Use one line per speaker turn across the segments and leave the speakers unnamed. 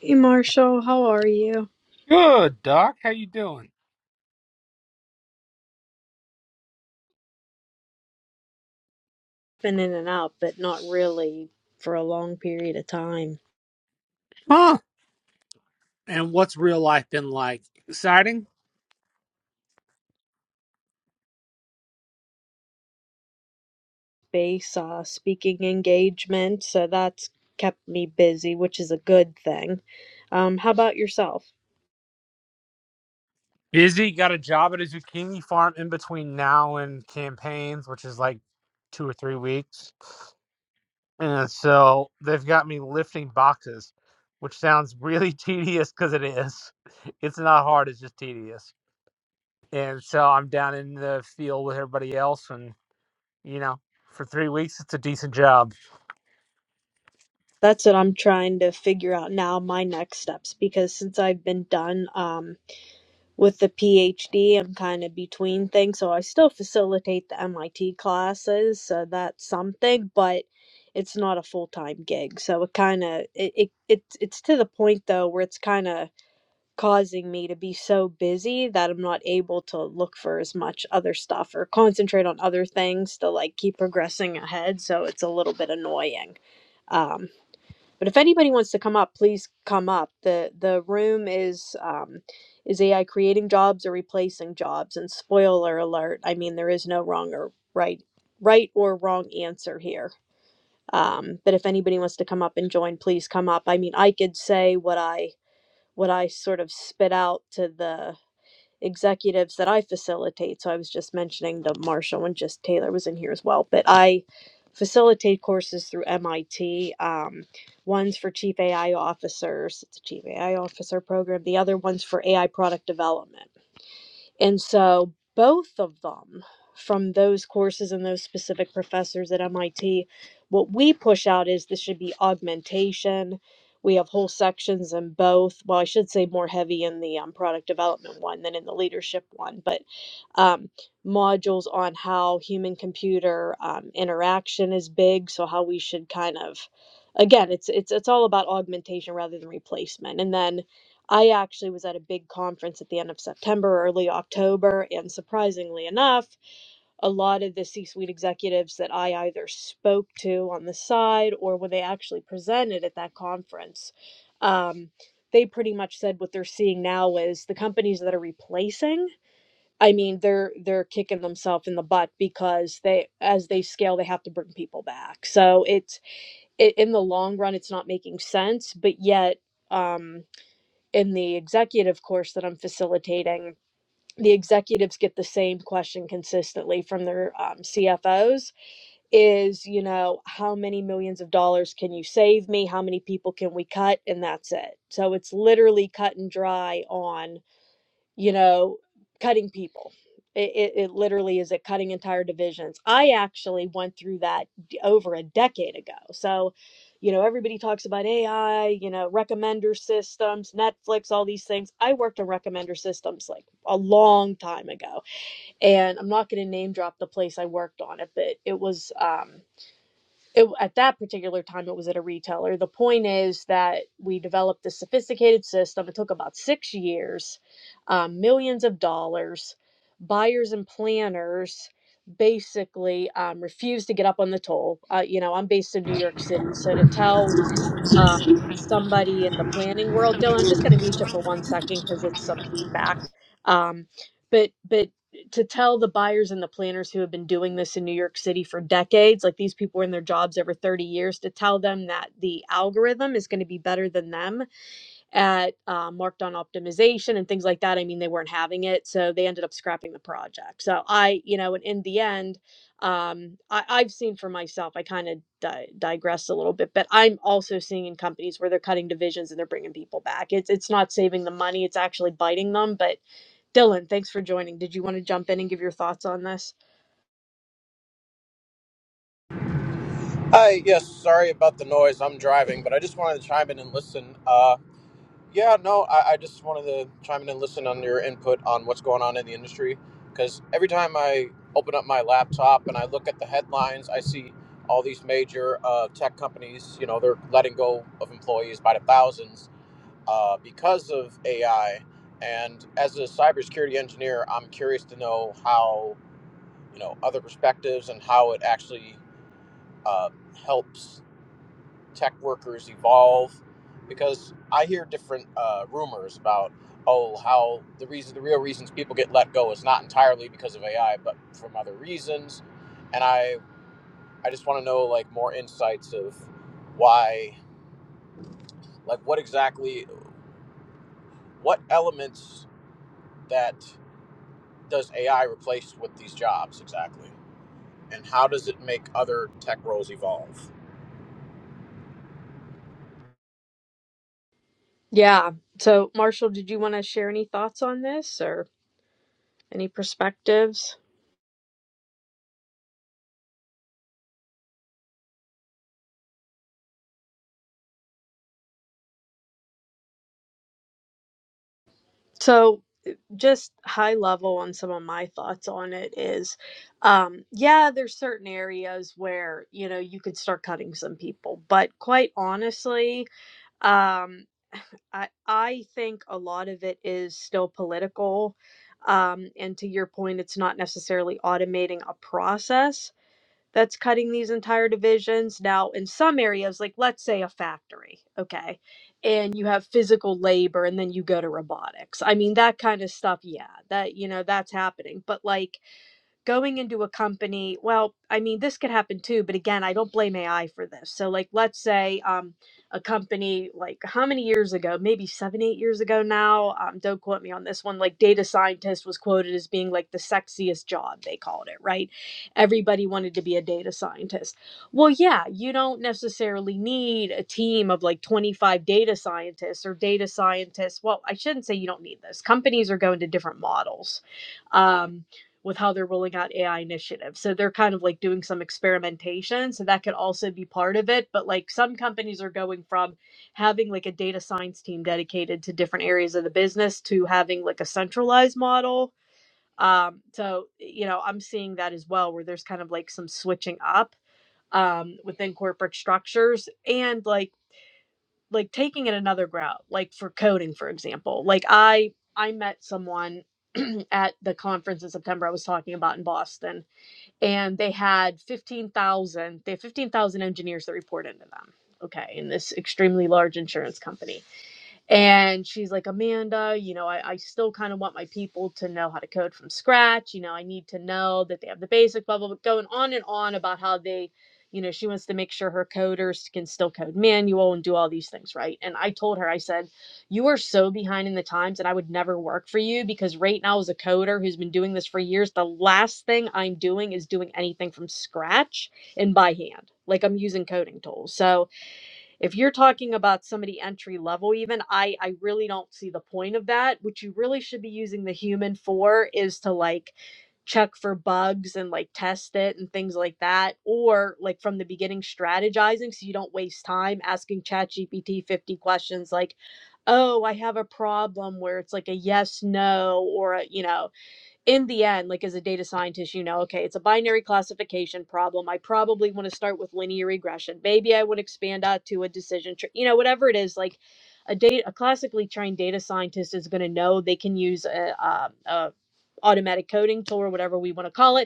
Hey Marshall, how are you?
Good, Doc. How you doing?
Been in and out, but not really for a long period of time.
Huh. And what's real life been like? Exciting?
Base uh, speaking engagement, so that's kept me busy, which is a good thing. Um, how about yourself?
Busy. Got a job at a zucchini farm in between now and campaigns, which is like two or three weeks. And so they've got me lifting boxes, which sounds really tedious because it is. It's not hard. It's just tedious. And so I'm down in the field with everybody else, and you know, for three weeks, it's a decent job.
That's what I'm trying to figure out now, my next steps, because since I've been done, um, with the PhD, I'm kind of between things, so I still facilitate the MIT classes, so that's something, but it's not a full-time gig. So it kind of it, it it's it's to the point though where it's kind of causing me to be so busy that I'm not able to look for as much other stuff or concentrate on other things to like keep progressing ahead, so it's a little bit annoying. Um but if anybody wants to come up, please come up. the The room is um, is AI creating jobs or replacing jobs? And spoiler alert, I mean there is no wrong or right right or wrong answer here. Um, but if anybody wants to come up and join, please come up. I mean, I could say what I what I sort of spit out to the executives that I facilitate. So I was just mentioning to Marshall and just Taylor was in here as well, but I facilitate courses through MIT. Um, one's for chief AI officers, it's a chief AI officer program. The other one's for AI product development. And so both of them from those courses and those specific professors at MIT, what we push out is this should be augmentation. We have whole sections in both. Well, I should say more heavy in the um, product development one than in the leadership one, but um, modules on how human computer um, interaction is big. So how we should kind of, again, it's it's it's all about augmentation rather than replacement. And then I actually was at a big conference at the end of September, early October, and surprisingly enough, a lot of the C suite executives that I either spoke to on the side or when they actually presented at that conference, um, they pretty much said what they're seeing now is the companies that are replacing. I mean, they're they're kicking themselves in the butt because they, as they scale, they have to bring people back. So it's it, in the long run, it's not making sense. But yet, um, in the executive course that I'm facilitating, the executives get the same question consistently from their um, CFOs is, you know, how many millions of dollars can you save me? How many people can we cut? And that's it. So it's literally cut and dry on you know, cutting people. It, it, it literally is it cutting entire divisions. I actually went through that d- over a decade ago. So, you know, everybody talks about AI, you know, recommender systems, Netflix, all these things. I worked on recommender systems like a long time ago. And I'm not going to name drop the place I worked on it, but it was. Um, it, at that particular time it was at a retailer the point is that we developed this sophisticated system it took about six years um, millions of dollars buyers and planners basically um, refused to get up on the toll uh, you know i'm based in new york city so to tell um, somebody in the planning world. Dylan, I'm just going to mute you for one second because it's some feedback. Um, but but to tell the buyers and the planners who have been doing this in New York City for decades, like these people were in their jobs over 30 years, to tell them that the algorithm is going to be better than them at um, marked on optimization and things like that. I mean, they weren't having it, so they ended up scrapping the project. So I, you know, and in the end, um, I, I've seen for myself. I kind of di- digressed a little bit, but I'm also seeing in companies where they're cutting divisions and they're bringing people back. It's it's not saving them money; it's actually biting them. But Dylan, thanks for joining. Did you want to jump in and give your thoughts on this?
Hi, yes, sorry about the noise. I'm driving, but I just wanted to chime in and listen. Uh, yeah, no, I, I just wanted to chime in and listen on your input on what's going on in the industry. Because every time I open up my laptop and I look at the headlines, I see all these major uh, tech companies, you know, they're letting go of employees by the thousands uh, because of AI. And as a cybersecurity engineer, I'm curious to know how, you know, other perspectives and how it actually uh, helps tech workers evolve? Because I hear different uh, rumors about oh how the reason the real reasons people get let go is not entirely because of AI, but from other reasons. And I I just want to know like more insights of why like what exactly what elements that does AI replace with these jobs exactly, and how does it make other tech roles evolve?
Yeah. So Marshall, did you want to share any thoughts on this or any perspectives? So just high level on some of my thoughts on it is um yeah there's certain areas where you know you could start cutting some people but quite honestly um i i think a lot of it is still political um and to your point it's not necessarily automating a process that's cutting these entire divisions. Now, in some areas, like let's say a factory, okay, and you have physical labor and then you go to robotics. I mean, that kind of stuff, yeah, that, you know, that's happening. But like, going into a company well i mean this could happen too but again i don't blame ai for this so like let's say um a company like how many years ago maybe seven eight years ago now um, don't quote me on this one like data scientist was quoted as being like the sexiest job they called it right everybody wanted to be a data scientist well yeah you don't necessarily need a team of like 25 data scientists or data scientists well i shouldn't say you don't need this companies are going to different models Um, with how they're rolling out AI initiatives. So they're kind of like doing some experimentation. So that could also be part of it. But like some companies are going from having like a data science team dedicated to different areas of the business to having like a centralized model. Um, so, you know, I'm seeing that as well, where there's kind of like some switching up um, within corporate structures and like, like taking it another route, like for coding, for example, like I, I met someone at the conference in September I was talking about in Boston and they had 15,000 they have 15,000 engineers that report into them okay in this extremely large insurance company and she's like, Amanda, you know, I, I still kind of want my people to know how to code from scratch. You know, I need to know that they have the basic blah, blah, blah, going on and on about how they, you know, she wants to make sure her coders can still code manual and do all these things, right? And I told her, I said, you are so behind in the times and I would never work for you because right now, as a coder who's been doing this for years, the last thing I'm doing is doing anything from scratch and by hand. Like I'm using coding tools. So, if you're talking about somebody entry level even i i really don't see the point of that what you really should be using the human for is to like check for bugs and like test it and things like that or like from the beginning strategizing so you don't waste time asking ChatGPT 50 questions like oh i have a problem where it's like a yes no or a you know in the end, like as a data scientist, you know, okay, it's a binary classification problem. I probably want to start with linear regression. Maybe I would expand out to a decision tree, you know, whatever it is. Like a data, a classically trained data scientist is going to know they can use a, um a automatic coding tool or whatever we want to call it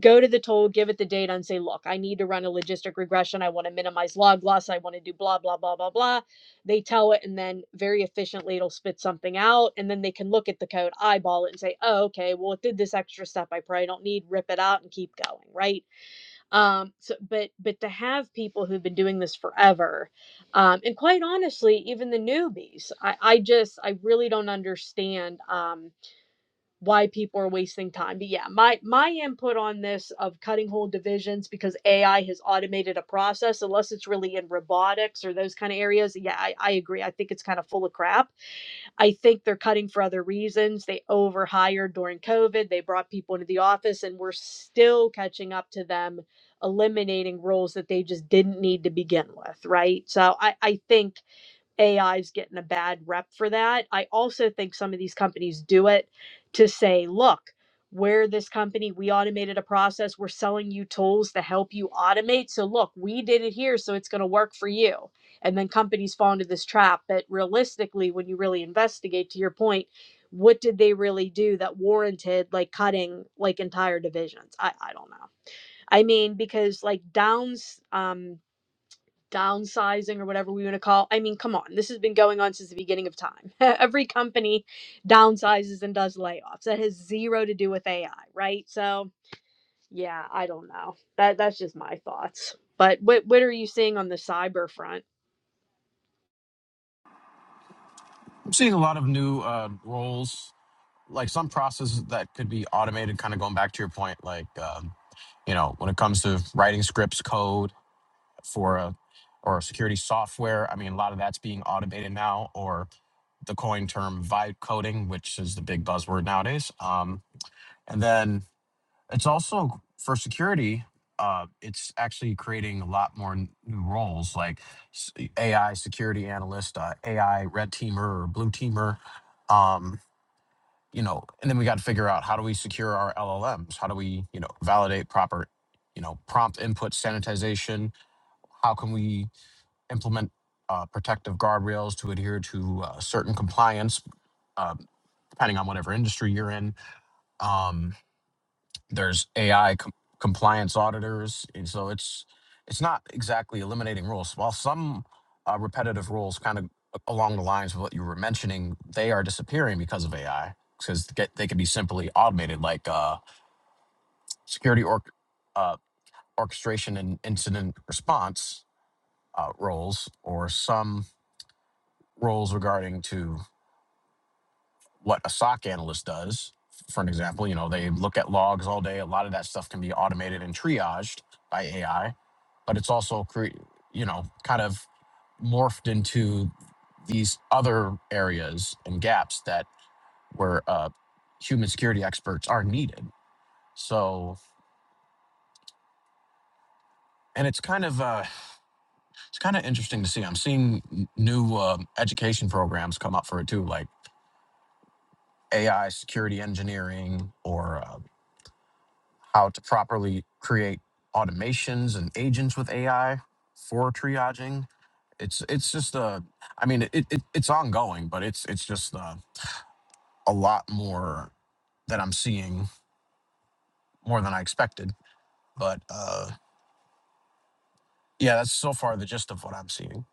go to the tool, give it the data, and say, look, I need to run a logistic regression. I want to minimize log loss. I want to do blah, blah, blah, blah, blah. They tell it, and then very efficiently it'll spit something out. And then they can look at the code, eyeball it, and say, oh, okay, well, it did this extra step I probably don't need, rip it out and keep going, right? Um, so but but to have people who've been doing this forever, um, and quite honestly, even the newbies, I, I just I really don't understand um why people are wasting time. But yeah, my my input on this of cutting whole divisions because AI has automated a process, unless it's really in robotics or those kind of areas. Yeah, I, I agree. I think it's kind of full of crap. I think they're cutting for other reasons. They overhired during COVID. They brought people into the office, and we're still catching up to them eliminating roles that they just didn't need to begin with, right? So I I think AI's getting a bad rep for that. I also think some of these companies do it to say, look, we're this company, we automated a process, we're selling you tools to help you automate. So look, we did it here, so it's going to work for you. And then companies fall into this trap. But realistically, when you really investigate, to your point, what did they really do that warranted like cutting like entire divisions? I, I don't know. I mean, because like Downs, um, downsizing or whatever we want to call. I mean, come on, this has been going on since the beginning of time. Every company downsizes and does layoffs. That has zero to do with AI, right? So yeah, I don't know. That that's just my thoughts. But what what are you seeing on the cyber front?
I'm seeing a lot of new uh, roles like some processes that could be automated kind of going back to your point like um, you know when it comes to writing scripts code for a or security software i mean a lot of that's being automated now or the coin term vibe coding which is the big buzzword nowadays um, and then it's also for security uh, it's actually creating a lot more n- new roles like s- ai security analyst uh, ai red teamer or blue teamer Um, you know, and then we got to figure out how do we secure our LLMs? How do we, you know, validate proper, you know, prompt input sanitization? How can we implement uh, protective guardrails to adhere to uh, certain compliance, uh, depending on whatever industry you're in? Um, there's AI com- compliance auditors, and so it's it's not exactly eliminating rules. While some uh, repetitive rules, kind of along the lines of what you were mentioning, they are disappearing because of AI because they can be simply automated, like uh, security or uh, orchestration and incident response uh, roles, or some roles regarding to what a SOC analyst does. For an example, you know they look at logs all day. A lot of that stuff can be automated and triaged by AI but it's also cre- you know kind of morphed into these other areas and gaps that where uh, human security experts are needed. So, and it's kind of uh, it's kind of interesting to see. I'm seeing n- new um, education programs come up for it too, like AI security engineering or uh, how to properly create automations and agents with AI for triaging. It's it's just a, I mean, it, it it's ongoing, but it's it's just a, a lot more that I'm seeing more than I expected. But uh, yeah, that's so far the gist of what I'm seeing.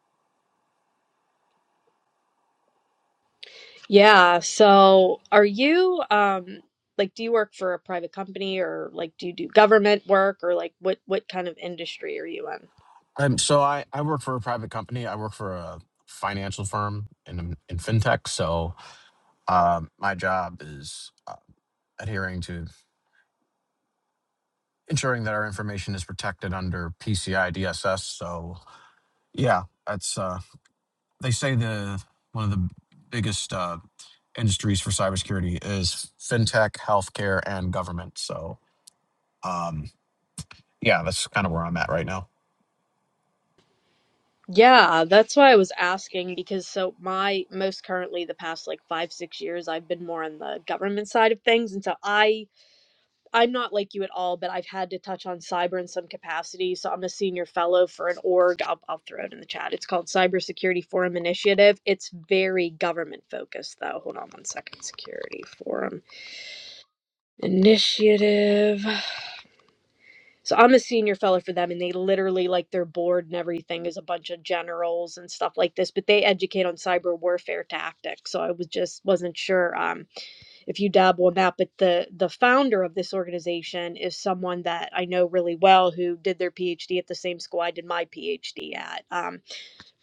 Yeah. So are you um like do you work for a private company or like do you do government work or like what what kind of industry are you in?
Um, so I I work for a private company. I work for a financial firm in in fintech. So um, my job is uh, adhering to ensuring that our information is protected under PCI DSS. So Yeah, that's uh they say the one of the biggest uh industries for cybersecurity is fintech, healthcare, and government. So um yeah, that's kind of where I'm at right now.
Yeah, that's why I was asking because so my most currently the past like 5 6 years I've been more on the government side of things and so I I'm not like you at all but I've had to touch on cyber in some capacity so I'm a senior fellow for an org I'll, I'll throw it in the chat. It's called Cybersecurity Forum Initiative. It's very government focused though. Hold on one second. Security Forum Initiative. So I'm a senior fellow for them, and they literally like their board and everything is a bunch of generals and stuff like this. But they educate on cyber warfare tactics. So I was just wasn't sure um, if you dabble in that. But the the founder of this organization is someone that I know really well who did their PhD at the same school I did my PhD at. Um,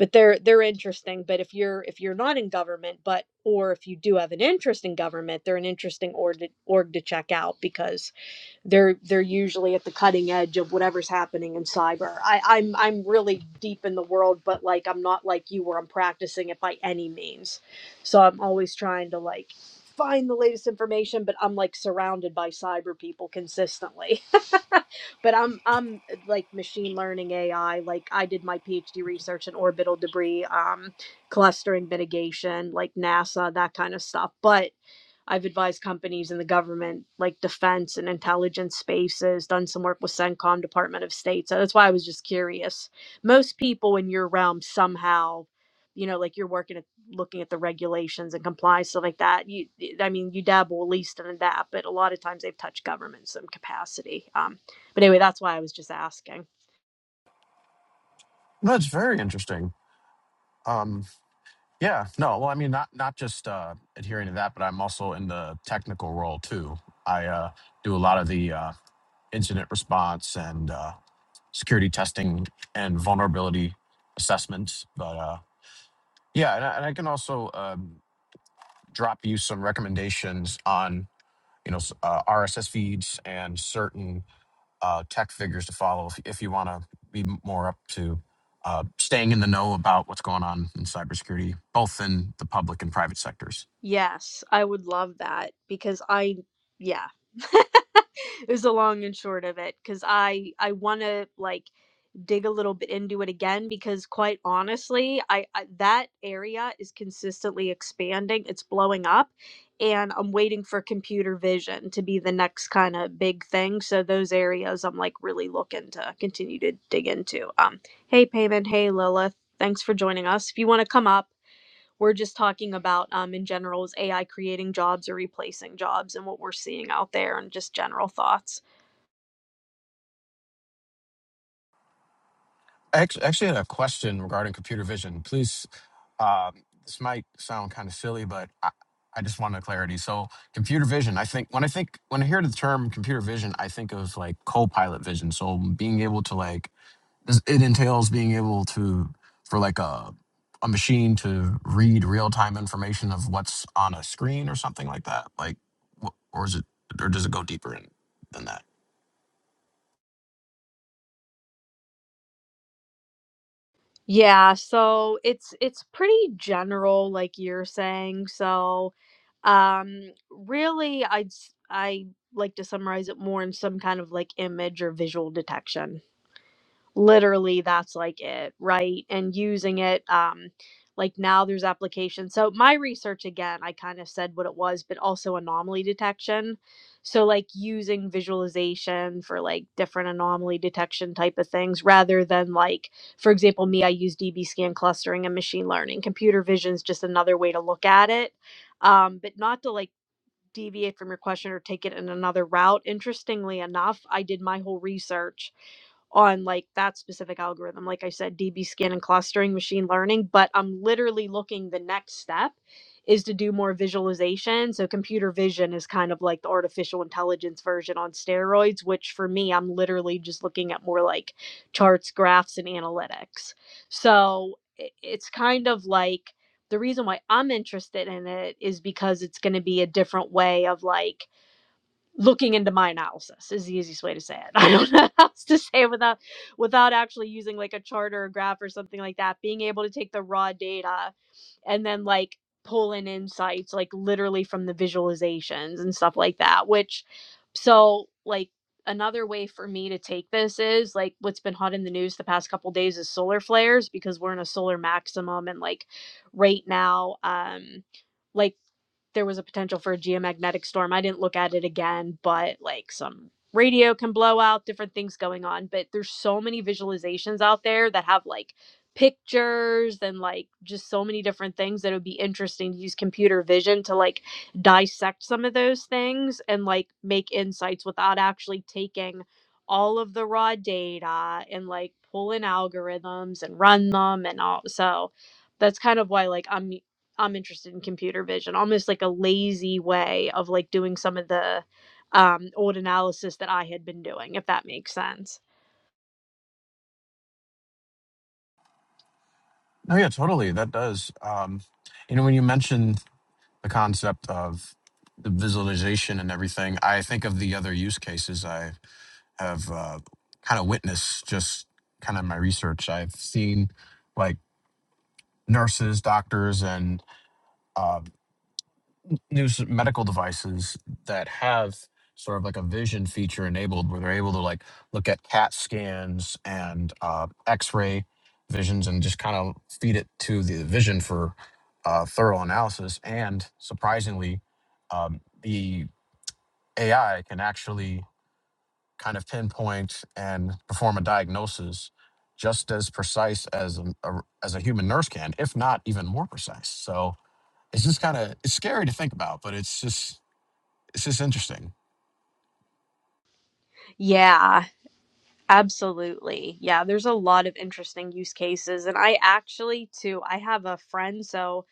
but they're they're interesting. But if you're if you're not in government, but or if you do have an interest in government, they're an interesting org to, org to check out because they're they're usually at the cutting edge of whatever's happening in cyber. I, I'm I'm really deep in the world, but like I'm not like you where I'm practicing it by any means. So I'm always trying to like find the latest information, but I'm like surrounded by cyber people consistently. but I'm I'm like machine learning AI. Like I did my PhD research in orbital debris, um, clustering mitigation, like NASA, that kind of stuff. But I've advised companies in the government, like defense and intelligence spaces, done some work with CENTCOM, Department of State. So that's why I was just curious. Most people in your realm somehow, you know, like you're working at looking at the regulations and compliance, stuff like that. You, I mean, you dabble at least in that, but a lot of times they've touched government in some capacity. Um, but anyway, that's why I was just asking.
That's very interesting. Um yeah, no, well I mean not not just uh adhering to that, but I'm also in the technical role too. I uh do a lot of the uh incident response and uh security testing and vulnerability assessments, but uh yeah, and I, and I can also uh drop you some recommendations on you know uh, RSS feeds and certain uh, tech figures to follow if, if you want to be more up to uh, staying in the know about what's going on in cybersecurity, both in the public and private sectors.
Yes, I would love that because I, yeah. is the long and short of it because i i want to like dig a little bit into it again because quite honestly I, I that area is consistently expanding it's blowing up and i'm waiting for computer vision to be the next kind of big thing so those areas i'm like really looking to continue to dig into um hey Payman, hey lilith thanks for joining us if you want to come up we're just talking about um, in general is ai creating jobs or replacing jobs and what we're seeing out there and just general thoughts
I actually, actually had a question regarding computer vision. Please, uh, this might sound kind of silly, but I, I just wanted clarity. So, computer vision. I think when I think when I hear the term computer vision, I think of like co-pilot vision. So, being able to like this- it entails being able to for like a a machine to read real time information of what's on a screen or something like that. Like, wh- or is it or does it go deeper in, than that?
Yeah, so it's it's pretty general, like you're saying. So, um, really, I'd s- I like to summarize it more in some kind of like image or visual detection literally that's like it right and using it um like now there's applications so my research again i kind of said what it was but also anomaly detection so like using visualization for like different anomaly detection type of things rather than like for example me i use db scan clustering and machine learning computer vision is just another way to look at it um, but not to like deviate from your question or take it in another route. Interestingly enough, I did my whole research on like that specific algorithm. Like I said, DB scan and clustering, machine learning, but I'm literally looking the next step is to do more visualization. So computer vision is kind of like the artificial intelligence version on steroids, which for me, I'm literally just looking at more like charts, graphs, and analytics. So i- it's kind of like the reason why I'm interested in it is because it's going to be a different way of like looking into my analysis is the easiest way to say it. I don't know how else to say it without without actually using like a chart or a graph or something like that. Being able to take the raw data and then like pull in insights like literally from the visualizations and stuff like that. Which so like another way for me to take this is like what's been hot in the news the past couple days is solar flares because we're in a solar maximum and like right now um like there was a potential for a geomagnetic storm. I didn't look at it again, but like some radio can blow out, different things going on. But there's so many visualizations out there that have like pictures and like just so many different things that it would be interesting to use computer vision to like dissect some of those things and like make insights without actually taking all of the raw data and like pull in algorithms and run them and all so that's kind of why like I'm I'm interested in computer vision, almost like a lazy way of like doing some of the um, old analysis that I had been doing, if that makes sense.
No, yeah, totally. That does. Um, you know, when you mentioned the concept of the visualization and everything, I think of the other use cases I have uh, kind of witnessed just kind of my research. I've seen like nurses, doctors, and uh, new s- medical devices that have sort of like a vision feature enabled where they're able to like look at CAT scans and uh, x ray visions and just kind of feed it to the vision for uh, thorough analysis. And surprisingly, um, the AI can actually kind of pinpoint and perform a diagnosis just as precise as a, a- as a human nurse can, if not even more precise. So it's just kind of it's scary to think about, but it's just it's just interesting.
Yeah, absolutely. Yeah, there's a lot of interesting use cases. And I actually, too, I have a friend. So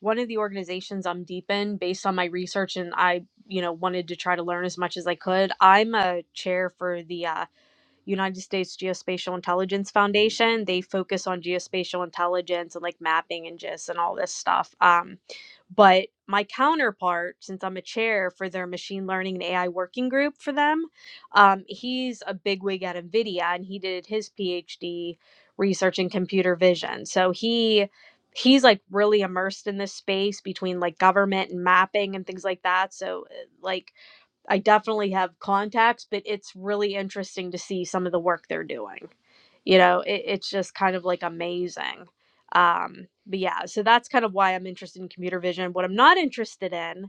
one of the organizations I'm deep in, based on my research, and I, you know, wanted to try to learn as much as I could, I'm a chair for the uh, United States Geospatial Intelligence Foundation. They focus on geospatial intelligence and like mapping and GIS and all this stuff. Um, but my counterpart, since I'm a chair for their machine learning and AI working group for them, um, he's a bigwig at NVIDIA and he did his PhD research in computer vision. So he he's like really immersed in this space between like government and mapping and things like that. So uh, like I definitely have contacts, but it's really interesting to see some of the work they're doing. You know, it, it's just kind of like amazing. Um, but yeah, so that's kind of why I'm interested in computer vision. What I'm not interested in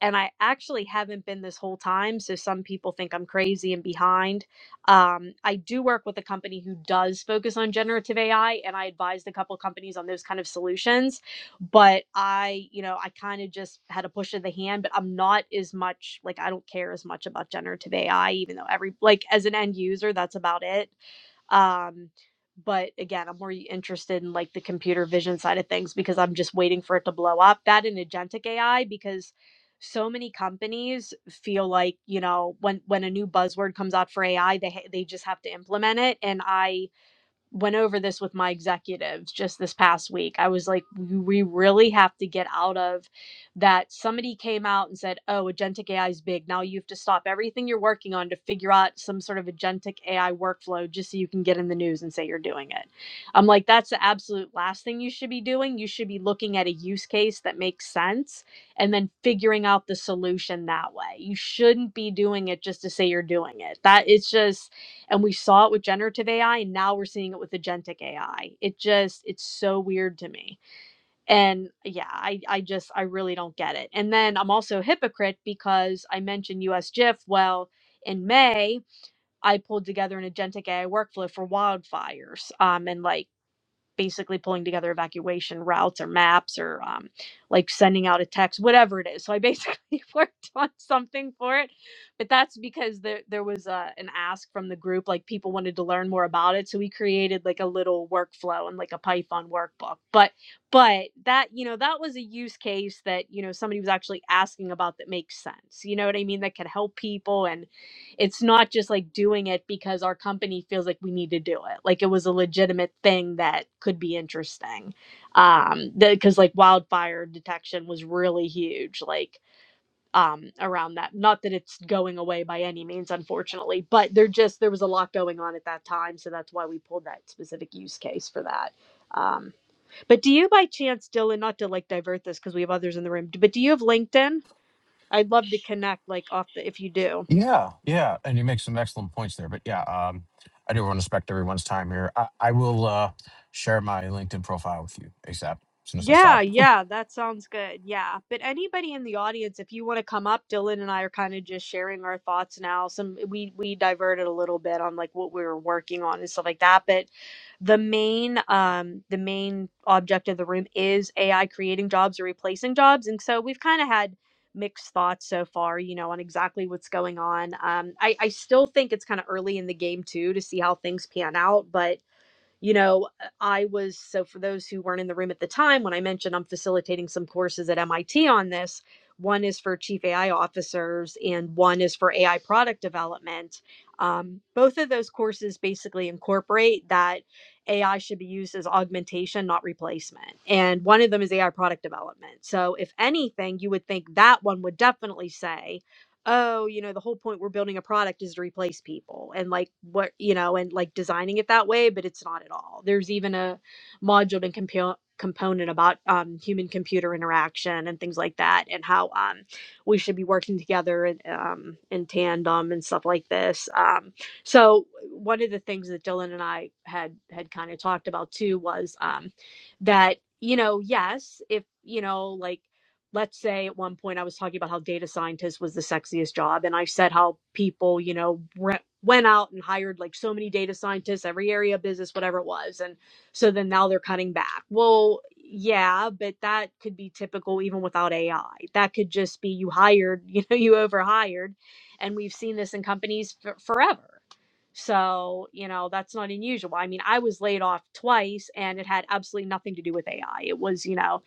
and I actually haven't been this whole time. So some people think I'm crazy and behind. Um, I do work with a company who does focus on generative AI, and I advised a couple of companies on those kind of solutions. But I, you know, I kind of just had a push of the hand, but I'm not as much like I don't care as much about generative AI, even though every like as an end user, that's about it. Um, but again, I'm more interested in like the computer vision side of things because I'm just waiting for it to blow up. That and agentic AI because so many companies feel like you know when when a new buzzword comes out for ai they ha- they just have to implement it and i went over this with my executives just this past week. I was like, we really have to get out of that. Somebody came out and said, oh, agentic AI is big. Now you have to stop everything you're working on to figure out some sort of agentic AI workflow just so you can get in the news and say you're doing it. I'm like, that's the absolute last thing you should be doing. You should be looking at a use case that makes sense and then figuring out the solution that way. You shouldn't be doing it just to say you're doing it. That it's just, and we saw it with generative AI and now we're seeing it with agentic AI. It just it's so weird to me. And yeah, I I just I really don't get it. And then I'm also a hypocrite because I mentioned US GIF. Well, in May, I pulled together an agentic AI workflow for wildfires. Um and like basically pulling together evacuation routes or maps or um, like sending out a text, whatever it is. So I basically worked on something for it, but that's because there there was a, an ask from the group, like people wanted to learn more about it. So we created like a little workflow and like a Python workbook. But but that you know that was a use case that you know somebody was actually asking about that makes sense. You know what I mean? That could help people and it's not just like doing it because our company feels like we need to do it. Like it was a legitimate thing that could be interesting. Um, because like wildfire detection was really huge. Like um around that not that it's going away by any means unfortunately but there just there was a lot going on at that time so that's why we pulled that specific use case for that um but do you by chance dylan not to like divert this because we have others in the room but do you have linkedin i'd love to connect like off the if you do
Yeah, yeah, and you make some excellent points there. But yeah, um, I do want to respect everyone's time here. I, I will uh, share my LinkedIn profile with you ASAP as soon as I
Yeah,
stop.
yeah, that sounds good. Yeah. But anybody in the audience, if you want to come up, Dylan and I are kind of just sharing our thoughts now. Some we we diverted a little bit on like what we were working on and stuff like that. But the main um the main object of the room is AI creating jobs or replacing jobs. And so we've kind of had mixed thoughts so far, you know, on exactly what's going on. Um I, I still think it's kind of early in the game too to see how things pan out, but you know, uh, I was so for those who weren't in the room at the time, when I mentioned I'm facilitating some courses at MIT on this, one is for chief AI officers and one is for AI product development. Um, both of those courses basically incorporate that AI should be used as augmentation, not replacement. And one of them is AI product development. So, if anything, you would think that one would definitely say, oh, you know, the whole point we're building a product is to replace people and like what, you know, and like designing it that way, but it's not at all. There's even a module and compo- component about um, human computer interaction and things like that and how um, we should be working together and, um, in tandem and stuff like this. Um, so one of the things that Dylan and I had had kind of talked about too was um, that, you know, yes, if, you know, like let's say at one point I was talking about how data scientist was the sexiest job, and I said how people, you know, re- went out and hired like so many data scientists, every area of business, whatever it was, and so then now they're cutting back. Well, yeah, but that could be typical even without AI. That could just be you hired, you know, you overhired, and we've seen this in companies for forever. So, you know, that's not unusual. I mean, I was laid off twice and it had absolutely nothing to do with AI. It was, you know,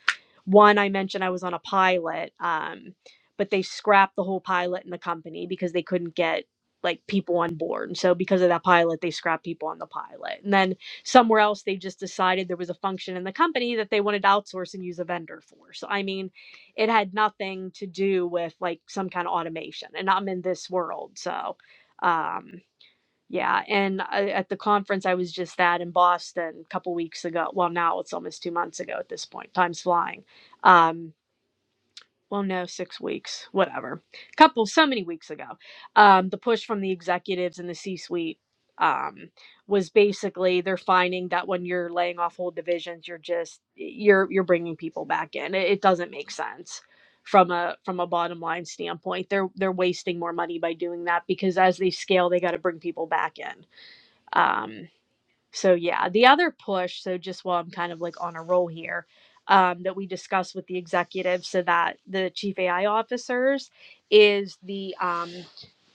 one I mentioned I was on a pilot, um, but they scrapped the whole pilot in the company because they couldn't get like people on board. And so because of that pilot, they scrapped people on the pilot. And then somewhere else they just decided there was a function in the company that they wanted to outsource and use a vendor for. So I mean, it had nothing to do with like some kind of automation. And I'm in this world. So um yeah, and I, at the conference I was just that in Boston a couple weeks ago. Well, now it's almost two months ago at this point. Time's flying. Um, well, no, six weeks, whatever. Couple, so many weeks ago. Um, the push from the executives and the C-suite um, was basically they're finding that when you're laying off whole divisions, you're just you're you're bringing people back in. It, it doesn't make sense from a from a bottom line standpoint. They're they're wasting more money by doing that because as they scale, they got to bring people back in um, so yeah, the other push, so just while I'm kind of like on a roll here, um, that we discussed with the executives, so that the chief AI officers is the um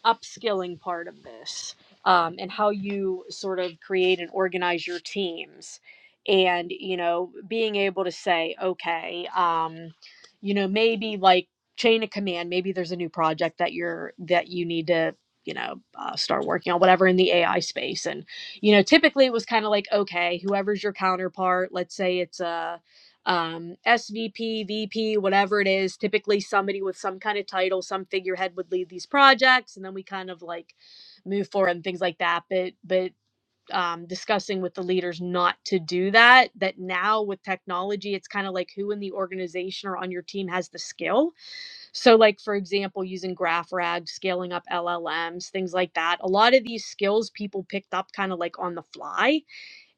upskilling part of this um, and how you sort of create and organize your teams and you know being able to say okay um, you know maybe like chain of command maybe there's a new project that you're that you need to you know uh, start working on whatever in the ai space and you know typically it was kind of like okay whoever's your counterpart let's say it's a um svp vp whatever it is typically somebody with some kind of title some figurehead would lead these projects and then we kind of like move forward and things like that but but um discussing with the leaders not to do that that now with technology it's kind of like who in the organization or on your team has the skill so like for example using graphrag, scaling up llms things like that a lot of these skills people picked up kind of like on the fly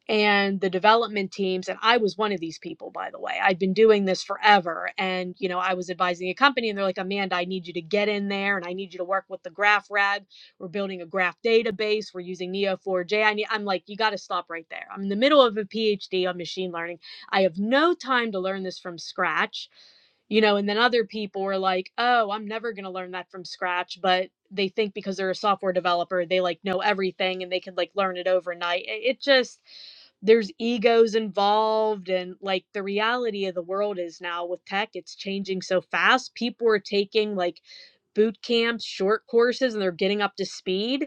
and the development teams and i was one of these people by the way i'd been doing this forever and you know i was advising a company and they're like amanda i need you to get in there and i need you to work with the graph rag we're building a graph database we're using neo4j I need, i'm like you got to stop right there i'm in the middle of a phd on machine learning i have no time to learn this from scratch you know and then other people were like oh i'm never going to learn that from scratch but they think because they're a software developer they like know everything and they can like learn it overnight it just there's egos involved and like the reality of the world is now with tech it's changing so fast people are taking like boot camps short courses and they're getting up to speed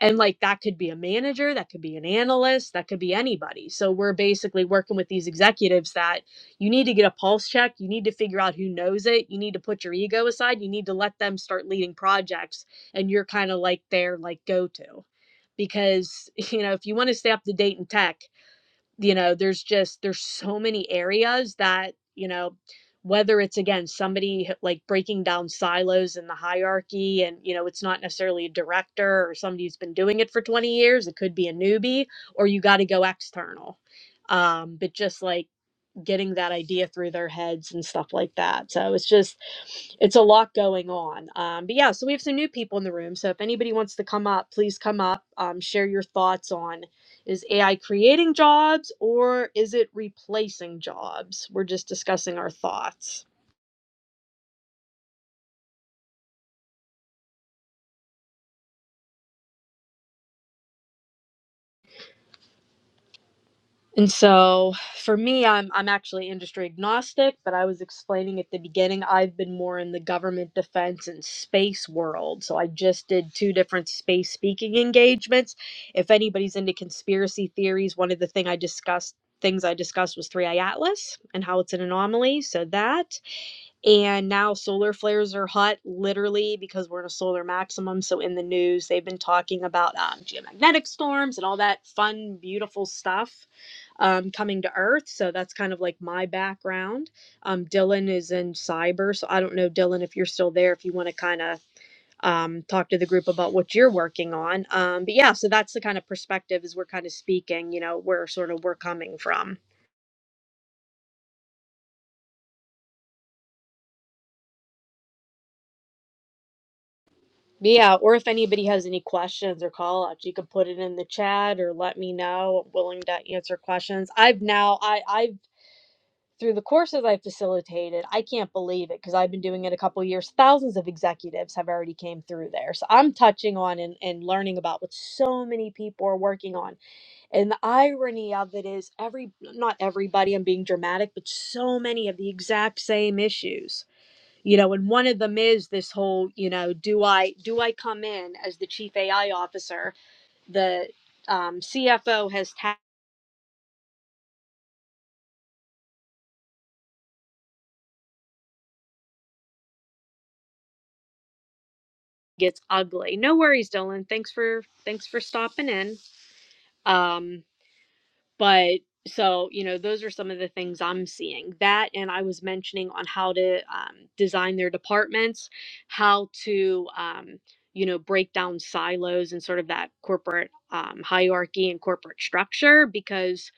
and like that could be a manager that could be an analyst that could be anybody so we're basically working with these executives that you need to get a pulse check you need to figure out who knows it you need to put your ego aside you need to let them start leading projects and you're kind of like their like go to because you know if you want to stay up to date in tech you know there's just there's so many areas that you know whether it's again somebody h- like breaking down silos in the hierarchy and you know it's not necessarily a director or somebody who's been doing it for 20 years it could be a newbie or you got to go external um but just like getting that idea through their heads and stuff like that. So it's just, it's a lot going on. Um, but yeah, so we have some new people in the room. So if anybody wants to come up, please come up, um, share your thoughts on is AI creating jobs or is it replacing jobs? We're just discussing our thoughts. And so for me, I'm I'm actually industry agnostic, but I was explaining at the beginning, I've been more in the government defense and space world. So I just did two different space speaking engagements. If anybody's into conspiracy theories, one of the thing I discussed things I discussed was 3i Atlas and how it's an anomaly. So that. And now solar flares are hot literally because we're in a solar maximum. So in the news, they've been talking about um, geomagnetic storms and all that fun, beautiful stuff um, coming to Earth. So that's kind of like my background. Um, Dylan is in cyber. So I don't know, Dylan, if you're still there, if you want to kind of um, talk to the group about what you're working on. Um, but yeah, so that's the kind of perspective as we're kind of speaking, you know, where sort of we're coming from. But yeah, or if anybody has any questions or call outs, you can put it in the chat or let me know. I'm willing to answer questions. I've now I I've through the courses I facilitated, I can't believe it because I've been doing it a couple of years. Thousands of executives have already came through there. So I'm touching on and, and learning about what so many people are working on. And the irony of it is every not everybody, I'm being dramatic, but so many of the exact same issues. You know, and one of them is this whole, you know, do I do I come in as the chief AI officer? The um, CFO has tagged it's ugly. No worries, Dylan. Thanks for thanks for stopping in. Um, but so, you know, those are some of the things I'm seeing. That, and I was mentioning on how to um, design their departments, how to, um, you know, break down silos and sort of that corporate um, hierarchy and corporate structure. Because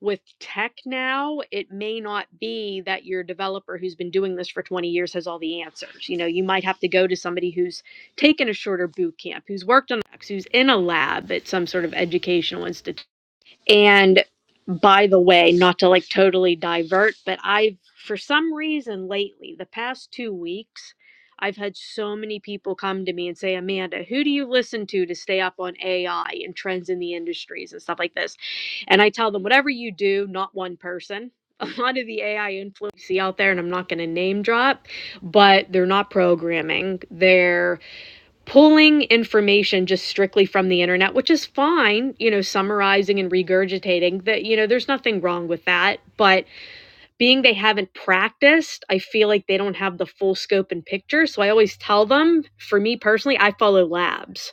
with tech now, it may not be that your developer who's been doing this for 20 years has all the answers. You know, you might have to go to somebody who's taken a shorter boot camp, who's worked on, who's in a lab at some sort of educational institution and by the way, not to like totally divert, but I've, for some reason lately, the past two weeks, I've had so many people come to me and say, Amanda, who do you listen to to stay up on AI and trends in the industries and stuff like this? And I tell them, whatever you do, not one person. A lot of the AI influencers out there, and I'm not going to name drop, but they're not programming. They're pulling information just strictly from the internet, which is fine, you know, summarizing and regurgitating that, you know, there's nothing wrong with that. But being they haven't practiced, I feel like they don't have the full scope and picture. So I always tell them, for me personally, I follow labs.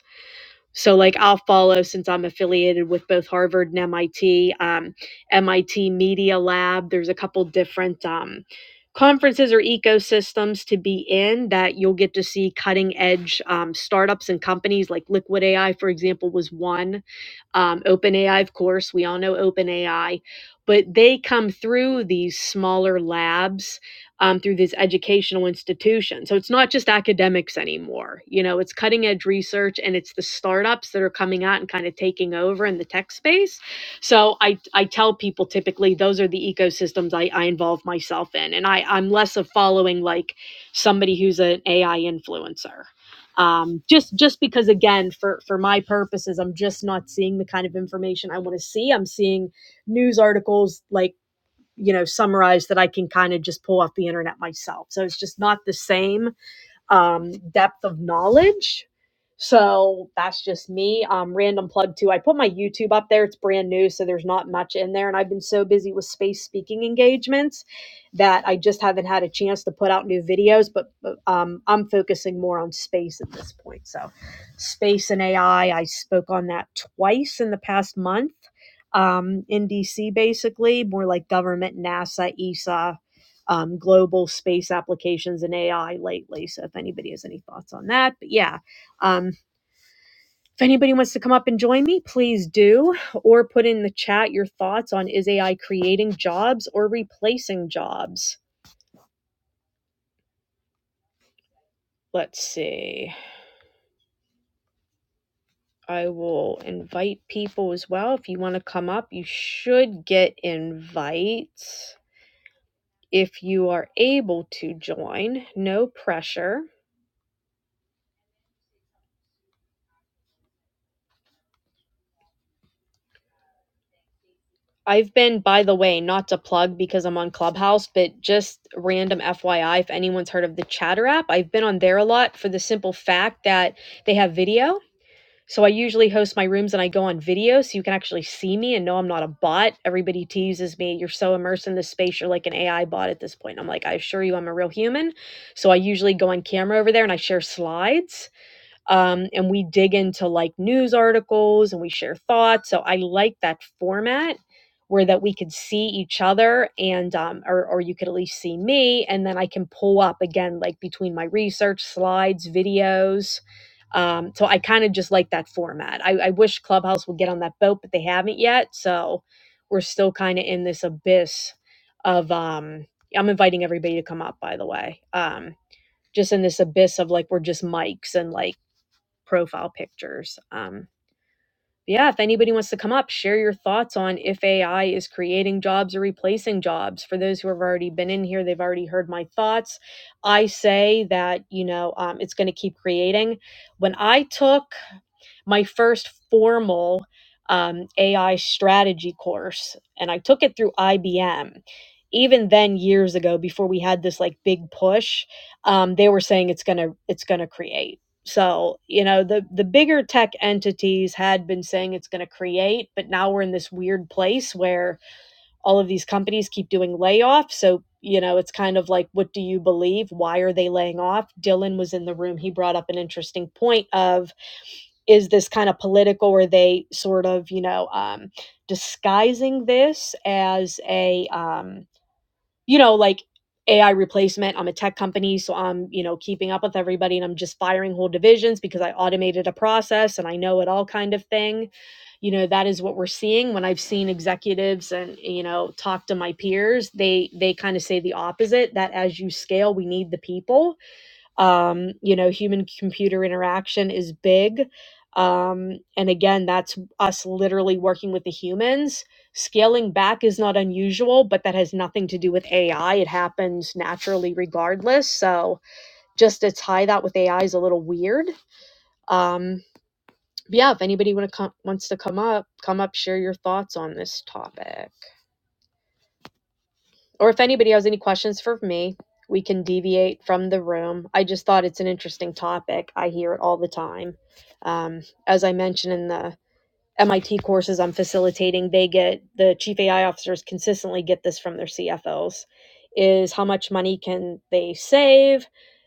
So, like, I'll follow since I'm affiliated with both Harvard and MIT, um, MIT Media Lab. There's a couple different um, conferences or ecosystems to be in that you'll get to see cutting edge um, startups and companies. Like Liquid AI, for example, was one um, OpenAI, of course, we all know OpenAI, but they come through these smaller labs um, through these educational institutions. So it's not just academics anymore. You know, it's cutting edge research and it's the startups that are coming out and kind of taking over in the tech space. So I, I tell people typically those are the ecosystems I, I involve myself in. And I, I'm less of following like somebody who's an AI influencer um, just just because again for for my purposes i'm just not seeing the kind of information i want to see i'm seeing news articles like you know summarized that i can kind of just pull off the internet myself so it's just not the same um, depth of knowledge. So that's just me. Um, random plug too. I put my YouTube up there. It's brand new, so there's not much in there. And I've been so busy with space speaking engagements that I just haven't had a chance to put out new videos. But um, I'm focusing more on space at this point. So space and AI. I I spoke on that twice in the past month um, in DC, basically more like government, NASA, ESA, um, global space applications and AI lately. So if anybody has any thoughts on that, but yeah, um, if anybody wants to come up and join me, please do, or put in the chat your thoughts on is AI creating jobs or replacing jobs. Let's see. I will invite people as well. If you want to come up, you should get invites if you are able to join. No pressure. I've been, by the way, not to plug because I'm on Clubhouse, but just random FYI, if anyone's heard of the Chatter app, I've been on there a lot for the simple fact that they have video. So I usually host my rooms and I go on video so you can actually see me and know I'm not a bot. Everybody teases me, you're so immersed in this space, you're like an AI bot at this point. I'm like, I assure you, I'm a real human. So I usually go on camera over there and I share slides um, and we dig into like news articles and we share thoughts. So I like that format where that we could see each other and um, or, or you could at least see me and then I can pull up again like between my research slides, videos. Um, so I kind of just like that format. I, I wish Clubhouse would get on that boat, but they haven't yet. So we're still kind of in this abyss of um, I'm inviting everybody to come up, by the way. Um, just in this abyss of like we're just mics and like profile pictures. Um, yeah, if anybody wants to come up, share your thoughts on if AI is creating jobs or replacing jobs. For those who have already been in here, they've already heard my thoughts. I say that, you know, um, it's going to keep creating. When I took my first formal um, AI strategy course, and I took it through IBM. Even then, years ago, before we had this like big push, um, they were saying it's gonna it's gonna create. So you know the the bigger tech entities had been saying it's gonna create, but now we're in this weird place where all of these companies keep doing layoffs. So, you know, it's kind of like, what do you believe? Why are they laying off? Dylan was in the room. He brought up an interesting point of is this kind of political? Are they sort of, you know, um, disguising this as a, um, you know, like AI replacement. I'm a tech company, so I'm, you know, keeping up with everybody and I'm just firing whole divisions because I automated a process and I know it all kind of thing. You know, that is what we're seeing when I've seen executives and, you know, talk to my peers, they they kind of say the opposite that as you scale, we need the people um, you know, human computer interaction is big. Um, and again, that's us literally working with the humans. Scaling back is not unusual, but that has nothing to do with AI. It happens naturally regardless. So just to tie that with AI is a little weird. Um, but yeah, if anybody want to come, wants to come up, come up, share your thoughts on this topic. or if anybody has any questions for me, we can deviate from the room. I just thought it's an interesting topic. I hear it all the time. Um, as I mentioned in the MIT courses I'm facilitating, they get the chief AI officers consistently get this from their CFOs is how much money can they save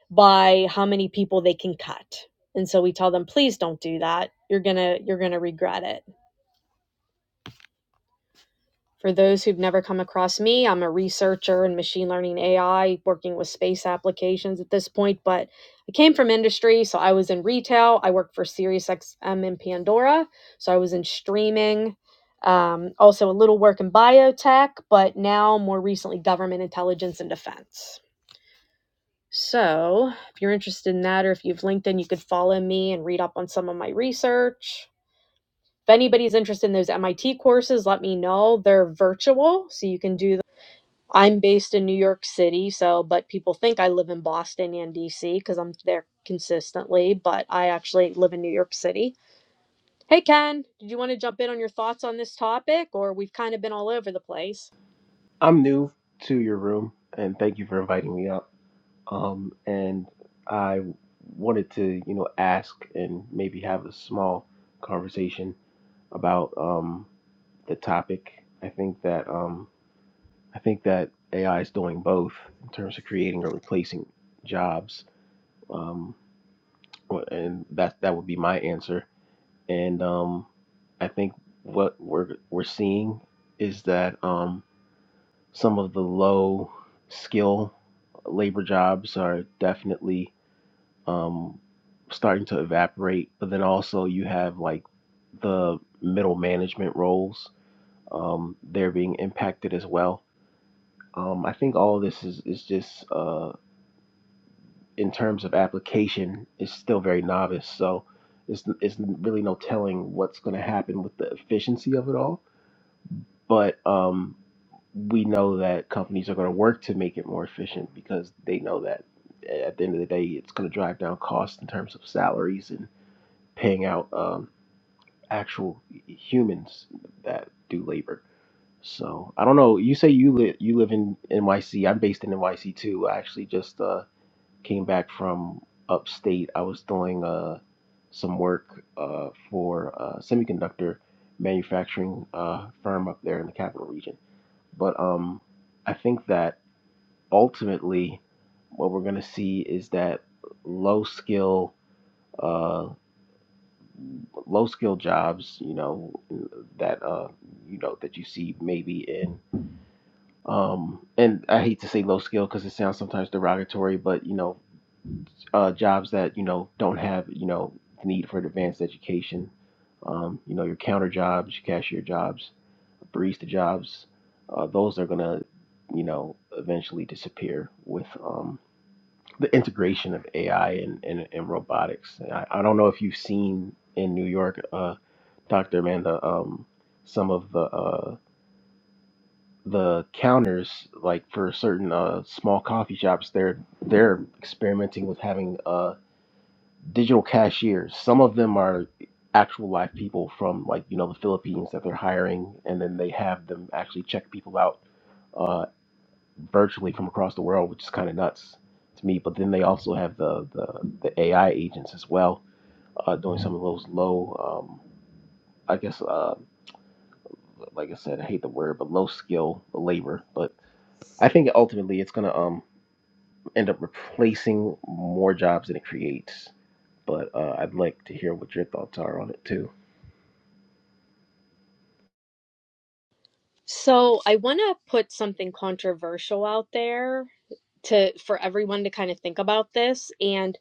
by how many people they can cut. And so we tell them please don't do that. You're going to you're going to regret it For those who've never come across me, I'm a researcher in machine learning AI, working with space applications at this point, but I came from industry. So I was in retail. I worked for SiriusXM in Pandora. So I was in streaming, um, also a little work in biotech, but now more recently, government intelligence and defense. So if you're interested in that, or if you've LinkedIn, you could follow me and read up on some of my research if anybody's interested in those MIT courses, let me know. They're virtual, so you can do I'm based in New York City, so but people think I live in Boston and DC because I'm there consistently, but I actually live in New York City. Hey Ken, did you want to jump in on your thoughts on this topic or we've kind of been all over the place?
I'm new to your room, and thank you for inviting me up. Um, and I wanted to, you know, ask and maybe have a small conversation about um, the topic. I think that um, I think that AI is doing both in terms of creating or replacing jobs, um, well, and that that would be my answer. And um, I think what we're we're seeing is that. Um, some of the low skill labor jobs are definitely um, starting to evaporate. But then also you have like the middle management roles, um, they're being impacted as well. Um, I think all of this is, is just uh, in terms of application is still very novice. So it's, it's really no telling what's going to happen with the efficiency of it all. But um, we know that companies are going to work to make it more efficient because they know that eh, at the end of the day, it's going to drive down costs in terms of salaries and paying out um, actual humans that do labor. So I don't know. You say you li- you live in NYC. I'm based in NYC too. I actually just uh, came back from upstate. I was doing uh, some work uh, for a semiconductor manufacturing uh, firm up there in the capital region. But um, I think that ultimately, what we're going to see is that low skill, uh, low skill jobs, you know, that uh, you know that you see maybe in, um, and I hate to say low skill because it sounds sometimes derogatory, but you know, uh, jobs that you know don't have you know the need for advanced education, um, you know, your counter jobs, your cashier jobs, barista jobs, uh, those are going to, you know, eventually disappear with. Um, the integration of AI and, and, and robotics. I, I don't know if you've seen in New York, uh, Dr. Amanda, um, some of the uh, the counters, like for certain uh, small coffee shops, they're they're experimenting with having uh, digital cashiers. Some of them are actual live people from like you know the Philippines that they're hiring, and then they have them actually check people out uh, virtually from across the world, which is kind of nuts to me. But then they also have the the, the AI agents as well uh, doing some of those low, um, I guess, uh, like I said, I hate the word, but low skill labor. But I think ultimately it's gonna um end up replacing more jobs than it creates. But uh, I'd like to hear what your thoughts are on it too.
So, I want to put something controversial out there to for everyone to kind of think about this and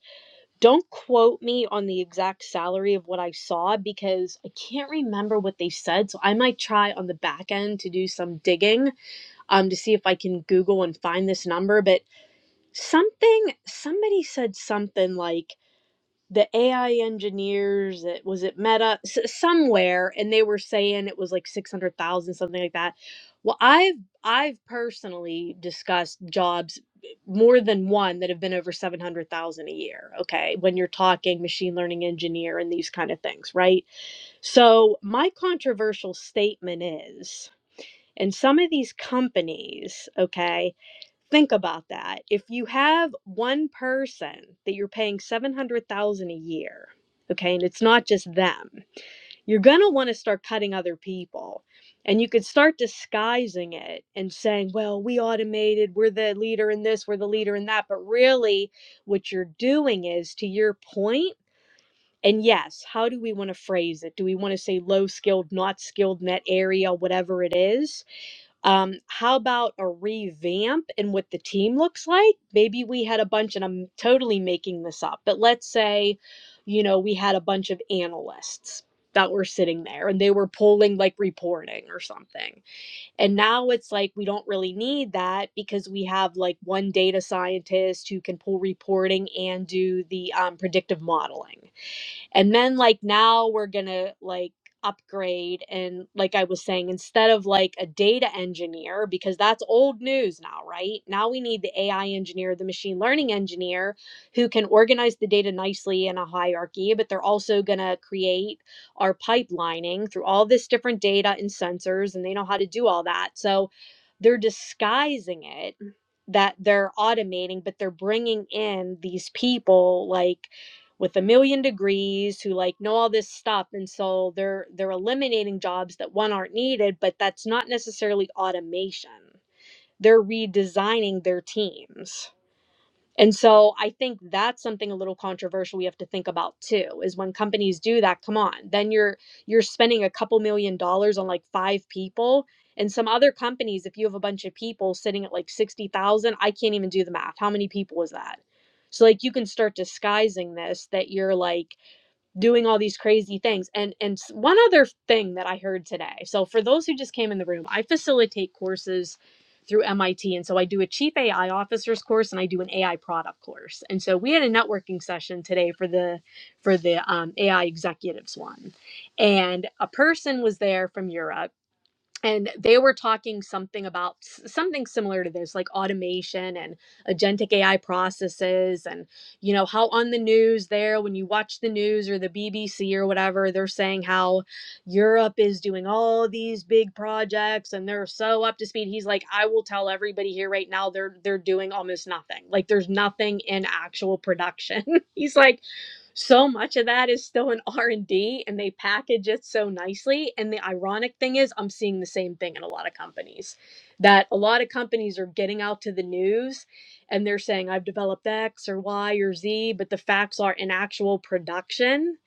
don't quote me on the exact salary of what I saw because I can't remember what they said, so I might try on the back end to do some digging um, to see if I can Google and find this number. But something, somebody said something like the AI engineers, it, was it Meta, S- somewhere, and they were saying it was like 600,000, something like that. Well, I've, I've personally discussed jobs eh, more than one that have been over 700,000 a year, okay? When you're talking machine learning engineer and these kind of things, right? So, my controversial statement is and some of these companies, okay, think about that. If you have one person that you're paying 700,000 a year, okay, and it's not just them. You're going to want to start cutting other people. And you could start disguising it and saying, "Well, we automated, we're the leader in this, we're the leader in that." But really what you're doing is to your point and yes, how do we want to phrase it? Do we want to say low skilled, not skilled in that area, whatever it is? Um, how about a revamp and what the team looks like? Maybe we had a bunch, and I'm totally making this up, but let's say, you know, we had a bunch of analysts that were sitting there and they were pulling like reporting or something. And now it's like we don't really need that because we have like one data scientist who can pull reporting and do the um, predictive modeling and then like now we're gonna like upgrade and like i was saying instead of like a data engineer because that's old news now right now we need the ai engineer the machine learning engineer who can organize the data nicely in a hierarchy but they're also going to create our pipelining through all this different data and sensors and they know how to do all that so they're disguising it that they're automating but they're bringing in these people like with a million degrees who like know all this stuff and so they're they're eliminating jobs that one aren't needed but that's not necessarily automation they're redesigning their teams and so i think that's something a little controversial we have to think about too is when companies do that come on then you're you're spending a couple million dollars on like five people and some other companies if you have a bunch of people sitting at like 60,000 i can't even do the math how many people is that so like you can start disguising this that you're like doing all these crazy things and and one other thing that i heard today so for those who just came in the room i facilitate courses through mit and so i do a chief ai officers course and i do an ai product course and so we had a networking session today for the for the um, ai executives one and a person was there from europe and they were talking something about s- something similar to this like automation and agentic ai processes and you know how on the news there when you watch the news or the bbc or whatever they're saying how europe is doing all these big projects and they're so up to speed he's like i will tell everybody here right now they're they're doing almost nothing like there's nothing in actual production he's like so much of that is still in r&d and D, and they package it so nicely and the ironic thing is i'm seeing the same thing in a lot of companies that a lot of companies are getting out to the news and they're saying i've developed x or y or z but the facts are in actual production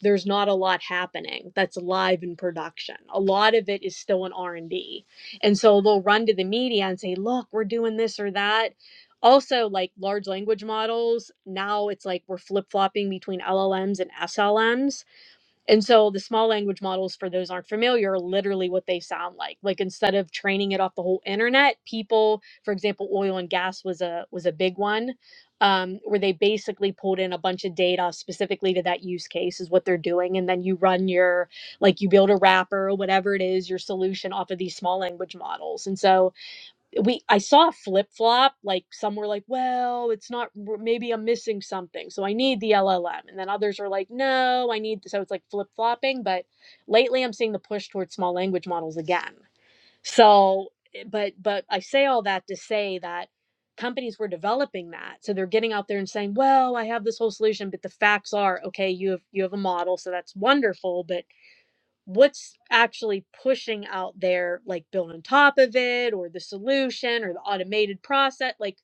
there's not a lot happening that's live in production a lot of it is still in r&d and D. And so they'll run to the media and say look we're doing this or that also like large language models now it's like we're flip-flopping between llms and slms and so the small language models for those aren't familiar are literally what they sound like like instead of training it off the whole internet people for example oil and gas was a was a big one um, where they basically pulled in a bunch of data specifically to that use case is what they're doing and then you run your like you build a wrapper or whatever it is your solution off of these small language models and so we I saw a flip flop. Like some were like, well, it's not. Maybe I'm missing something, so I need the LLM. And then others are like, no, I need. So it's like flip flopping. But lately, I'm seeing the push towards small language models again. So, eh, but but I say all that to say that companies were developing that so they're getting out there and saying well i have this whole solution but the facts are okay you have you have a model so that's wonderful but what's actually pushing out there like built on top of it or the solution or the automated process like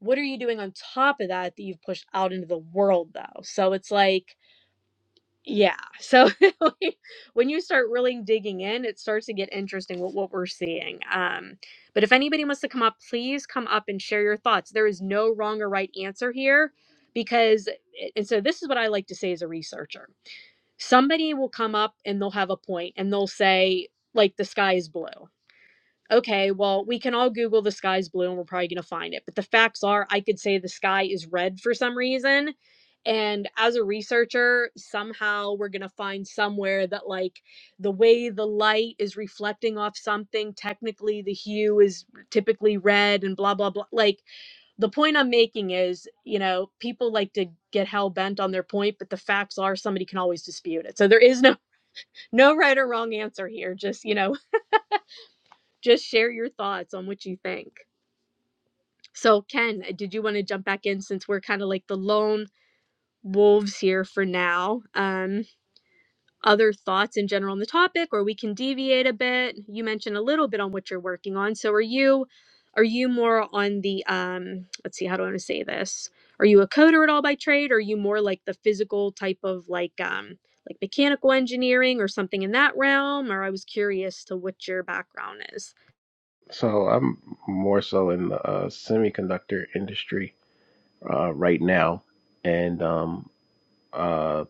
what are you doing on top of that that you've pushed out into the world though so it's like yeah so when you start really digging in it starts to get interesting what, what we're seeing um but if anybody wants to come up please come up and share your thoughts there is no wrong or right answer here because and so this is what i like to say as a researcher somebody will come up and they'll have a point and they'll say like the sky is blue okay, well, we can all Google the sky's blue and we're probably going to find it. But the facts are, I could say the sky is red for some reason. And as a researcher, somehow we're going to find somewhere that, like, the way the light is reflecting off something, technically the hue is typically red and blah, blah, blah. Like, the point I'm making is, you know, people like to get hell bent on their point, but the facts are somebody can always dispute it. So there is no no right or wrong answer here. Just you know, just share your thoughts on what you think. So, Ken, uh, did you want to jump back in since we're kind of like the lone wolves here for now? Um, other thoughts in general on the topic, or we can deviate a bit. You mentioned a little bit on what you're working on. So, are you are you more on the um? Let's see, how do I want to say this? Are you a coder at all by trade? Or are you more like the physical type of like um like mechanical engineering or something in that realm? Or I was curious to what your background is.
So I'm more so in the uh, semiconductor industry uh, right now, and um, uh,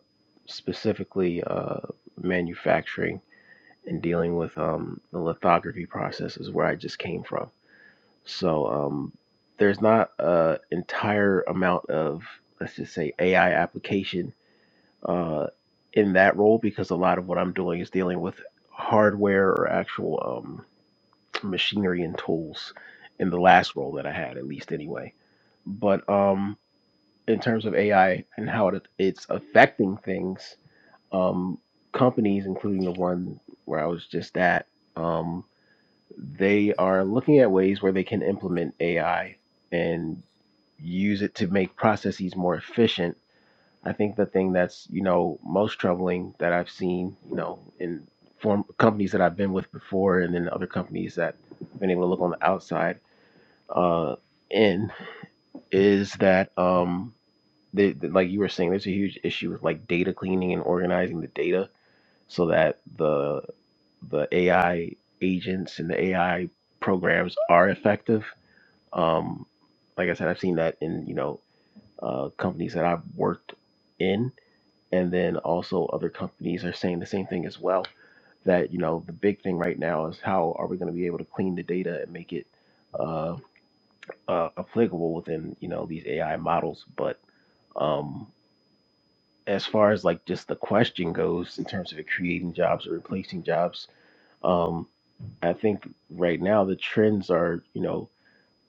specifically uh, manufacturing and dealing with um, the lithography process is where I just came from. So um, there's not an entire amount of, let's just say, AI application uh, in that role because a lot of what I'm doing is dealing with hardware or actual um, machinery and tools in the last role that I had, at least anyway. But um, in terms of AI and how it, it's affecting things, um, companies, including the one where I was just at, um, they are looking at ways where they can implement AI and use it to make processes more efficient. I think the thing that's you know most troubling that I've seen, you know, in form companies that I've been with before, and then other companies that I've been able to look on the outside uh, in, is that um, the, like you were saying, there's a huge issue with like data cleaning and organizing the data so that the the AI agents and the AI programs are effective. Um, like I said, I've seen that in you know uh, companies that I've worked in, and then also other companies are saying the same thing as well. That you know the big thing right now is how are we going to be able to clean the data and make it uh, uh, applicable within you know these AI models. But um, as far as like just the question goes in terms of it creating jobs or replacing jobs, um, I think right now the trends are, you know,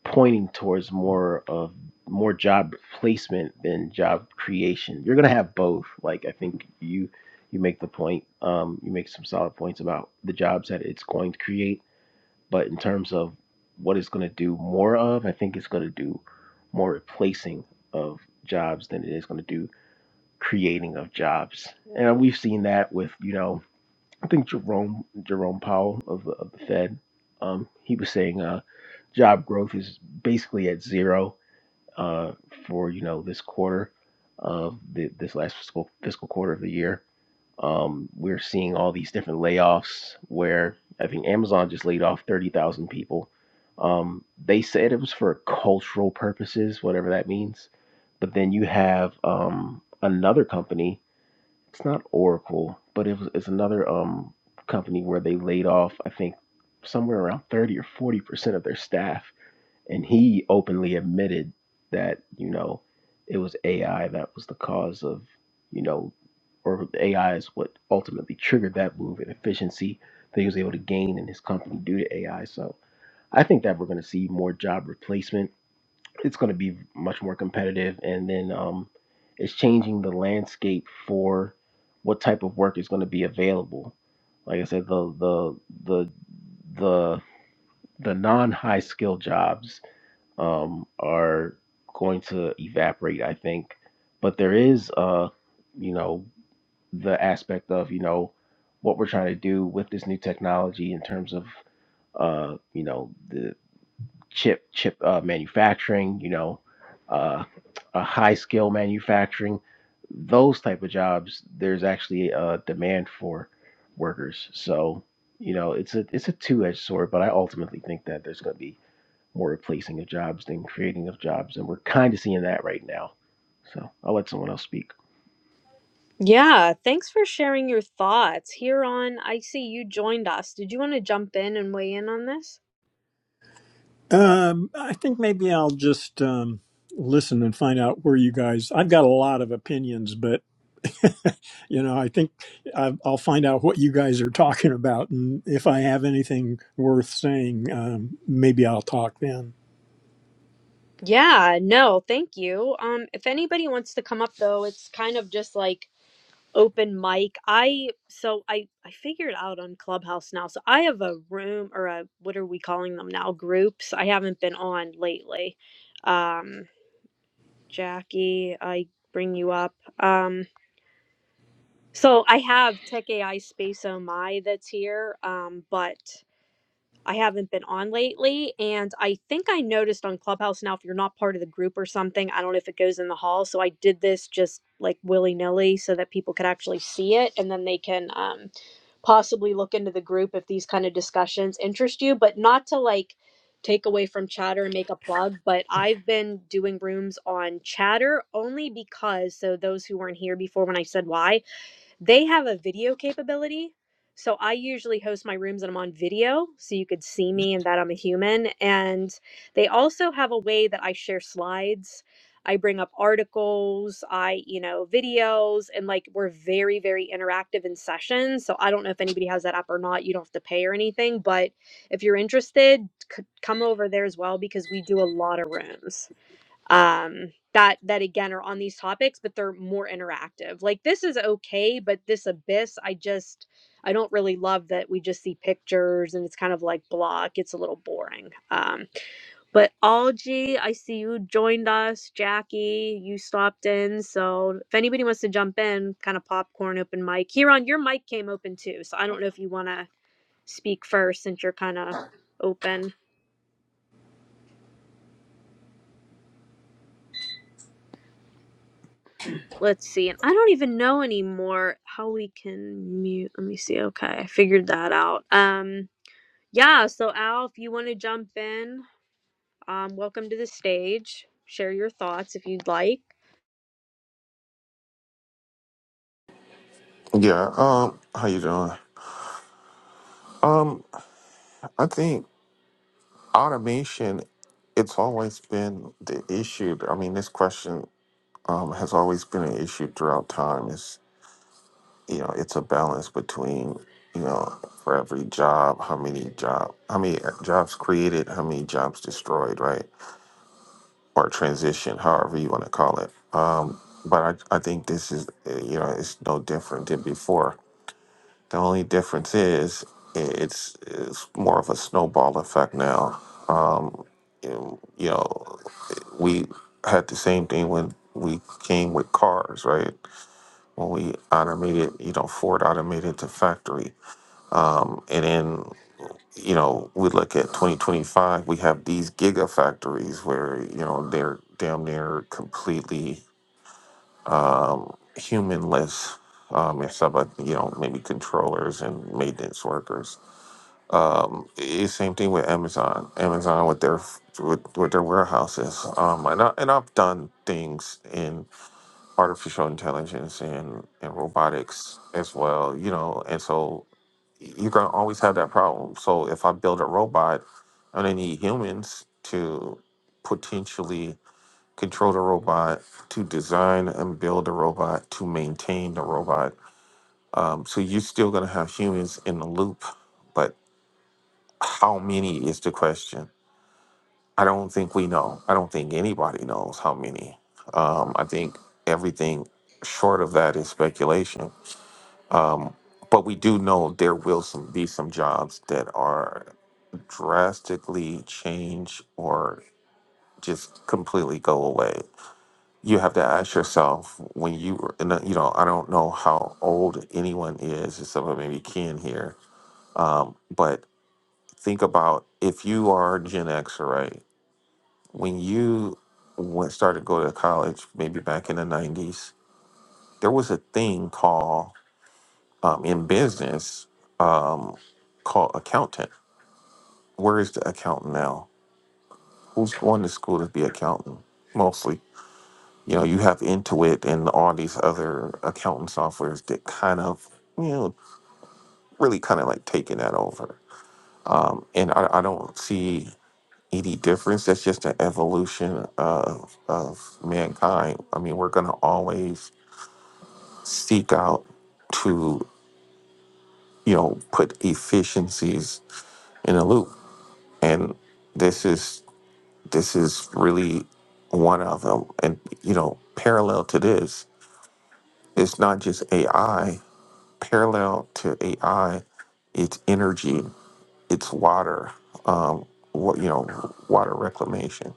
pointing towards more of more job placement than job creation. You're gonna have both. Like I think you you make the point. Um, you make some solid points about the jobs that it's going to create, but in terms of what it's gonna do more of, I think it's gonna do more replacing of jobs than it is gonna do creating of jobs. And we've seen that with you know I think Jerome Jerome Powell of, of the Fed, um, he was saying uh, job growth is basically at zero uh, for you know this quarter of the, this last fiscal fiscal quarter of the year. Um, we're seeing all these different layoffs where I think Amazon just laid off thirty thousand people. Um, they said it was for cultural purposes, whatever that means. But then you have um, another company it's not Oracle, but it was, it's another um company where they laid off I think somewhere around 30 or 40% of their staff and he openly admitted that, you know, it was AI that was the cause of, you know, or AI is what ultimately triggered that move in efficiency that he was able to gain in his company due to AI. So I think that we're going to see more job replacement it's going to be much more competitive. And then um, it's changing the landscape for what type of work is going to be available. Like I said, the the the the the non high skill jobs um, are going to evaporate, I think. But there is, uh, you know, the aspect of you know what we're trying to do with this new technology in terms of uh, you know the chip chip uh, manufacturing, you know, uh, uh, high scale manufacturing, those type of jobs. There's actually a demand for workers. So you know, it's a it's a two edged sword. But I ultimately think that there's going to be more replacing of jobs than creating of jobs, and we're kind of seeing that right now. So I'll let someone else speak.
Yeah, thanks for sharing your thoughts. Here on, I see you joined us. Did you want to jump in and weigh in on this?
Um, I think maybe I'll just um, listen and find out where you guys. I've got a lot of opinions, but you know, I think i I'll find out what you guys are talking about, and if I have anything worth saying, um, maybe I'll talk then.
Yeah, no, thank you. Um, if anybody wants to come up though, it's kind of just like open mic. I so I I figured out on Clubhouse now. So I have a room or a what are we calling them now? Groups. I haven't been on lately. Um, Jackie, I bring you up. Um, so I have Tech AI Space Oh My that's here. Um, but I haven't been on lately. And I think I noticed on Clubhouse now, if you're not part of the group or something, I don't know if it goes in the hall. So I did this just like willy nilly so that people could actually see it and then they can um, possibly look into the group if these kind of discussions interest you, but not to like take away from chatter and make a plug but i've been doing rooms on chatter only because so those who weren't here before when i said why they have a video capability. So I usually host my rooms and I'm on video so you could see me and that I'm a human. And they also have a way that I share slides. I bring up articles, I, you know, videos, and like we're very, very interactive in sessions. So I don't know if anybody has that app or not. You don't have to pay or anything, but if you're interested, c- come over there as well because we do a lot of rooms um that that again are on these topics but they're more interactive like this is okay but this abyss i just i don't really love that we just see pictures and it's kind of like blah it gets a little boring um but algie i see you joined us jackie you stopped in so if anybody wants to jump in kind of popcorn open mic here your mic came open too so i don't know if you want to speak first since you're kind of open Let's see. And I don't even know anymore how we can mute. Let me see. Okay, I figured that out. Um, yeah. So Al, if you want to jump in, um, welcome to the stage. Share your thoughts if you'd like.
Yeah. Um. How you doing? Um. I think automation. It's always been the issue. I mean, this question um, has always been an issue throughout time. Is you know, it's a balance between you know, for every job, how many job, how many jobs created, how many jobs destroyed, right, or transition, however you want to call it. Um. But I, I think this is uh, you know, it's no different than before. The only difference is it's, it's more of a snowball effect now. You you know, we had the same thing when we came with cars, right? When we automated, you know, Ford automated the factory. Um, and then, you know, we look at 2025, we have these gigafactories where, you know, they're damn near completely humanless. Um, except, uh, you know, maybe controllers and maintenance workers Um, it's same thing with Amazon. Amazon with their with, with their warehouses. Um, and I, and I've done things in artificial intelligence and and robotics as well. You know, and so you're gonna always have that problem. So if I build a robot, I'm gonna need humans to potentially control the robot, to design and build the robot, to maintain the robot. Um, so you're still gonna have humans in the loop, but how many is the question? I don't think we know. I don't think anybody knows how many. Um, I think everything short of that is speculation. Um, but we do know there will some, be some jobs that are drastically change or just completely go away. You have to ask yourself when you, and, uh, you know, I don't know how old anyone is, except for maybe Ken here, um, but think about if you are Gen X, right? when you went started to go to college, maybe back in the nineties, there was a thing called um, in business um, called accountant. Where is the accountant now? Who's going to school to be accountant? Mostly, you know, you have Intuit and all these other accounting softwares that kind of, you know, really kind of like taking that over. Um, and I, I don't see any difference. That's just an evolution of of mankind. I mean, we're gonna always seek out to you know put efficiencies in a loop and this is this is really one of them and you know parallel to this it's not just ai parallel to ai it's energy it's water um what you know water reclamation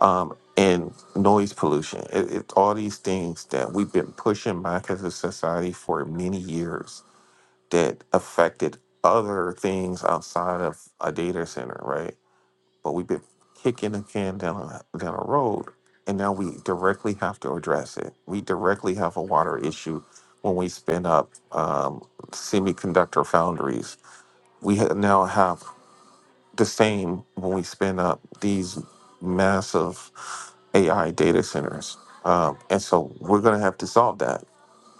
um and noise pollution it, it's all these things that we've been pushing back as a society for many years that affected other things outside of a data center, right? But we've been kicking the can down a, down a road, and now we directly have to address it. We directly have a water issue when we spin up um, semiconductor foundries. We ha- now have the same when we spin up these massive AI data centers. Um, and so we're going to have to solve that.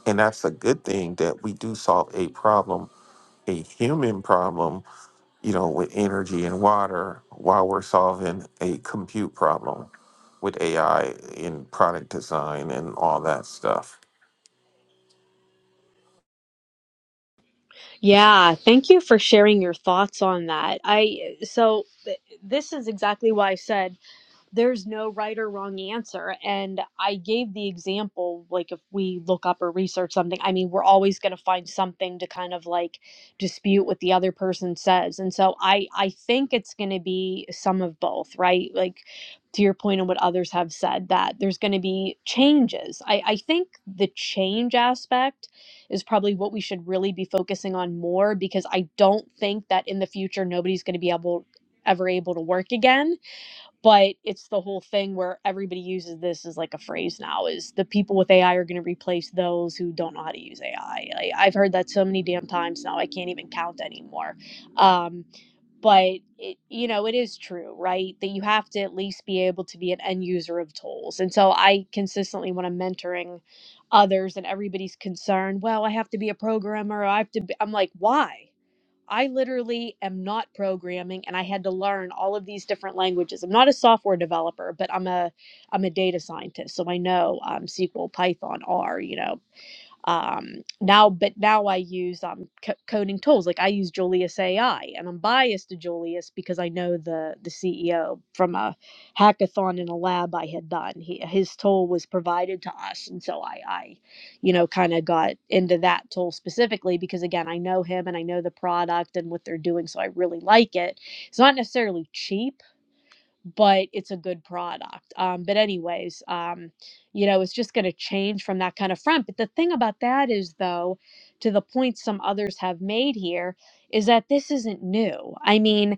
And that's a good thing that we do solve a problem a human problem, you know, with energy and water while we're solving a compute problem with AI in product design and all that stuff.
Yeah, thank you for sharing your thoughts on that. I so this is exactly why I said. there's no right or wrong answer. And I gave the example, like if we look up or research something, I mean, we're always going to find something to kind of like dispute what the other person says. And so I, I think it's going to be some of both, right? Like to your point point on what others have said that there's going to be changes. I, I think the change aspect is probably what we should really be focusing on more because I don't think that in the future, nobody's going to be able ever able to work again but it's the whole thing where everybody uses this as like a phrase now is the people with ai are going to replace those who don't know how to use ai I, Like, i've heard that so many damn times now i can't even count anymore um, but it, you know it is true right that you have to at least be able to be an end user of tools and so i consistently when i'm mentoring others and everybody's concerned well i have to be a programmer i have to be, i'm like why I literally am not programming and I had to learn all of these different languages. I'm not a software developer, but I'm a I'm a data scientist. So I know um, SQL, Python, R, you know, um now but now i use um co- coding tools like i use julius ai and i'm biased to julius because i know the the ceo from a hackathon in a lab i had done he, his tool was provided to us and so i i you know kind of got into that tool specifically because again i know him and i know the product and what they're doing so i really like it it's not necessarily cheap but it's a good product. Um, but anyways, um, you know, it's just going to change from that kind of front. But the thing about that is, though, to the point some others have made here, is that this isn't new. I mean,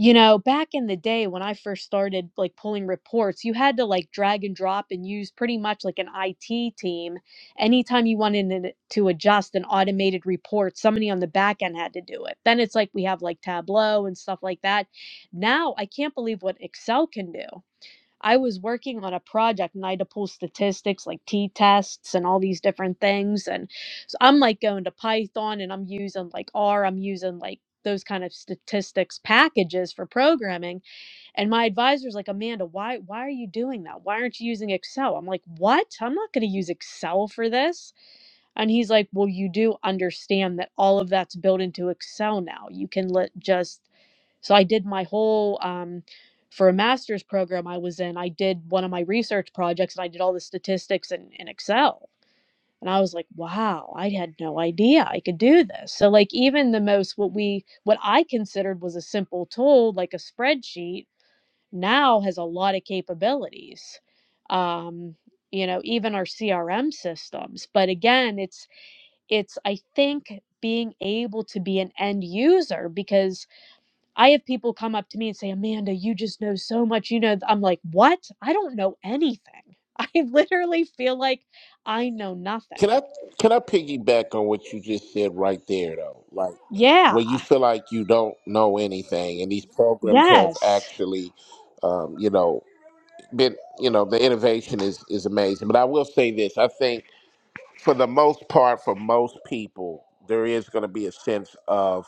you know, back in the day when I first started like pulling reports, you had to like drag and drop and use pretty much like an IT team. Anytime you wanted to to adjust an automated report, somebody on the back end had to do it. Then it's like we have like Tableau and stuff like that now I can't believe what Excel can do. I was working on a project and I had to pull statistics like t tests and all these different things. And so I'm like going to Python and I'm using like R, I'm using like those kind of statistics packages for programming. And my advisor's like, Amanda, why why are you doing that? Why aren't you using Excel? I'm like, what? I'm not gonna use Excel for this. And he's like, Well, you do understand that all of that's built into Excel now. You can let just so I did my whole um for a master's program I was in, I did one of my research projects and I did all the statistics in, in Excel. And I was like, wow, I had no idea I could do this. So like even the most what we what I considered was a simple tool, like a spreadsheet, now has a lot of capabilities. Um, you know, even our CRM systems. But again, it's it's i think being able to be an end user because i have people come up to me and say amanda you just know so much you know th-" i'm like what i don't know anything i literally feel like i know
Can
nothing
I can I piggyback on what you just said right there though? Like
yeah
when you feel like you don't know anything, and these programs have
yes
actually, um, you know, been you know the innovation is is amazing. But I will say this: I think for the most part, for most people, there is going to be a sense of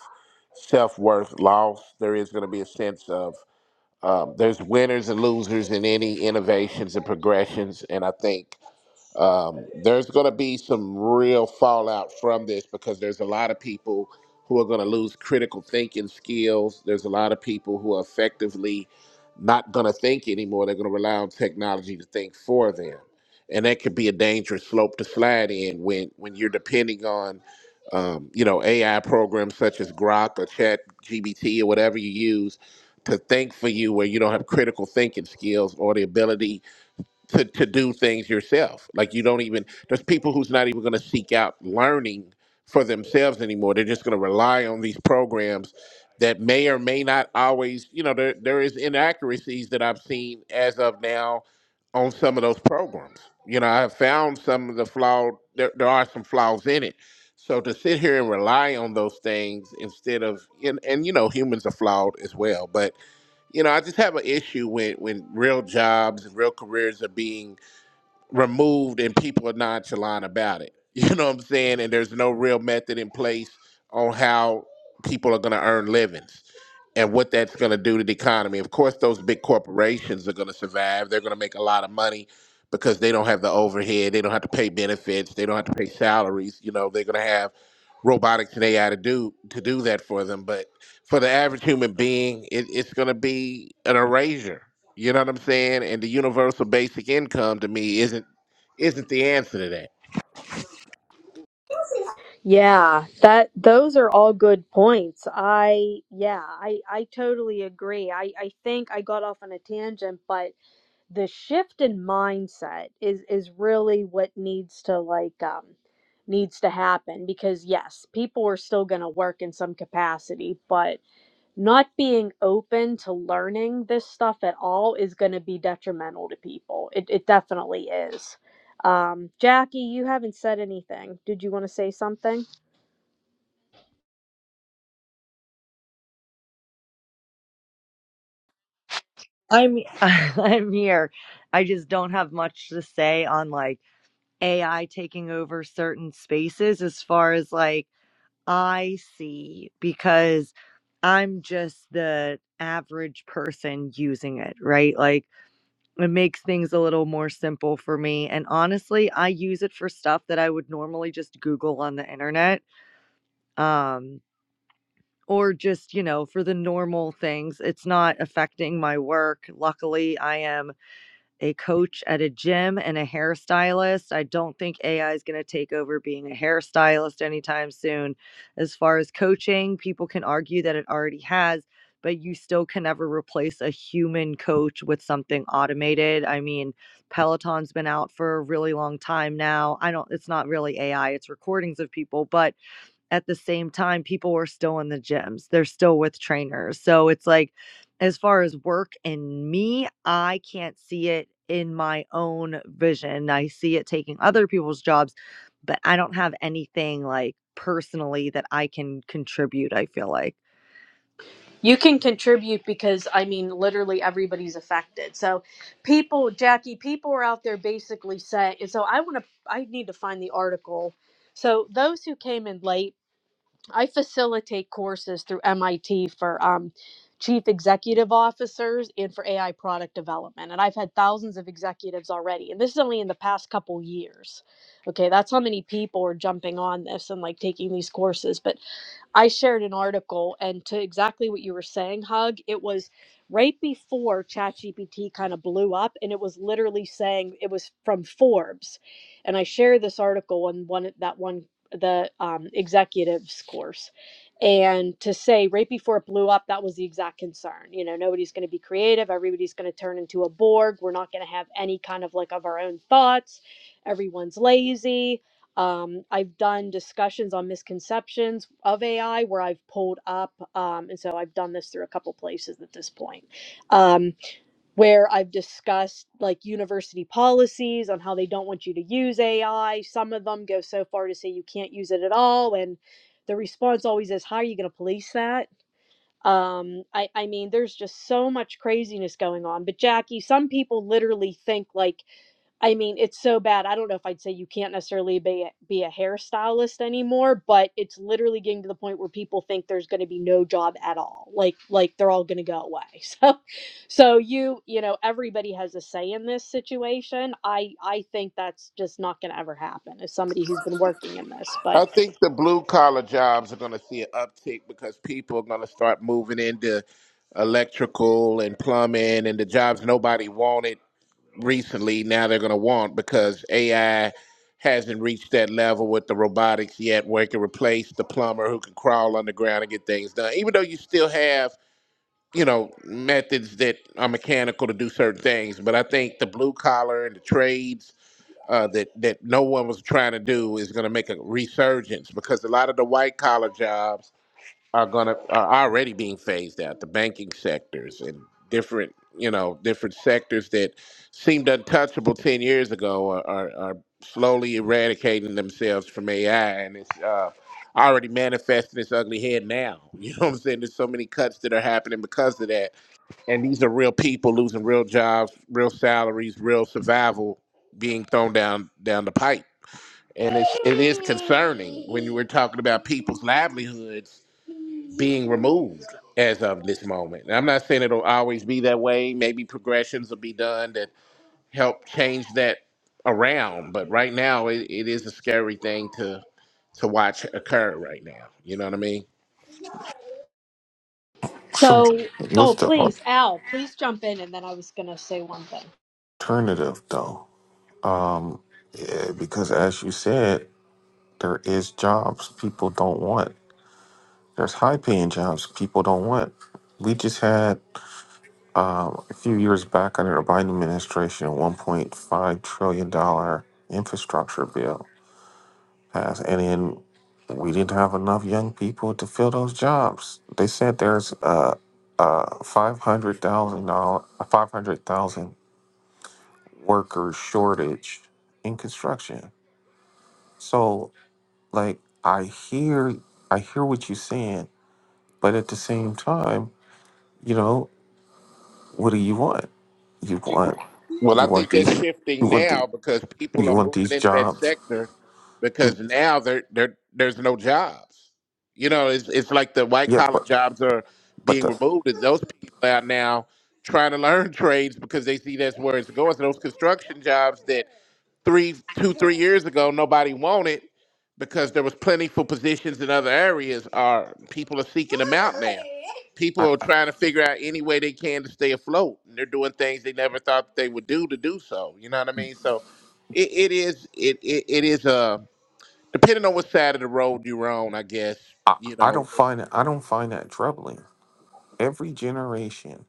self worth loss. There is going to be a sense of um, there's winners and losers in any innovations and progressions, and I think um, there's going to be some real fallout from this because there's a lot of people who are going to lose critical thinking skills. There's a lot of people who are effectively not going to think anymore. They're going to rely on technology to think for them, and that could be a dangerous slope to slide in when when you're depending on. Um, you know, AI programs such as Grok or Chat GBT or whatever you use to think for you, where you don't have critical thinking skills or the ability to, to do things yourself. Like you don't even there's people who's not even going to seek out learning for themselves anymore. They're just going to rely on these programs that may or may not always, you know, there there is inaccuracies that I've seen as of now on some of those programs. You know, I've found some of the flawed there, there are some flaws in it. So to sit here and rely on those things instead of and, and you know humans are flawed as well, but you know, I just have an issue when when real jobs and real careers are being removed and people are nonchalant about it. You know what I'm saying? And there's no real method in place on how people are going to earn livings and what that's going to do to the economy. Of course, those big corporations are going to survive. They're going to make a lot of money because they don't have the overhead. They don't have to pay benefits. They don't have to pay salaries. You know, they're going to have robotics and AI to do to do that for them. But for the average human being, it, it's going to be an erasure. You know what I'm saying? And the universal basic income to me isn't isn't the answer to that.
Yeah, that those are all good points. I yeah, I I totally agree. I I think I got off on a tangent, but the shift in mindset is is really what needs to like um needs to happen because yes people are still going to work in some capacity but not being open to learning this stuff at all is going to be detrimental to people it, it definitely is um jackie you haven't said anything did you want to say something
I'm I'm here. I just don't have much to say on like AI taking over certain spaces as far as like I see because I'm just the average person using it, right? Like it makes things a little more simple for me and honestly, I use it for stuff that I would normally just Google on the internet. Um or just, you know, for the normal things. It's not affecting my work. Luckily, I am a coach at a gym and a hairstylist. I don't think AI is going to take over being a hairstylist anytime soon. As far as coaching, people can argue that it already has, but you still can never replace a human coach with something automated. I mean, Peloton's been out for a really long time now. I don't it's not really AI, it's recordings of people, but at the same time, people were still in the gyms. They're still with trainers. So it's like, as far as work and me, I can't see it in my own vision. I see it taking other people's jobs, but I don't have anything like personally that I can contribute, I feel like.
You can contribute because I mean, literally everybody's affected. So, people, Jackie, people are out there basically saying, and so I want to, I need to find the article. So, those who came in late, I facilitate courses through MIT for um, chief executive officers and for AI product development. And I've had thousands of executives already. And this is only in the past couple years. Okay, that's how many people are jumping on this and like taking these courses. But I shared an article, and to exactly what you were saying, Hug, it was right before ChatGPT kind of blew up, and it was literally saying it was from Forbes, and I shared this article on one that one the um, executives course, and to say right before it blew up, that was the exact concern. You know, nobody's going to be creative, everybody's going to turn into a Borg. We're not going to have any kind of like of our own thoughts. Everyone's lazy um, I've done discussions on misconceptions of AI where I've pulled up, um, and so I've done this through a couple places at this point, um, where I've discussed like university policies on how they don't want you to use AI. Some of them go so far to say you can't use it at all, and the response always is, "How are you going to police that?" Um, I, I mean, there's just so much craziness going on. But Jackie, some people literally think like I mean, it's so bad. I don't know if I'd say you can't necessarily be a, be a hairstylist anymore, but it's literally getting to the point where people think there's going to be no job at all. Like like they're all going to go away. So so you, you know, everybody has a say in this situation. I I think that's just not going to ever happen as somebody who's been working in this.
I
But
think the blue collar jobs are going to see an uptick because people are going to start moving into electrical and plumbing and the jobs nobody wanted recently now they're going to want because AI hasn't reached that level with the robotics yet where it can replace the plumber who can crawl underground and get things done. Even though you still have you know methods that are mechanical to do certain things but i think the blue collar and the trades uh, that that no one was trying to do is going to make a resurgence because a lot of the white collar jobs are going to are already being phased out the banking sectors and different you know different sectors that seemed untouchable 10 years ago are, are, are slowly eradicating themselves from ai and it's uh, already manifesting its ugly head now you know what i'm saying there's so many cuts that are happening because of that and these are real people losing real jobs, real salaries, real survival being thrown down down the pipe. And it's it is concerning when we're talking about people's livelihoods being removed as of this moment. And I'm not saying it'll always be that way. Maybe progressions will be done that help change that around. But right now it, it is a scary thing to to watch occur right now. You know what I mean?
So,
so oh,
what's the
please, Al, please jump in and then I was going to say one thing.
alternative though? Um, eh, because as you said, there is jobs people don't want. There's high-paying jobs people don't want. We just had um, a few years back under the Biden administration, a $1.5 trillion dollar infrastructure bill class, and then we didn't have enough young people to fill those jobs. They said there's uh uh five hundred thousand dollar five hundred thousand worker shortage in construction. So like I hear I hear what you're saying, but at the same time, you know, what do you want? You want
Well, I
you want
think
these
that's
you
shifting
want the
now because people
you
are
want
moving
these
into that
jobs.
sector
You
because now there there there's no jobs. You know, it's it's like the white
yeah,
collar
but
jobs are
but
being
the
removed, and those people are now trying to learn trades because they see that's where it's going. So those construction jobs that three, two, three years ago, nobody wanted because there was plentiful positions in other areas. Are people are seeking them out now? People
I,
are trying to figure out any way they can to stay afloat, and they're doing things they never thought they would do to do so. You know what I mean? So, it, it is it, it it is uh depending on what side of the road you're on, I guess
I
you
I
know.
don't find it I don't find that troubling every generation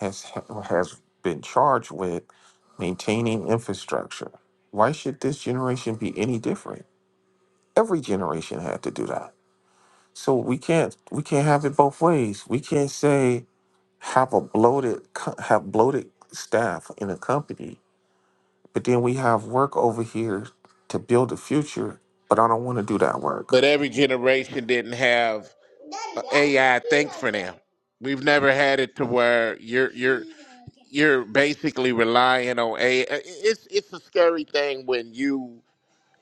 has has been charged with maintaining infrastructure. Why should this generation be any different? Every generation had to do that. So we can't we can't have it both ways. We can't say have a bloated co- have bloated staff in a company, but then we have work over here to build the future, but I don't want to do that
But
work.
every generation didn't have AI think for them. We've never had it to where you're you're you're basically relying on AI. It's it's a scary thing when you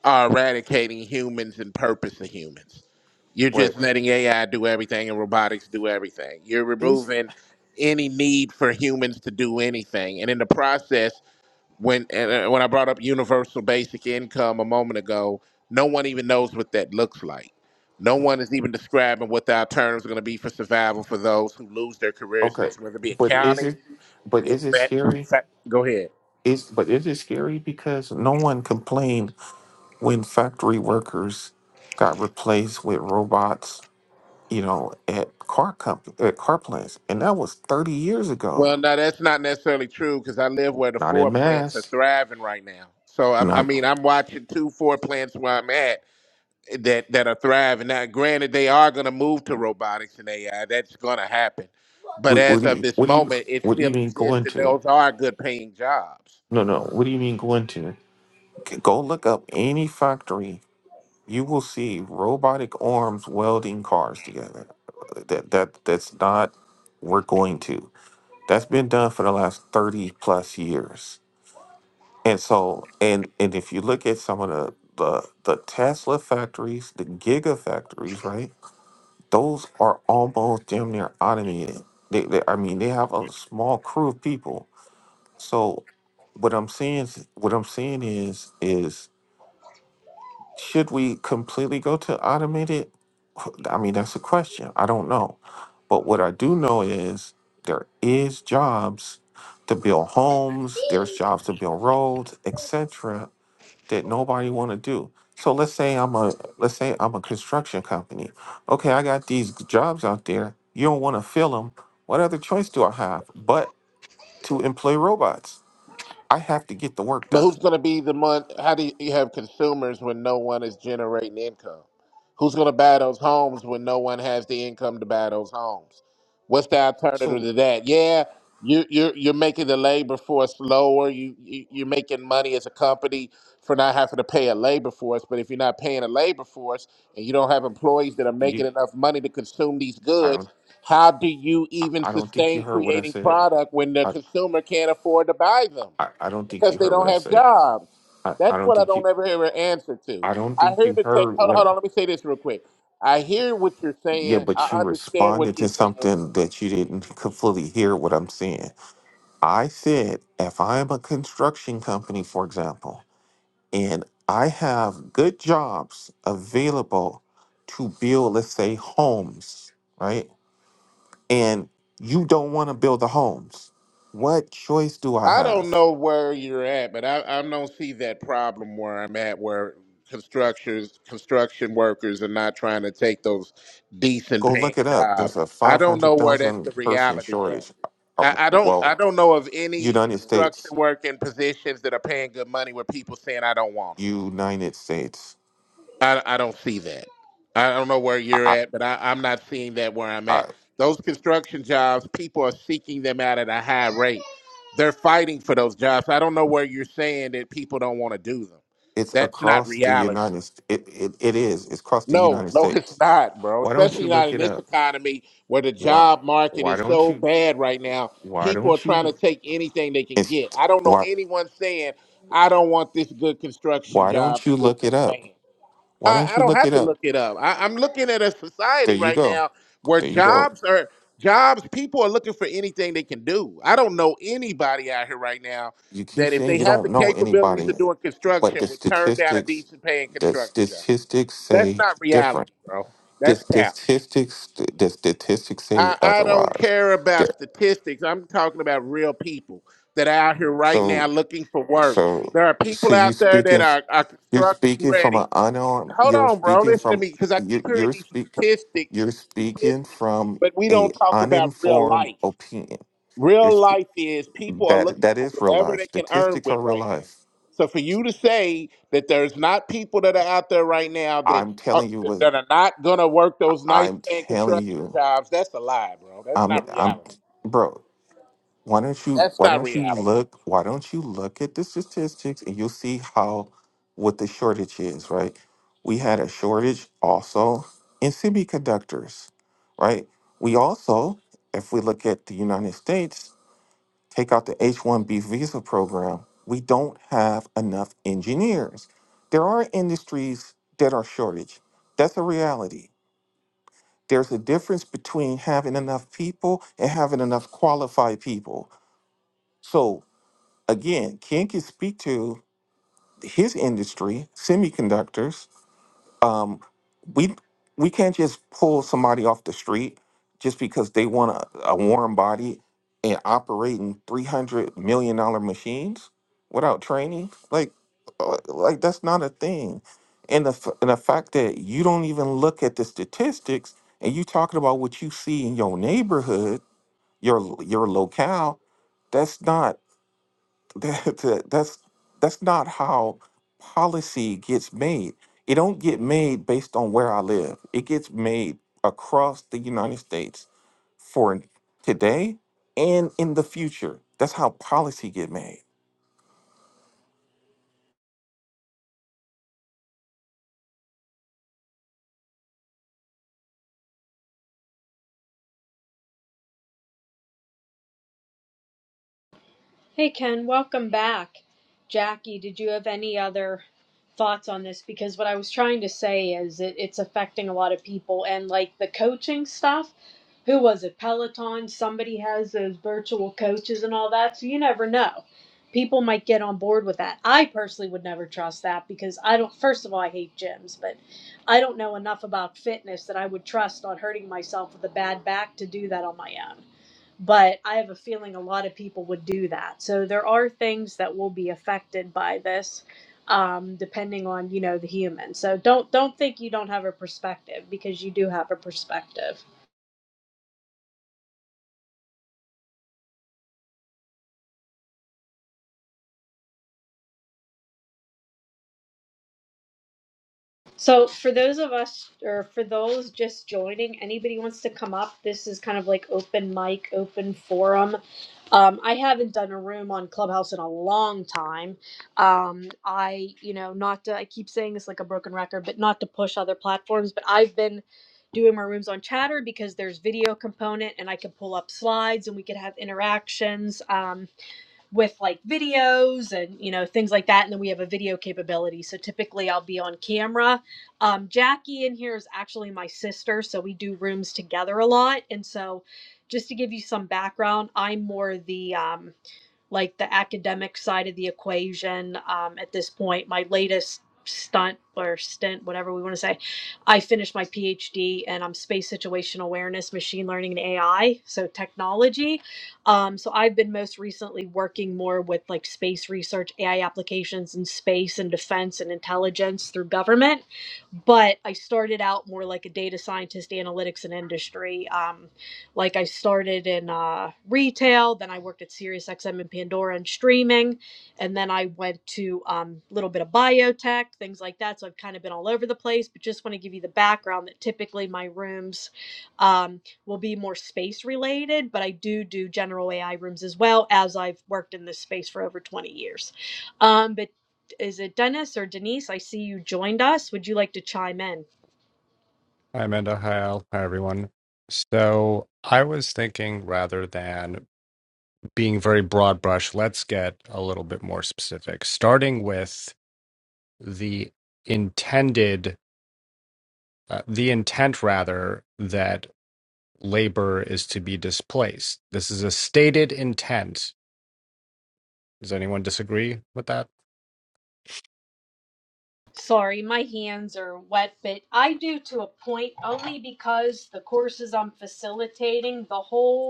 are eradicating humans and purpose of humans. You're
But
just letting AI do everything and robotics do everything. You're
is
removing any need for humans to do anything, and in the process, when and uh, when I brought up universal basic income a moment ago, no one even knows what that looks like. No one is even describing what the alternatives are going to be for survival for those who lose their careers in
okay.
this, whether it be
But is
accounting.
it but is it
Invent,
scary?
fa- go ahead.
It's but it is scary because no one complained when factory workers got replaced with robots, you know, at car comp- at car plants, and that was thirty years ago.
Well, no, that's not necessarily true because I live where the
Not in
four plants are
mass.
thriving right now. So I'm, I
Not
mean, I'm watching two four plants where I'm at that that are thriving. Now, granted, they are going to move to robotics and AI. That's going to happen. But
what, what
as
do
of
you
this
what do you
moment, it
what do you
still
mean
exists,
going
and
to?
those are good paying jobs.
No, no. What do you mean going to? G- Go look up any factory. You will see robotic arms welding cars together. That that that's not. We're going to. That's been done for the last 30 plus years. And so, and and if you look at some of the the, the Tesla factories, the gigafactories, right? Those are almost damn near automated. They, they, I mean, they have a small crew of people. So, what I'm seeing, what I'm seeing is, is Should we completely go to automated? I mean, that's a question. I don't know. But what I do know is there is jobs to build homes, there's jobs to build roads, etc. that nobody want to do. So let's say I'm a let's say I'm a construction company. Okay, I got these jobs out there. You don't want to fill them. What other choice do I have but to employ robots? I have to get the work
But
done.
who's going to be the one? How do you have consumers when no one is generating income? Who's going to buy those homes when no one has the income to buy those homes? What's the alternative
So
to that? Yeah, you, you're you're making the labor force lower. You, you you're making money as a company for not having to pay a labor force. But if you're not paying a labor force and you don't have employees that are making
you
enough money to consume these
I
goods,
don't
how do you even
I don't think you
sustain
heard what I
creating
said.
product when the
I,
consumer can't afford to buy them?
I, I don't think you
because they
heard what
don't
I
have
said.
jobs.
I, I
That's
don't
what I
think you
don't ever hear an answer to.
I don't
I
think
hear
you
the tech.
heard
Hold on,
what
hold
I,
on. Let me say this real quick. I hear what you're
yeah,
saying.
but you
I understand
responded
what
to
you're saying.
something that you didn't c- fully hear what I'm saying. I said if I am a construction company, for example, and I have good jobs available to build, let's say, homes, right? And you don't want to build the homes. What choice do I
I
have?
don't know where you're at, but I, I don't see that problem where I'm at, where constructors, construction workers are not trying to take those decent
Go
paying
look it up.
jobs.
There's a
I don't know where that's the
500,000 person
reality at.
shortage. Uh,
I, I don't
Well,
I don't know of any
United
construction
States,
working positions that are paying good money where people saying I don't want 'em.
United States.
I, I don't see that. I don't know where
I,
you're
I,
at, but I, I'm not seeing that where I'm
I,
at. Those construction jobs, people are seeking them out at a high rate. They're fighting for those jobs. I don't know where you're saying that people don't want to do them.
it's
That's not
across the
reality.
United. St- It, it, it is. It's across the
No,
United
no, it's
States.
not, bro.
Why don't you
Especially not
look
in
it
this
up?
economy where the
Why,
job market
why
is
don't
so
you?
bad right now.
Why
People are
don't
trying
you?
to take anything they can
It's
get. I don't know
why.
anyone saying, I don't want this good construction
Why
job
don't you
that-
look it
that's
up?
paying.
Why
I,
don't
I
you
don't
look
have
it
to
up?
look it up. I, I'm looking at a
There
society
you
right
go.
now where
There you go.
jobs are jobs. People are looking for anything they can do. I don't know anybody out here right now
You keep
that if
saying
they
you
have the
don't know
capabilities
anybody,
of doing
but
construction
the
would turn down a
statistics.
decent paying
The
construction job.
statistics
That's
say
not
different.
reality, bro.
The
That's cap.
statistics, the statistics say
I, I don't
otherwise.
care
There,
about statistics. I'm talking about real people that are out here right now
so,
looking for work.
so,
There are
so
people
you
out there that
speaking,
are, are
you're
construction
speaking from
ready
an unarmed.
hold
You're
on, bro.
speaking
Listen to
from
me, because I keep
you.
hearing
You're
these
speak.
statistics
You're
and
speaking
statistics,
from
but we
a
don't talk about real
uninformed
life.
opinion. You're
Real
spe-
life is people are
that
looking
that
for
is real
whatever
life.
they can earn
Statistics
with
are real
right now.
life.
So for you to say that there's not people that are out there right now that
I'm
are,
telling you what
that are not gonna work those nice
I'm
paying
telling
construction
you.
jobs, that's a lie, bro. That's
I'm
not
I'm
reality.
bro. Why don't you
That's
why
not
don't you
reality.
look why don't you look at the statistics and you'll see how what the shortage is, right? We had a shortage also in semiconductors, right? We also, if we look at the United States, take out the H-1B visa program, we don't have enough engineers. There are industries that are shortage. That's a reality. There's a difference between having enough people and having enough qualified people. So again, Ken can speak to his industry, semiconductors. Um, we we can't just pull somebody off the street just because they want a, a warm body and operating three hundred million dollar machines without training. Like, uh, like that's not a thing. And the f- and the fact that you don't even look at the statistics and you talking about what you see in your neighborhood, your your locale, that's not that, that- that's that's not how policy gets made. It don't get made based on where I live. It gets made across the United States for today and in the future. That's how policy get made.
Hey Ken, welcome back. Jackie, did you have any other thoughts on this? Because what I was trying to say is it, it's affecting a lot of people and like the coaching stuff. Who was it? Peloton? Somebody has those virtual coaches and all that. So you never know. People might get on board with that. I personally would never trust that because I don't, first of all, I hate gyms, but I don't know enough about fitness that I would trust on hurting myself with a bad back to do that on my own but I have a feeling a lot of people would do that. So there are things that will be affected by this, um, depending on you know the human. So don't don't think you don't have a perspective because you do have a perspective. So, for those of us, or for those just joining, anybody wants to come up, this is kind of like open mic, open forum. Um, I haven't done a room on Clubhouse in a long time. Um, I, you know, not to, I keep saying this like a broken record, but not to push other platforms, but I've been doing my rooms on Chatter because there's video component and I can pull up slides and we could have interactions. Um, with like videos and you know things like that and then we have a video capability so typically i'll be on camera um, jackie in here is actually my sister so we do rooms together a lot and so just to give you some background i'm more the um, like the academic side of the equation um, at this point. My latest stunt or stint, whatever we want to say, I finished my PhD and I'm space situation awareness, machine learning, and AI, so technology. Um, so I've been most recently working more with like space research, AI applications in space and defense and intelligence through government but I started out more like a data scientist, analytics, and industry. Um, like I started in uh, retail, then I worked at SiriusXM and Pandora and streaming, and then I went to a um, little bit of biotech, things like that. So I've kind of been all over the place, but just want to give you the background that typically my rooms um, will be more space related, but I do do general AI rooms as well as I've worked in this space for over 20 years. Um, but is it Dennis or Denise? I see you joined us. Would you like to chime in?
Hi, Amanda. Hi, Al. Hi, everyone. So I was thinking rather than being very broad brush, let's get a little bit more specific, starting with the intended, uh, the intent rather, that labor is to be displaced. This is a stated intent. Does anyone disagree with that?
Sorry, my hands are wet, but I do to a point only because the courses I'm facilitating, the whole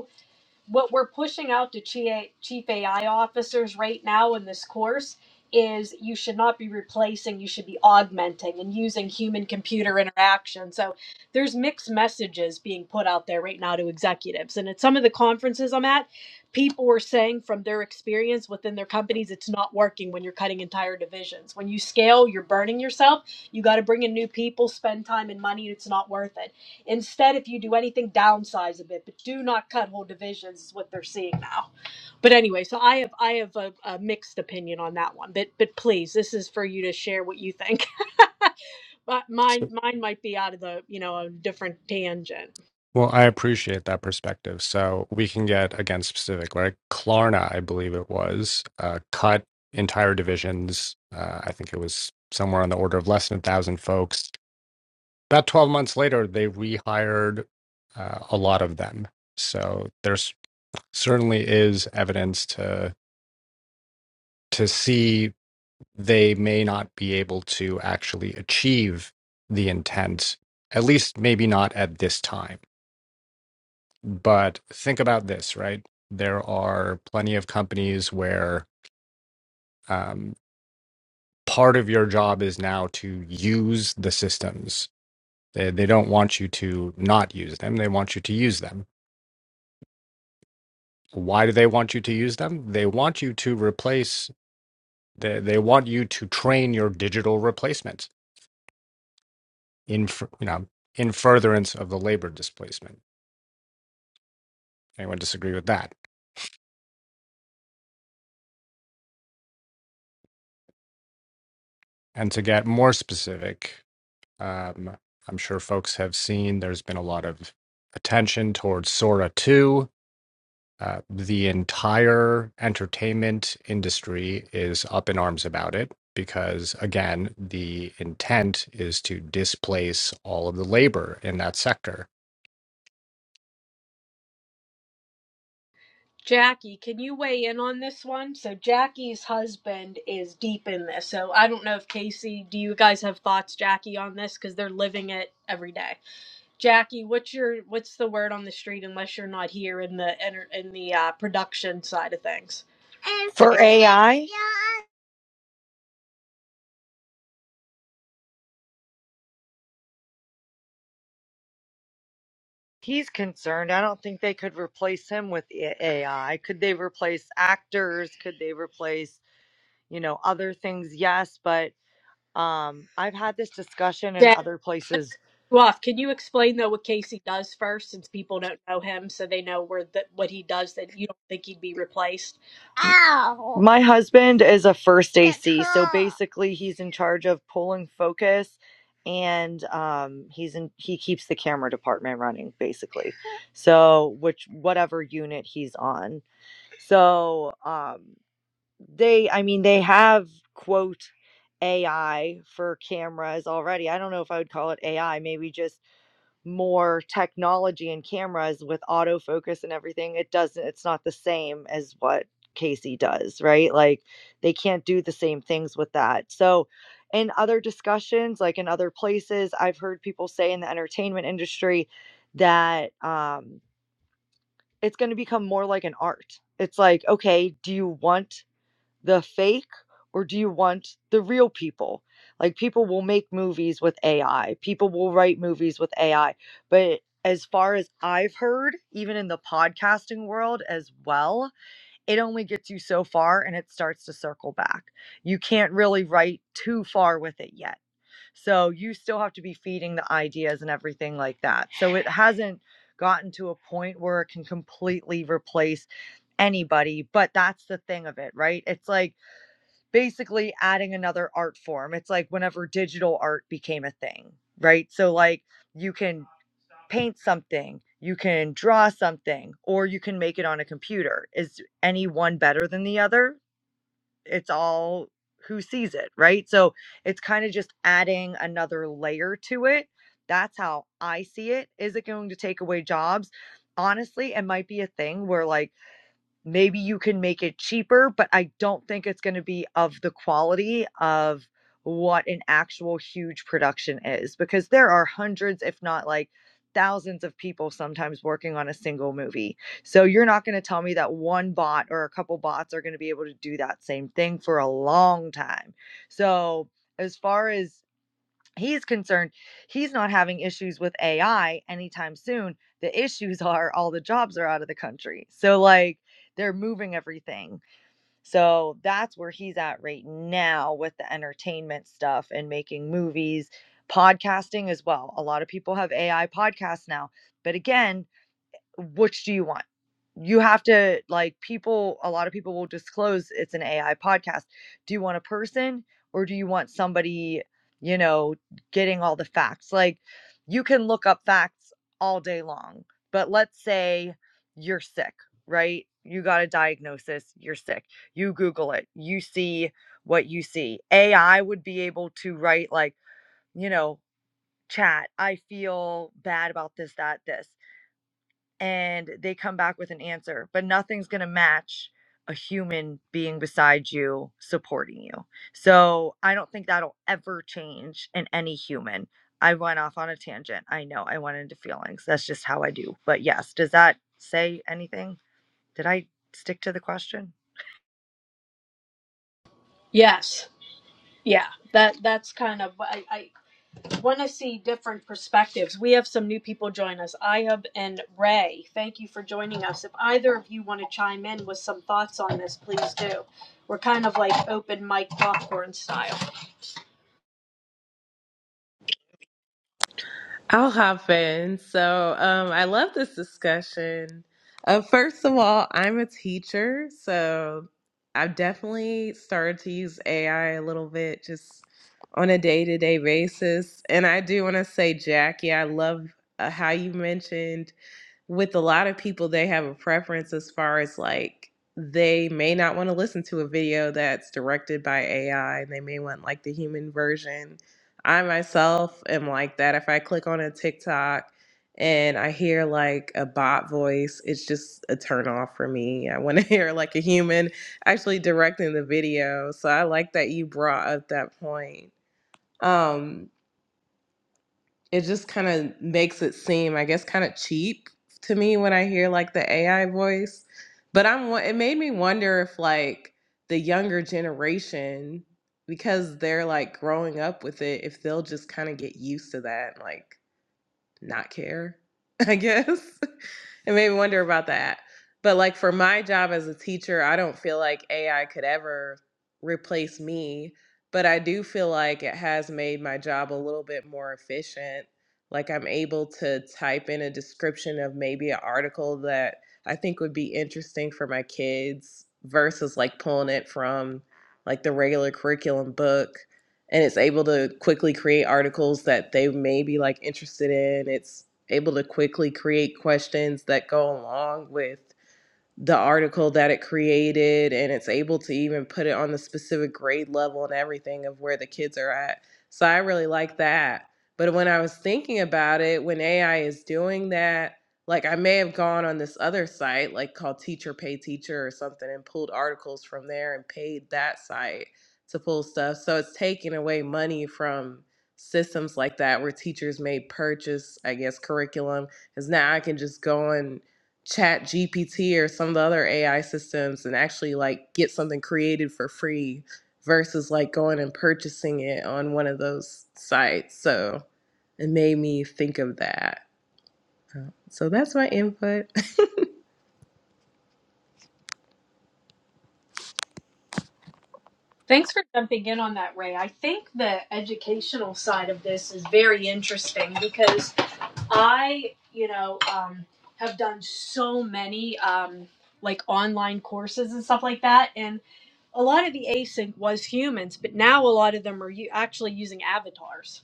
what we're pushing out to chi- chief AI officers right now in this course is you should not be replacing, you should be augmenting and using human computer interaction. So there's mixed messages being put out there right now to executives. And at some of the conferences I'm at, people were saying from their experience within their companies, it's not working when you're cutting entire divisions. When you scale, you're burning yourself. You got to bring in new people, spend time and money, and it's not worth it. Instead, if you do anything, downsize a bit, but do not cut whole divisions. Is what they're seeing now. But anyway, so I have I have a, a mixed opinion on that one. But but please, this is for you to share what you think. But mine mine might be out of the you know a different tangent.
Well, I appreciate that perspective. So we can get again specific, right? Klarna, I believe it was, uh, cut entire divisions. Uh, I think it was somewhere on the order of less than a thousand folks. About 12 months later, they rehired uh, a lot of them. So there's certainly is evidence to to see they may not be able to actually achieve the intent at least maybe not at this time but think about this right there are plenty of companies where um, part of your job is now to use the systems they, they don't want you to not use them they want you to use them why do they want you to use them they want you to replace they, they want you to train your digital replacements in you know in furtherance of the labor displacement. Anyone disagree with that? And to get more specific, um, I'm sure folks have seen there's been a lot of attention towards Sora 2. Uh, the entire entertainment industry is up in arms about it because, again, the intent is to displace all of the labor in that sector.
Jackie, can you weigh in on this one? So Jackie's husband is deep in this. So I don't know if Casey, do you guys have thoughts, Jackie, on this? Because they're living it every day. Jackie, what's your what's the word on the street unless you're not here in the enter- in the uh, production side of things?
For
Say-
AI? He's concerned. I don't think they could replace him with A- AI. Could they replace actors? Could they replace, you know, other things? Yes, but Um, I've had this discussion in
Jack,
other
let me
places.
cut you off. Can you explain though what Casey does first, since people don't know him, so they know where that what he does that you don't think he'd be replaced?
Ow! My husband is a first AC, so basically he's in charge of pulling focus and um he's in he keeps the camera department running basically. So which whatever unit he's on. So um they I mean they have quote AI for cameras already. I don't know if I would call it AI, maybe just more technology and cameras with autofocus and everything, it doesn't, it's not the same as what Casey does, right? Like they can't do the same things with that. So, in other discussions, like in other places, I've heard people say in the entertainment industry that um, it's going to become more like an art. It's like, okay, do you want the fake or do you want the real people? Like people will make movies with AI, people will write movies with AI. But as far as I've heard, even in the podcasting world as well, it only gets you so far and it starts to circle back. You can't really write too far with it yet. So you still have to be feeding the ideas and everything like that. So it hasn't gotten to a point where it can completely replace anybody, but that's the thing of it, right? It's like basically adding another art form. It's like whenever digital art became a thing, right? So, like, you can paint something, you can draw something, or you can make it on a computer. Is any one better than the other? It's all who sees it, right? So, it's kind of just adding another layer to it. That's how I see it. Is it going to take away jobs? Honestly, it might be a thing where, like, maybe you can make it cheaper, but I don't think it's going to be of the quality of what an actual huge production is because there are hundreds, if not like thousands of people sometimes working on a single movie. So you're not going to tell me that one bot or a couple bots are going to be able to do that same thing for a long time. So as far as he's concerned he's not having issues with AI anytime soon. The issues are all the jobs are out of the country. So like they're moving everything. So that's where he's at right now with the entertainment stuff and making movies, podcasting as well. A lot of people have AI podcasts now. But again, which do you want? You have to like people a lot of people will disclose it's an AI podcast. Do you want a person or do you want somebody, you know, getting all the facts? Like you can look up facts all day long, but let's say you're sick, right? You got a diagnosis, you're sick. You Google it, you see what you see. AI would be able to write like, you know, chat, I feel bad about this, that, this and they come back with an answer, but nothing's going to match a human being beside you supporting you. So I don't think that'll ever change in any human. I went off on a tangent. I know I went into feelings. That's just how I do. But yes, does that say anything? Did I stick to the question?
Yes, yeah, that that's kind of I, I want to see different perspectives. We have some new people join us, Ihub and Ray. Thank you for joining us. If either of you want to chime in with some thoughts on this, please do. We're kind of like open mic popcorn style.
I'll hop in. So, um, I love this discussion. Uh, first of all, I'm a teacher, so I've definitely started to use AI a little bit just on a day to day basis. And I do want to say, Jackie, I love uh, how you mentioned with a lot of people, they have a preference as far as like they may not want to listen to a video that's directed by AI and they may want like the human version. I myself am like that. If I click on a TikTok and I hear like a bot voice, it's just a turn off for me. I want to hear like a human actually directing the video. So I like that you brought up that point. Um it just kind of makes it seem, I guess, kind of cheap to me when I hear like the AI voice. But I'm, wo- it made me wonder if like the younger generation, because they're like growing up with it, if they'll just kind of get used to that, like not care, I guess. It made me wonder about that. But like for my job as a teacher, I don't feel like AI could ever replace me, but I do feel like it has made my job a little bit more efficient. Like I'm able to type in a description of maybe an article that I think would be interesting for my kids versus like pulling it from like the regular curriculum book and it's able to quickly create articles that they may be like interested in. It's able to quickly create questions that go along with the article that it created and it's able to even put it on the specific grade level and everything of where the kids are at. So I really like that. But when I was thinking about it, when AI is doing that, like I may have gone on this other site, like called Teacher Pay Teacher or something, and pulled articles from there and paid that site to pull stuff. So it's taking away money from systems like that where teachers may purchase, I guess, curriculum. Because now I can just go and chat gpt or some of the other ai systems and actually like get something created for free versus like going and purchasing it on one of those sites so it made me think of that Uh, so that's my input
Thanks for jumping in on that, Ray. I think the educational side of this is very interesting because I, you know, um, have done so many um, like online courses and stuff like that, and a lot of the async was humans, but now a lot of them are u- actually using avatars.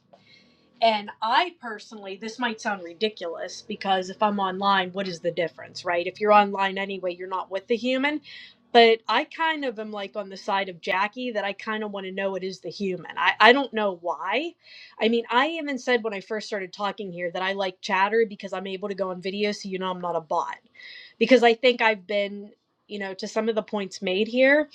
And I personally, this might sound ridiculous because if I'm online, what is the difference, right? If you're online anyway, you're not with the human. But I kind of am like on the side of Jackie that I kind of want to know it is the human. I, I don't know why. I mean, I even said when I first started talking here that I like chatter because I'm able to go on video so you know I'm not a bot. Because I think I've been, you know, to some of the points made here,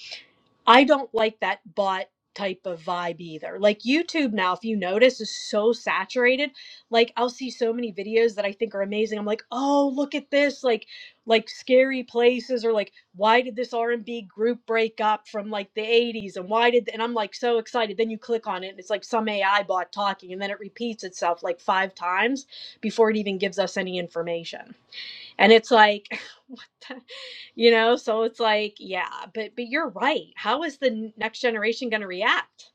I don't like that bot type of vibe either. Like YouTube now, if you notice, is so saturated. Like I'll see so many videos that I think are amazing. I'm like, oh, look at this, like like scary places, or like why did this R and B group break up from like the 80s, and why did? And I'm like so excited. Then you click on it, and it's like some AI bot talking, and then it repeats itself like five times before it even gives us any information. And it's like. you know so it's like yeah but but you're right how is the n- next generation going to react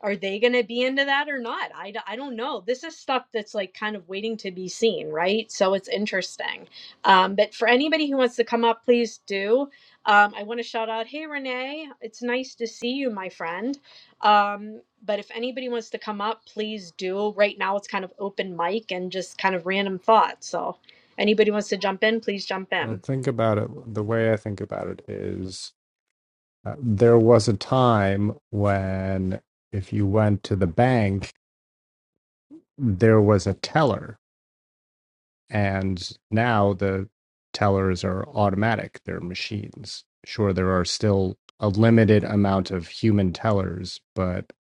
are they going to be into that or not I, d- I don't know this is stuff that's like kind of waiting to be seen right so it's interesting um, but for anybody who wants to come up please do um, i want to shout out hey renee it's nice to see you my friend um, but if anybody wants to come up please do right now it's kind of open mic and just kind of random thoughts so anybody wants to jump in please jump
Well,
in
think about it. The way I think about it is Uh, there was a time when if you went to the bank, there was a teller, and now the tellers are automatic, they're machines. Sure, there are still a limited amount of human tellers, but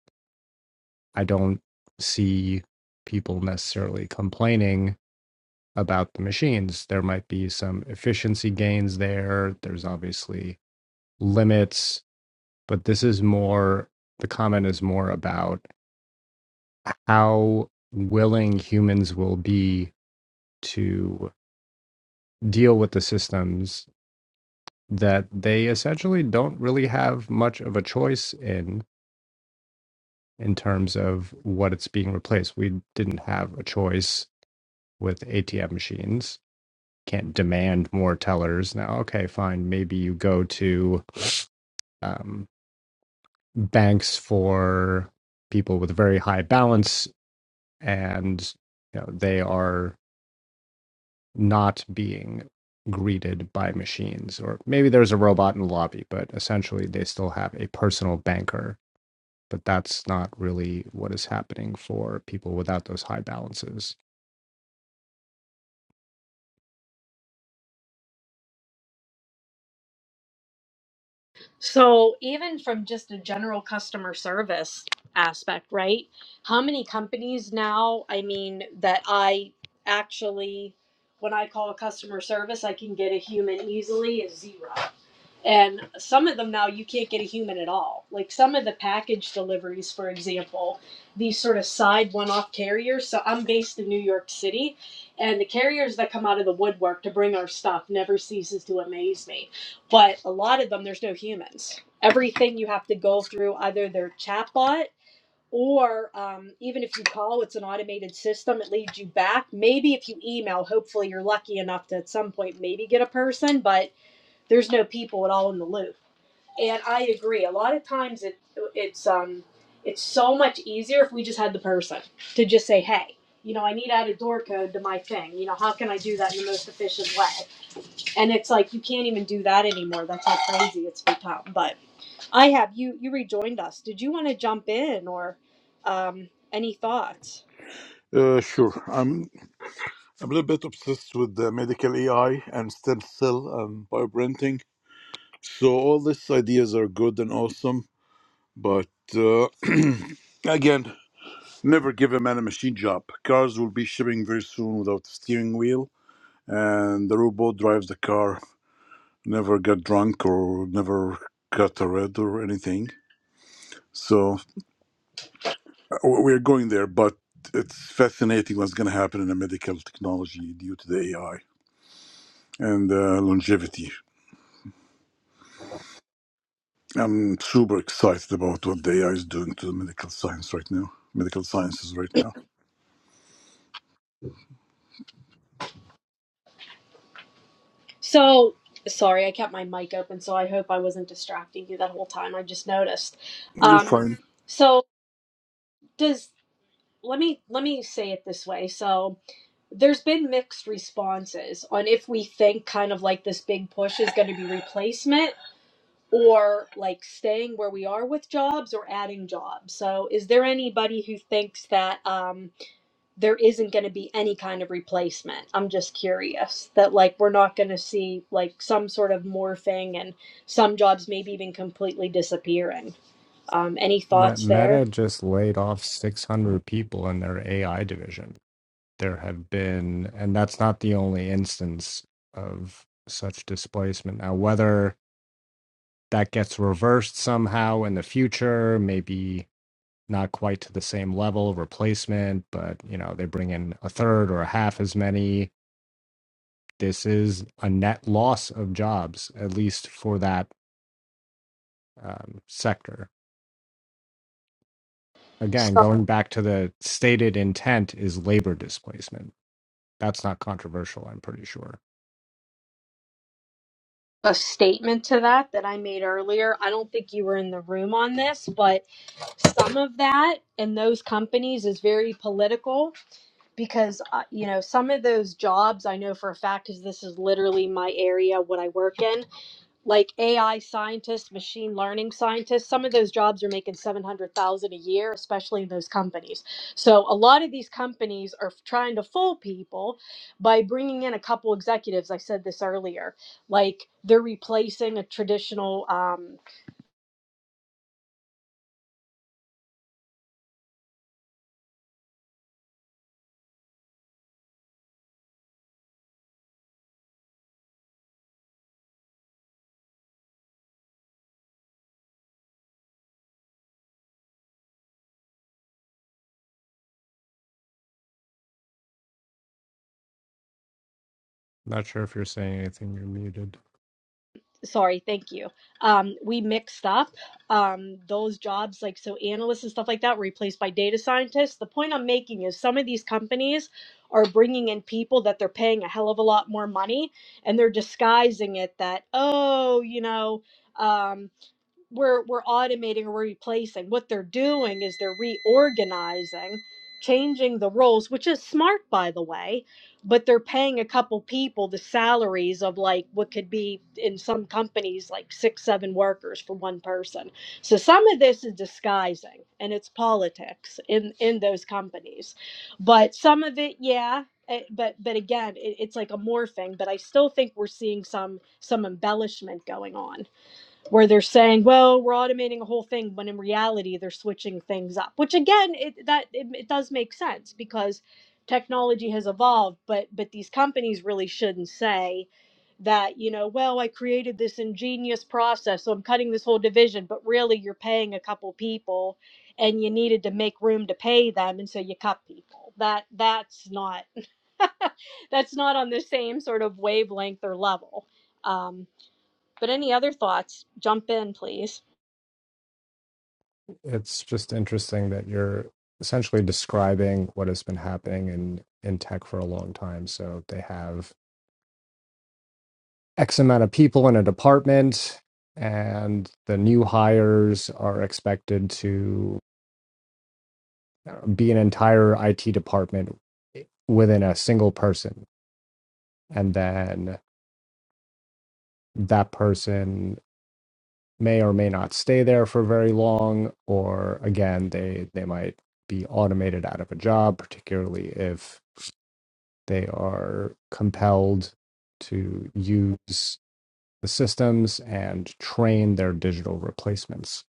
I don't see people necessarily complaining about the machines. There might be some efficiency gains there. There's obviously limits, but this is more the comment is more about how willing humans will be to deal with the systems that they essentially don't really have much of a choice in in terms of what it's being replaced. We didn't have a choice with ATM machines. Can't demand more tellers now. Okay, fine. Maybe you go to um, banks for people with a very high balance, and you know they are not being greeted by machines. Or maybe there's a robot in the lobby, but essentially they still have a personal banker. But that's not really what is happening for people without those high balances.
So, even from just a general customer service aspect, right? How many companies now, I mean, that I actually, when I call customer service, I can get a human easily is zero. And some of them now you can't get a human at all. Like some of the package deliveries, for example, these sort of side one off carriers. So I'm based in New York City, and the carriers that come out of the woodwork to bring our stuff never ceases to amaze me. But a lot of them, there's no humans. Everything you have to go through either their chatbot or um, even if you call, it's an automated system. It leads you back. Maybe if you email, hopefully you're lucky enough to at some point maybe get a person, but there's no people at all in the loop. And I agree. A lot of times it it's um it's so much easier if we just had the person to just say, "Hey, you know, I need to add a door code to my thing. You know, how can I do that in the most efficient way?" And it's like you can't even do that anymore. That's how crazy it's become. But I have you you rejoined us. Did you want to jump in or um any thoughts?
Uh, sure. I'm I'm a little bit obsessed with the medical AI and stem cell and bioprinting. So all these ideas are good and awesome, but uh, again, never give a man a machine job. Cars will be shipping very soon without a steering wheel, and the robot drives the car. Never got drunk or never got a red or anything. So uh, we're going there, but it's fascinating what's going to happen in the medical technology due to the AI. and uh, longevity. I'm super excited about what the AI is doing to the medical science right now, medical sciences right now.
So, sorry, I kept my mic open, so I hope I wasn't distracting you that whole time. I just noticed.
You're
Um
fine.
so does let me let me say it this way so there's been mixed responses on if we think kind of like this big push is going to be replacement or like staying where we are with jobs or adding jobs so is there anybody who thinks that um, there isn't going to be any kind of replacement i'm just curious that like we're not going to see like some sort of morphing and some jobs maybe even completely disappearing um, any thoughts there
Meta just laid off 600 people in their AI division. There have been, and that's not the only instance of such displacement. Now, whether that gets reversed somehow in the future, maybe not quite to the same level of replacement, but you know, they bring in a third or a half as many. This is a net loss of jobs, at least for that um, sector. Again, going back to the stated intent is labor displacement. That's not controversial, I'm pretty sure.
a statement to that that I made earlier. I don't think you were in the room on this, but some of that in those companies is very political because uh, you know some of those jobs I know for a fact because this is literally my area what I work in like AI scientists, machine learning scientists, some of those jobs are making 700,000 a year, especially in those companies. So a lot of these companies are trying to fool people by bringing in a couple executives. I said this earlier, like they're replacing a traditional um,
Not sure if you're saying anything, you're muted.
sorry thank you um we mixed up um those jobs like so analysts and stuff like that were replaced by data scientists the point i'm making is some of these companies are bringing in people that they're paying a hell of a lot more money and they're disguising it that oh you know um we're we're automating or replacing. What they're doing is they're reorganizing, changing the roles, which is smart by the way, but they're paying a couple people the salaries of like what could be in some companies like six, seven workers for one person. So some of this is disguising and it's politics in in those companies. But some of it, yeah. eh, But but again, it, it's like a morphing. But I still think we're seeing some some embellishment going on where they're saying, "Well, we're automating a whole thing," when in reality they're switching things up. Which again, it, that it, it does make sense because technology has evolved, but but these companies really shouldn't say that you know, well, I created this ingenious process, so I'm cutting this whole division, but really you're paying a couple people, and you needed to make room to pay them, and so you cut people. That that's not that's not on the same sort of wavelength or level. Um, but any other thoughts, jump in, please.
It's just interesting that you're essentially describing what has been happening in, in tech for a long time. So they have X amount of people in a department, and the new hires are expected to uh, be an entire IT department eh, within a single person. And then that person may or may not stay there for very long, or again, they, they might be automated out of a job, particularly if they are compelled to use the systems and train their digital replacements.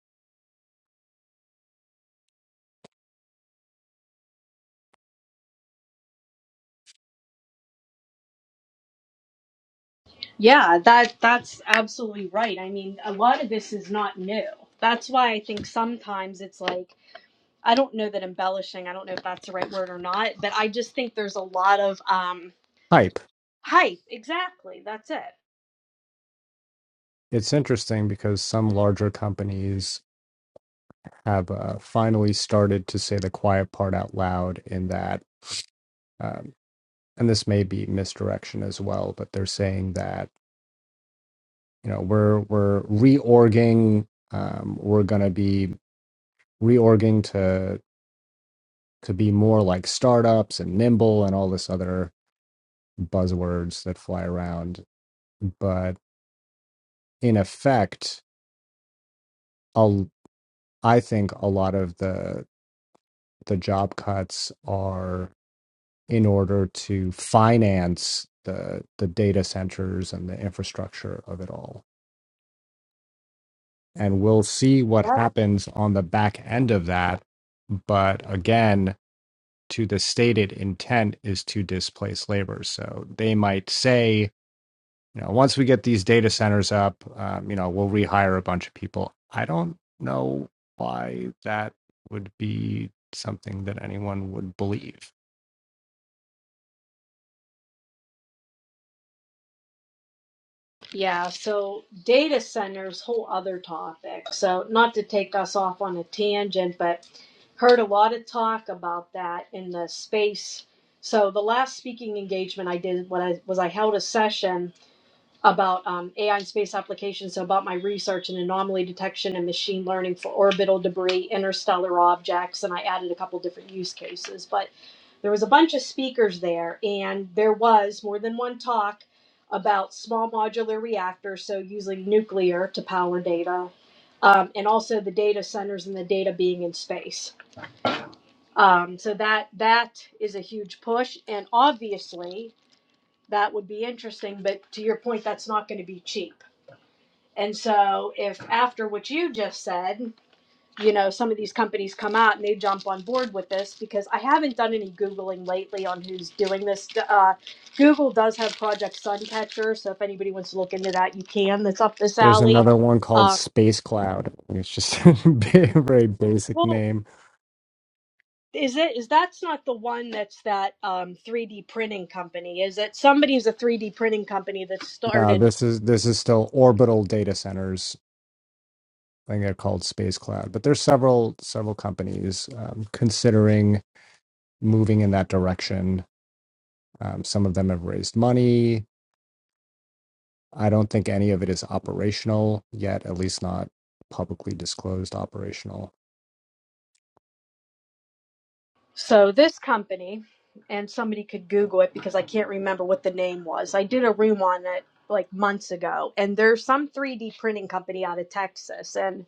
Yeah, that that's absolutely right. I mean, a lot of this is not new. That's why I think sometimes it's like I don't know that embellishing. I don't know if that's the right word or not, but I just think there's a lot of um
Hi,
hype. Exactly. That's it.
It's interesting because some larger companies have uh, finally started to say the quiet part out loud in that, um, and this may be misdirection as well, but they're saying that, you know, we're we're reorging, um, we're going to be reorging to to be more like startups and nimble and all this other buzzwords that fly around. But in effect, i I think a lot of the the job cuts are in order to finance the the data centers and the infrastructure of it all. And we'll see what happens on the back end of that. But again, to the stated intent is to displace labor. So they might say, you know, once we get these data centers up, um, you know, we'll rehire a bunch of people. I don't know why that would be something that anyone would believe.
Yeah, so data centers, whole other topic. So not to take us off on a tangent, but heard a lot of talk about that in the space. So the last speaking engagement I did what I was I held a session about um, AI and space applications, so about my research in anomaly detection and machine learning for orbital debris, interstellar objects, and I added a couple different use cases. But there was a bunch of speakers there and there was more than one talk about small modular reactors so using nuclear to power data um, and also the data centers and the data being in space um, so that that is a huge push and obviously that would be interesting but to your point that's not going to be cheap and so if after what you just said you know some of these companies come out and they jump on board with this because i haven't done any googling lately on who's doing this uh, google does have project suncatcher so if anybody wants to look into that you can that's up this
There's
alley
another one called
um,
Space Cloud. It's just a ba- very basic
well,
name.
Is it is that's not the one that's that um 3D printing company? Is it somebody's a 3D printing company that
No,
started?
this is this is still orbital data centers. I think they're called Space Cloud, but there's several several companies um, considering moving in that direction. Um, some of them have raised money. I don't think any of it is operational yet, at least not publicly disclosed operational.
So this company, and somebody could Google it because I can't remember what the name was. I did a room on it like months ago, and there's some 3D printing company out of Texas. And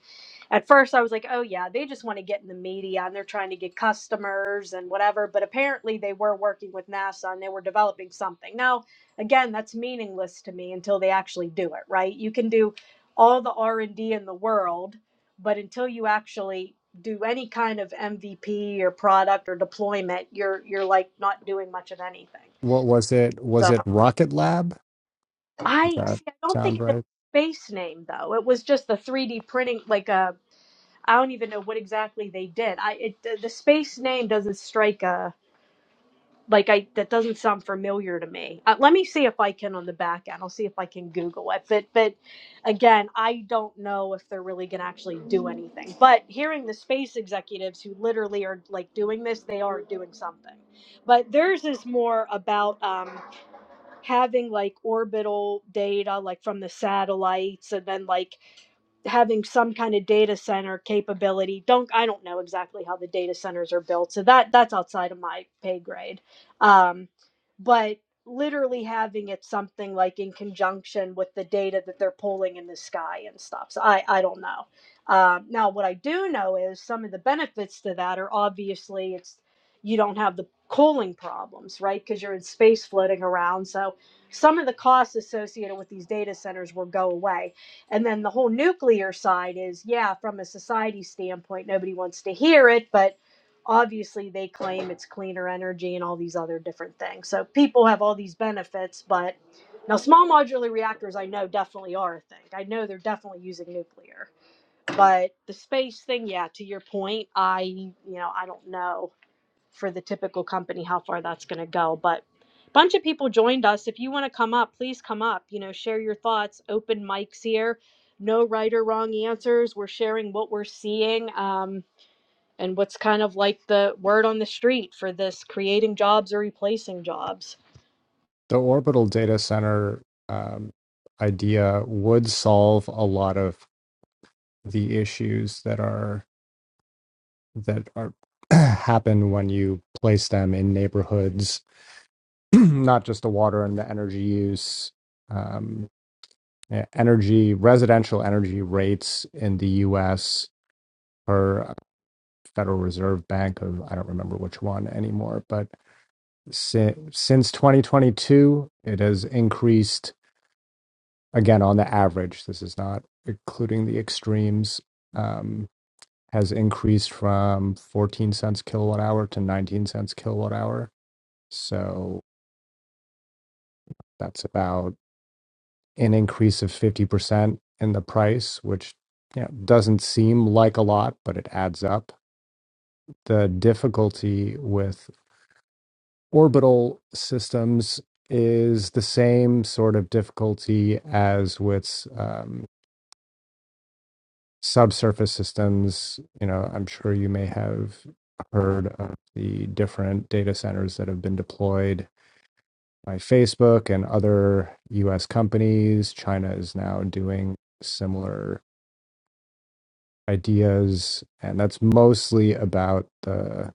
at first I was like, oh yeah, they just want to get in the media and they're trying to get customers and whatever. But apparently they were working with NASA and they were developing something. Now, again, that's meaningless to me until they actually do it, right? You can do all the R&D in the world, but until you actually do any kind of MVP or product or deployment, you're you're like not doing much of anything.
What was it? Was
So
it Rocket Lab? Does
I
that
see. I don't think
sound
it
right?
had a space name though. It was just the 3D printing, like I I don't even know what exactly they did. I it the the space name doesn't strike a. like I that doesn't sound familiar to me. Uh, let me see if I can on the back end. I'll see if I can Google it. But but again, I don't know if they're really going to actually do anything. But hearing the space executives who literally are like doing this, they are doing something. But theirs is more about um, having like orbital data, like from the satellites, and then like having some kind of data center capability. Don't I don't know exactly how the data centers are built, so that that's outside of my pay grade. Um, but literally having it something like in conjunction with the data that they're pulling in the sky and stuff. So I I don't know. Um, now what I do know is some of the benefits to that are obviously it's you don't have the cooling problems, right? Because you're in space floating around. So some of the costs associated with these data centers will go away and then the whole nuclear side is, yeah, from a society standpoint, nobody wants to hear it, but obviously they claim it's cleaner energy and all these other different things. So people have all these benefits, but now small modular reactors, I know definitely are a thing. I know they're definitely using nuclear, but the space thing, yeah, to your point, I, you know, I don't know for the typical company how far that's going to go but a bunch of people joined us if you want to come up please come up you know share your thoughts open mics here no right or wrong answers we're sharing what we're seeing um, and what's kind of like the word on the street for this creating jobs or replacing jobs
The orbital data center um, idea would solve a lot of the issues that are that are happen when you place them in neighborhoods, not just the water and the energy use, um, e- energy residential energy rates in the U.S. per Federal Reserve Bank of I don't remember which one anymore, but si- since 2022, it has increased again on the average this is not including the extremes um, has increased from 14 cents kilowatt hour to 19 cents kilowatt hour so that's about an increase of 50% in the price which you know, doesn't seem like a lot but it adds up the difficulty with orbital systems is the same sort of difficulty as with um, subsurface systems, you know, I'm sure you may have heard of the different data centers that have been deployed by Facebook and other US companies. China is now doing similar ideas and that's mostly about the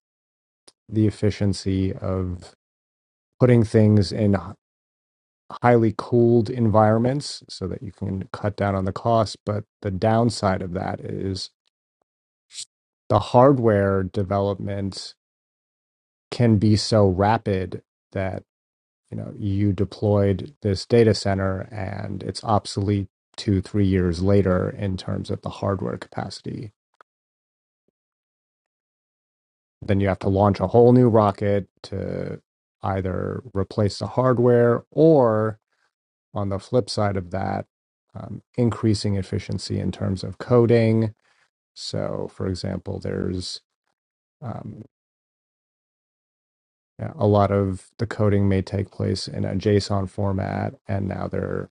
the efficiency of putting things in h- highly cooled environments so that you can cut down on the cost, but the downside of that is the hardware development can be so rapid that you know you deployed this data center and it's obsolete two three years later in terms of the hardware capacity then you have to launch a whole new rocket to either replace the hardware or on the flip side of that um, increasing efficiency in terms of coding so for example there's um, yeah, a lot of the coding may take place in a json format and now they're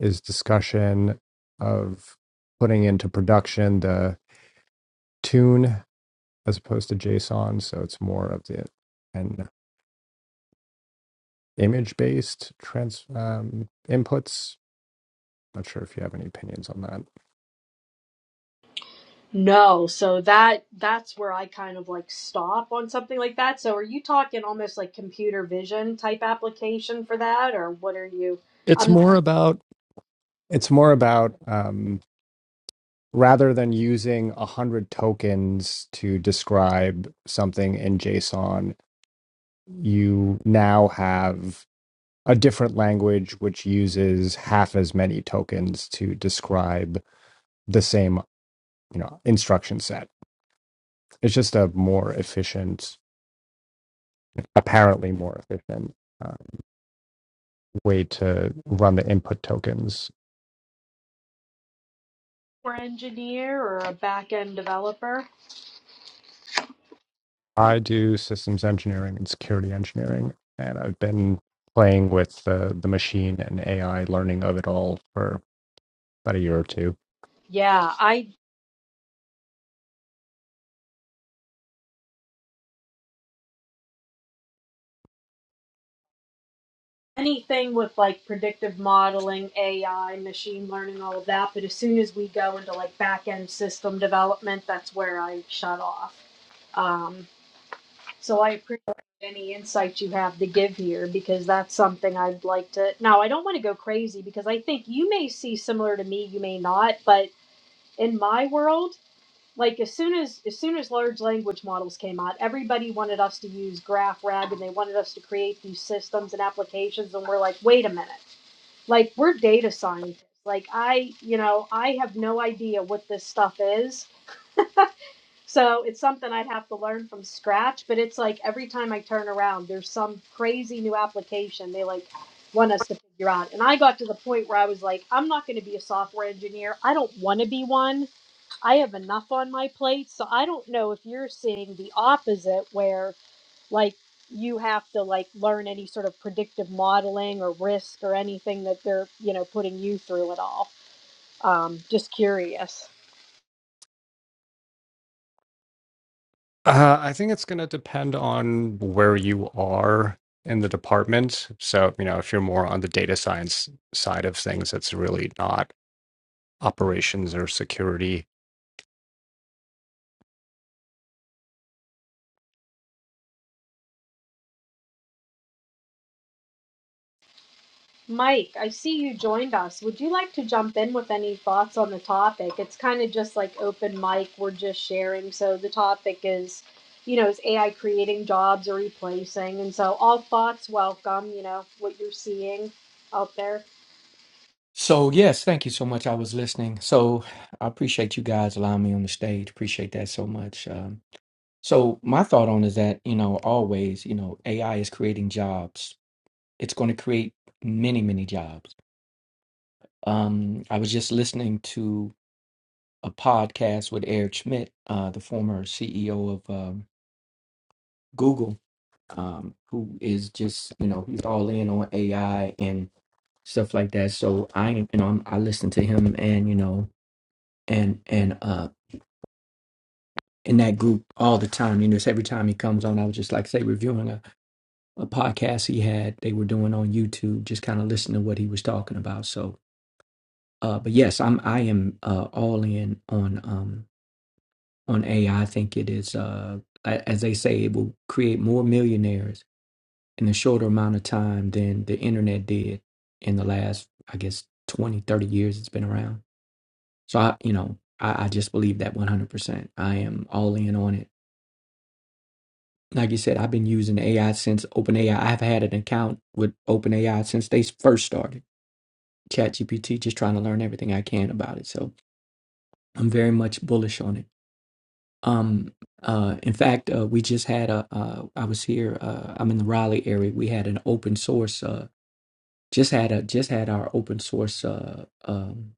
is discussion of putting into production the tune as opposed to JSON. So it's more of the an image based trans um, inputs. Not sure if you have any opinions on that.
no so that that's where i kind of like stop on something like that so are you talking almost like computer vision type application for that or what are you
It's
I'm
more about It's more about um, rather than using a hundred tokens to describe something in JSON, you now have a different language which uses half as many tokens to describe the same you know instruction set it's just a more efficient apparently more efficient uh, way to run the input tokens
software engineer or a back end developer.
i do systems engineering and security engineering and i've been playing with the, the machine and ai learning of it all for about a year or two
Yeah, I anything with like predictive modeling, AI, machine learning, all of that. But as soon as we go into like back end system development, that's where I shut off. Um, so I appreciate any insight you have to give here because that's something I'd like to. Now, I don't want to go crazy because I think you may see similar to me, you may not, but in my world. like as soon as as soon as large language models came out everybody wanted us to use graph rag and they wanted us to create these systems and applications and we're like wait a minute like we're data scientists like i you know i have no idea what this stuff is so it's something i'd have to learn from scratch but it's like every time i turn around there's some crazy new application they like want us to figure out and i got to the point where i was like i'm not going to be a software engineer i don't want to be one I have enough on my plate. So I don't know if you're seeing the opposite where like you have to like learn any sort of predictive modeling or risk or anything that they're, you know, putting you through at all. Um, just curious.
uh, i think it's going to depend on where you are in the department so you know if you're more on the data science side of things it's really not operations or security
Mike, I see you joined us. Would you like to jump in with any thoughts on the topic? It's kind of just like open mic, we're just sharing. So the topic is, you know, is AI creating jobs or replacing? And so all thoughts welcome, you know, what you're seeing out there.
So, yes, thank you so much. I was listening. So, I appreciate you guys allowing me on the stage. Appreciate that so much. Um, so, my thought on is that, you know, always, you know, AI is creating jobs. It's going to create many, many jobs. Um, I was just listening to a podcast with Eric Schmidt, uh, the former CEO of um, Google, um, who is just, you know, he's all in on AI and stuff like that. So, I, you know, I'm, I listen to him and, you know, and and um in that group all the time. You know, just every time he comes on, I was just like say reviewing a, a podcast he had they were doing on YouTube, just kind of listening to what he was talking about. So, uh, but yes, I'm I am uh, all in on um on AI. I I think it is uh a- as they say, it will create more millionaires in a shorter amount of time than the internet did in the last, I guess, 20 30 years it's been around. So I, you know, I, I just believe that 100%. I am all in on it Like you said, I've been using AI since OpenAI. I've had an account with OpenAI since they first started ChatGPT, just trying to learn everything I can about it. So I'm very much bullish on it. Um, uh, in fact, uh, we just had a. Uh, I was here. Uh, I'm in the Raleigh area. We had an open source. Uh, just had a just had our open source uh, um,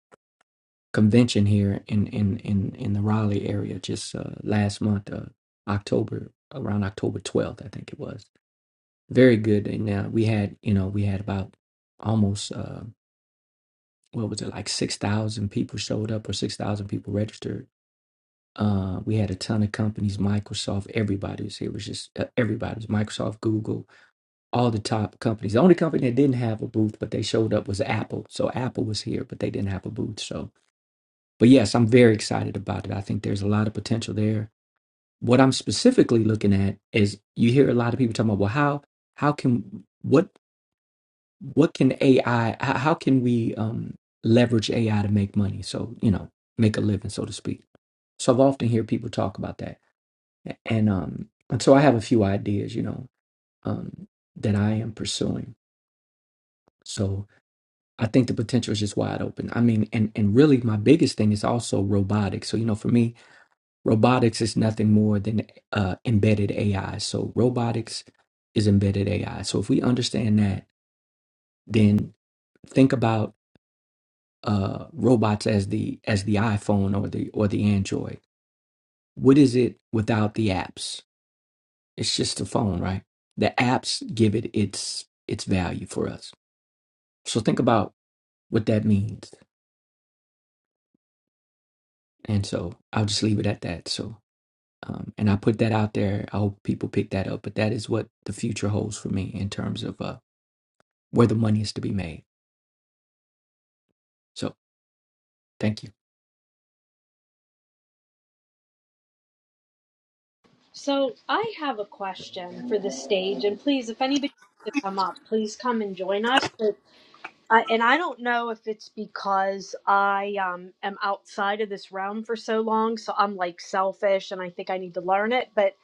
convention here in in in in the Raleigh area just uh, last month, uh, October around October 12th, I think it was very good. And now we had, you know, we had about almost uh, what was it, like six thousand people showed up or six thousand people registered. Uh, we had a ton of companies, Microsoft, everybody was here. It was just uh, everybody it was Microsoft, Google, all the top companies. The only company that didn't have a booth, but they showed up was Apple. So Apple was here, but they didn't have a booth. So, but yes, I'm very excited about it. I think there's a lot of potential there. What I'm specifically looking at is you hear a lot of people talking about, well, how how can what what can AI? h- How how can we um, leverage AI to make money? So you know, make a living, so to speak. So I've often hear people talk about that, and um, and so I have a few ideas, you know, um, that I am pursuing. So I think the potential is just wide open. I mean, and and really, my biggest thing is also robotics. So you know, for me, robotics is nothing more than uh, embedded AI. So robotics is embedded AI. So if we understand that, then think about uh, robots as the as the iPhone or the or the Android. What is it without the apps? It's just a phone, right? The apps give it its its value for us. So think about what that means. And so I'll just leave it at that. So um, and I put that out there. I hope people pick that up. But that is what the future holds for me in terms of uh, where the money is to be made. So thank you.
So I have a question for the stage, and please, if anybody wants to come up, please come and join us. But I, and I don't know if it's because I um, am outside of this realm for so long, so I'm like selfish, and I think I need to learn it. But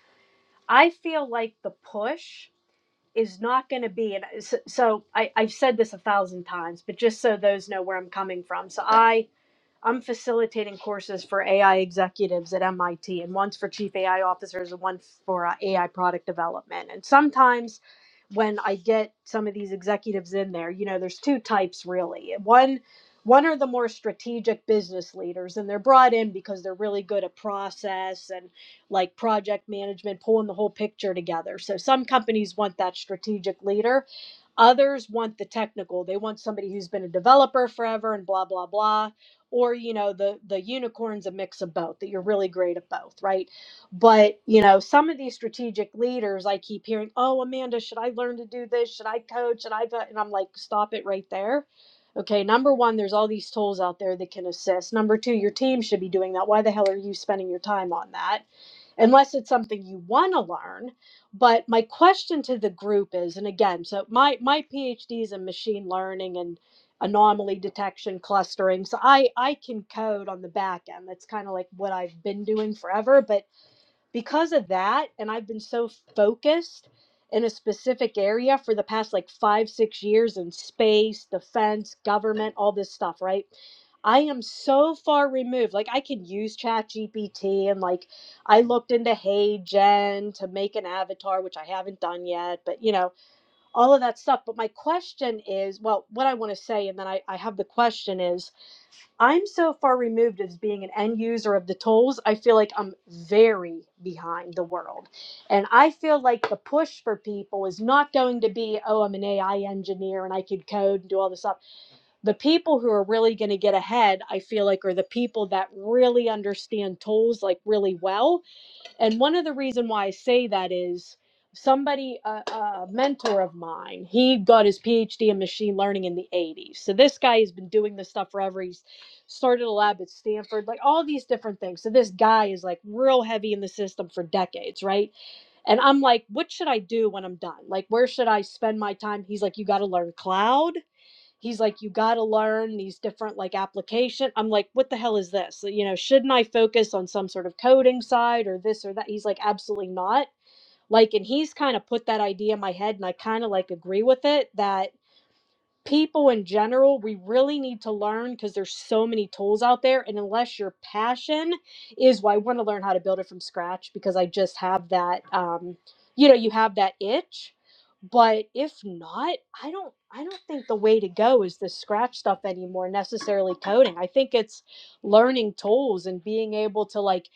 I feel like the push is not going to be, and so, so I, I've said this a thousand times, but just so those know where I'm coming from. So I I'm facilitating courses for AI executives at MIT, and one's for chief AI officers and one for uh, AI product development. And sometimes when I get some of these executives in there, you know, there's two types really. One one are the more strategic business leaders and they're brought in because they're really good at process and like project management, pulling the whole picture together. So some companies want that strategic leader. Others want the technical. They want somebody who's been a developer forever and blah blah blah or you know the the unicorn's a mix of both that you're really great at both right but you know some of these strategic leaders i keep hearing oh amanda should i learn to do this should i coach should i go-" and i'm like stop it right there okay number one there's all these tools out there that can assist number two your team should be doing that why the hell are you spending your time on that unless it's something you want to learn but my question to the group is and again so my my phd is in machine learning and anomaly detection clustering so i i can code on the back end that's kind of like what i've been doing forever but because of that and i've been so focused in a specific area for the past like five six years in space defense government all this stuff right i am so far removed like i can use chat gpt and like i looked into hey gen to make an avatar which i haven't done yet but you know all of that stuff. But my question is well, what I want to say, and then I, I have the question is I'm so far removed as being an end user of the tools, I feel like I'm very behind the world. And I feel like the push for people is not going to be, oh, I'm an AI engineer and I could code and do all this stuff. The people who are really going to get ahead, I feel like, are the people that really understand tools like really well and one of the reason why I say that is somebody, a, a mentor of mine, he got his PhD in machine learning in the 80s. So this guy has been doing this stuff forever. He's started a lab at Stanford, like all these different things. So this guy is like real heavy in the system for decades, right? And I'm like, what should I do when I'm done? Like, where should I spend my time? He's like, you got to learn cloud he's like you got to learn these different like application i'm like what the hell is this you know shouldn't i focus on some sort of coding side or this or that he's like absolutely not like and he's kind of put that idea in my head and i kind of like agree with it that people in general, we really need to learn because there's so many tools out there. And unless your passion is, well, I want to learn how to build it from scratch because I just have that, um, you know, you have that itch. But if not, I don't, I don't think the way to go is the scratch stuff anymore. Necessarily coding. I think it's learning tools and being able to like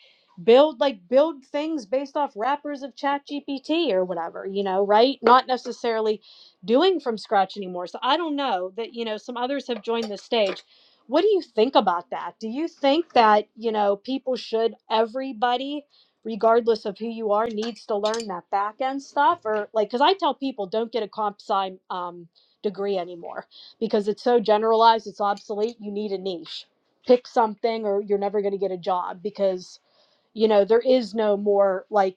build like build things based off wrappers of chat gpt or whatever you know right not necessarily doing from scratch anymore. So I don't know that, you know, some others have joined the stage. What do you think about that? Do you think that, you know, people should, everybody, regardless of who you are, needs to learn that back end stuff? Or like, because I tell people don't get a comp sci um, degree anymore because it's so generalized, it's obsolete. You need a niche. Pick something or you're never going to get a job because, you know, there is no more like,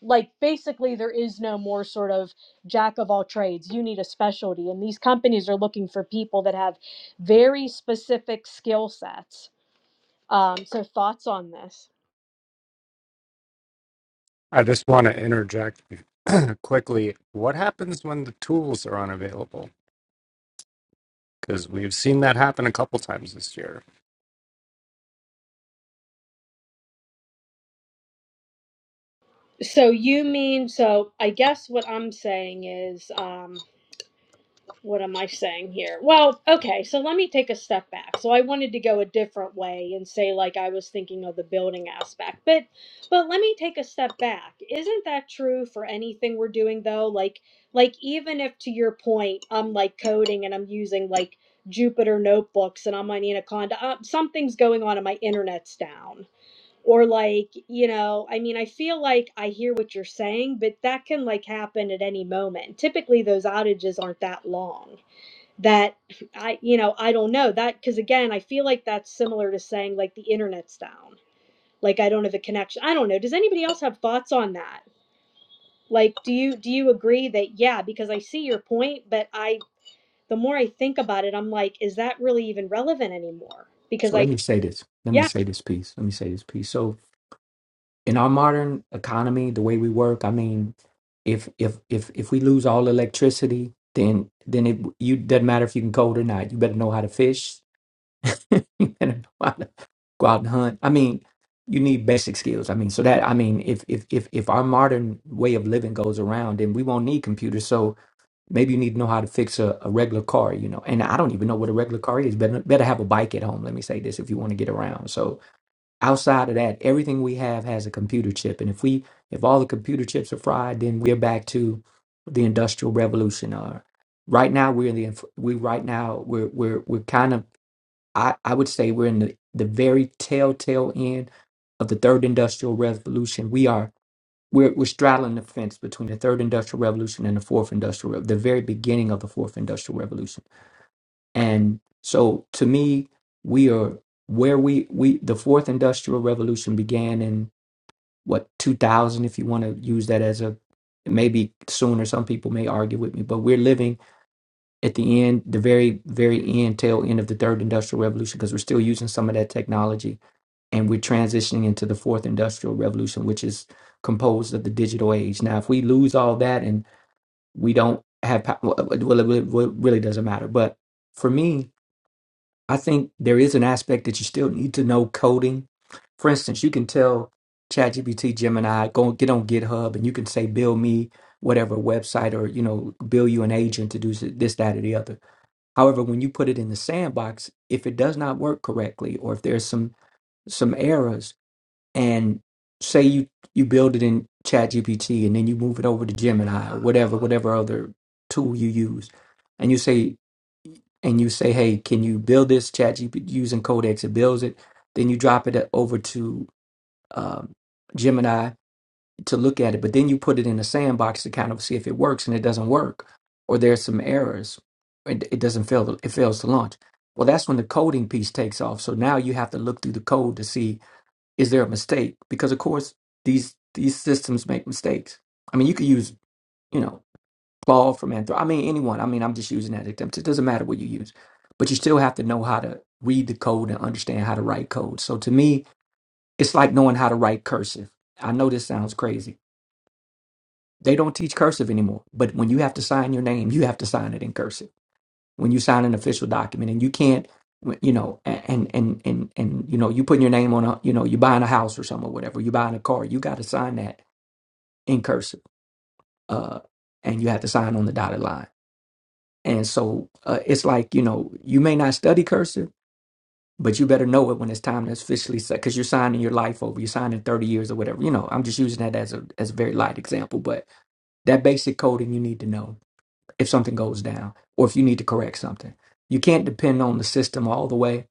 like basically there is no more sort of jack of all trades you need a specialty and these companies are looking for people that have very specific skill sets um, so thoughts on this
I just want to interject quickly. What happens when the tools are unavailable? Because we've seen that happen a couple times this year.
so you mean so i guess what i'm saying is um, what am I saying here? Well, okay, so let me take a step back. So I wanted to go a different way and say like I was thinking of the building aspect. But but let me take a step back. Isn't that true for anything we're doing though? Like like even if to your point I'm like coding and I'm using like Jupyter notebooks and I'm on Anaconda, uh, something's going on and my internet's down. Or like, you know, I mean, I feel like I hear what you're saying, but that can like happen at any moment. Typically those outages aren't that long that I, you know, I don't know that because again, I feel like that's similar to saying like the internet's down. Like I don't have a connection. I don't know. Does anybody else have thoughts on that? Like, do you do you agree that yeah? Because I see your point, but I the more I think about it, I'm like, is that really even relevant anymore? Because
So let
I
me say this. Let me
yeah
say this piece. Let me say this piece. So. in our modern economy, the way we work, I mean, if if if if we lose all electricity, then then it you doesn't matter if you can code or not. You better know how to fish. you better know how to go out and hunt. I mean, you need basic skills. I mean, so that I mean, if if if if our modern way of living goes around, then we won't need computers. So maybe you need to know how to fix a, a regular car, you know. And I don't even know what a regular car is. Better better have a bike at home. Let me say this if you want to get around. So outside of that everything we have has a computer chip and if we if all the computer chips are fried then we're back to the industrial revolution or right now we're in the inf- we right now we're we're we're kind of i i would say we're in the the very telltale end of the third industrial revolution we are we're, we're straddling the fence between the third industrial revolution and the fourth industrial Rev- the very beginning of the fourth industrial revolution and so to me, we are where we we the fourth industrial revolution began in what 2000 if you want to use that as a maybe sooner some people may argue with me but we're living at the end the very very end tail end of the third industrial revolution because we're still using some of that technology and we're transitioning into the fourth industrial revolution which is composed of the digital age now if we lose all that and we don't have pow- well it, well, it really doesn't matter but for me I think there is an aspect that you still need to know coding. For instance, you can tell ChatGPT, Gemini, go get on GitHub, and you can say, "Build me whatever website," or you know, "Build you an agent to do s- this, that, or the other." However, when you put it in the sandbox, if it does not work correctly, or if there's some some errors, and say you you build it in ChatGPT, and then you move it over to Gemini or whatever whatever other tool you use, and you say and you say, "Hey, can you build this chat GP using Codex?" It builds it. Then you drop it uh, over to um, Gemini to look at it, but then you put it in a sandbox to kind of see if it works, and it doesn't work, or there's some errors. It, it doesn't fail. It fails to launch. Well, that's when the coding piece takes off. So now you have to look through the code to see is there a mistake, because of course these these systems make mistakes. I mean, you could use you know Claude from Anthrop. I mean, anyone. I mean, I'm just using that example. It doesn't matter what you use, but you still have to know how to read the code and understand how to write code. So to me, it's like knowing how to write cursive. I know this sounds crazy. They don't teach cursive anymore, but when you have to sign your name, you have to sign it in cursive. When you sign an official document, and you can't, you know, and and and and you know, you putting your name on a, you know, you're buying a house or something or whatever, you're buying a car, you got to sign that in cursive, uh, and you have to sign on the dotted line And so uh, it's like, you know, you may not study cursive, but you better know it when it's time to officially say, because you're signing your life over, you're signing 30 years or whatever. You know, I'm just using that as a, as a very light example, but that basic coding you need to know if something goes down or if you need to correct something. You can't depend on the system all the way.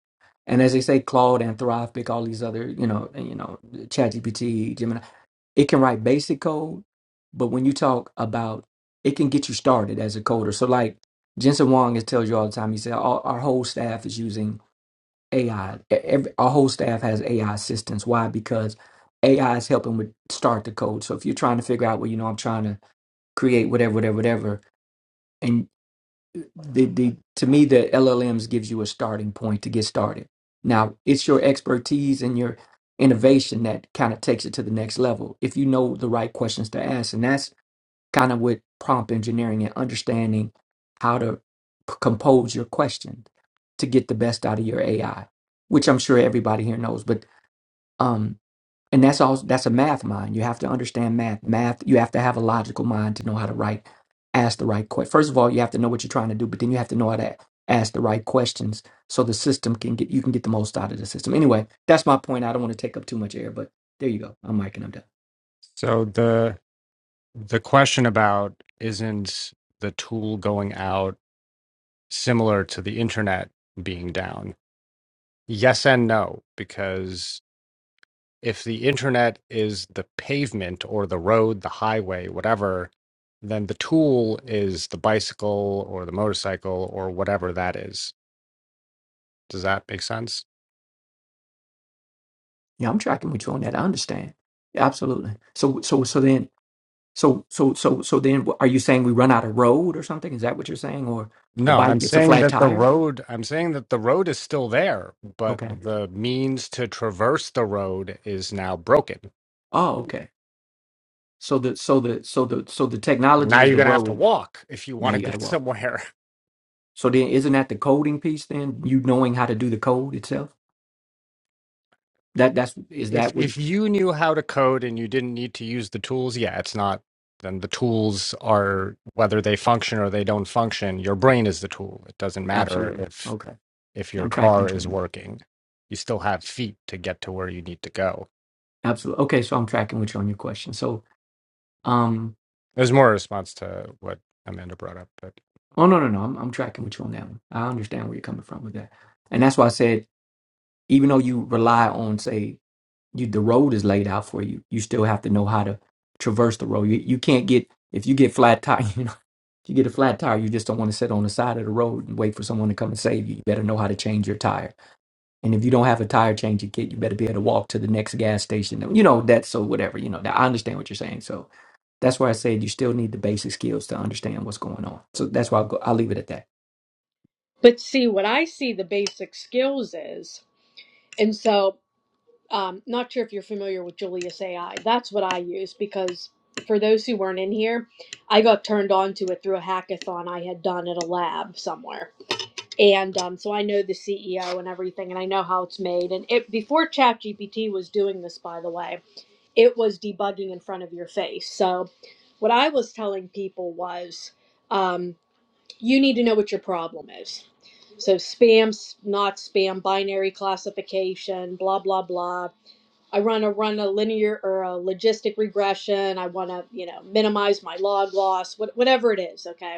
And as they say, Claude, Anthropic, all these other, you know, and, you know, ChatGPT, Gemini. It can write basic code, but when you talk about it can get you started as a coder. So like Jensen Wong is tells you all the time, he said our, our whole staff is using AI. E- Every, our whole staff has AI assistants. Why? Because AI is helping with start the code. So if you're trying to figure out, well, you know, I'm trying to create whatever, whatever, whatever, the the to me the LLMs gives you a starting point to get started. Now it's your expertise and your innovation that kind of takes it to the next level if you know the right questions to ask, and that's kind of with prompt engineering and understanding how to p- compose your question to get the best out of your AI, which I'm sure everybody here knows. But um, and that's all that's a math mind you have to understand math math you have to have a logical mind to know how to write ask the right question first of all you have to know what you're trying to do but then you have to know how to ask the right questions so the system can get you can get the most out of the system anyway that's my point i don't want to take up too much air but there you go i'm mic and i'm done
So the the question about isn't the tool going out similar to the internet being down? Yes and no, because if the internet is the pavement or the road, the highway, whatever, then the tool is the bicycle or the motorcycle or whatever that is. Does that make sense?
yeah i'm tracking with you on that i understand Yeah, absolutely so so so then so so so so then are you saying we run out of road or something is that what you're saying or the
No,
bike
I'm
gets a
saying
flat
that the
tire
road, I'm saying that the road is still there, but
okay
the means to traverse the road is now broken.
oh okay So the so the so the so the technology
Now
is
you're
the
going to have to
road.
walk if you
Now
want to
you got to
get
walk.
somewhere.
So then, isn't that the coding piece? Then you knowing how to do the code itself. That that's is
If
that what?
if you knew how to code and you didn't need to use the tools, yeah, it's not then the tools are whether they function or they don't function, your brain is the tool. It doesn't matter
Absolutely.
if
Okay.
if
Yeah,
your
I'm tracking
car
with
is
you.
working. You still have feet to get to where you need to go.
Absolutely. Okay. So I'm tracking with you on your question. So um.
It was more a response to what Amanda brought up, but
Oh no no no. I'm I'm tracking with you on that one. I understand where you're coming from with that, and that's why I said even though you rely on say you the road is laid out for you, you still have to know how to traverse the road. You you can't get if you get flat tire. You get a flat tire, you just don't want to sit on the side of the road and wait for someone to come and save you. You better know how to change your tire. And if you don't have a tire changing kit, you better be able to walk to the next gas station. You know, that's so whatever, you know, that I understand what you're saying. So that's why I said you still need the basic skills to understand what's going on. So that's why I'll, go, I'll leave it at that.
But see, what I see the basic skills is, and so Um, not sure if you're familiar with Julius AI. That's what I use because for those who weren't in here, I got turned on to it through a hackathon I had done at a lab somewhere, and um, so I know the CEO and everything, and I know how it's made. And it before ChatGPT was doing this, by the way, it was debugging in front of your face. So what I was telling people was, um, you need to know what your problem is. So spam, s- not spam, binary classification, blah blah blah I run a run a linear or a logistic regression. I want to, you know, minimize my log loss, what, whatever it is. Okay.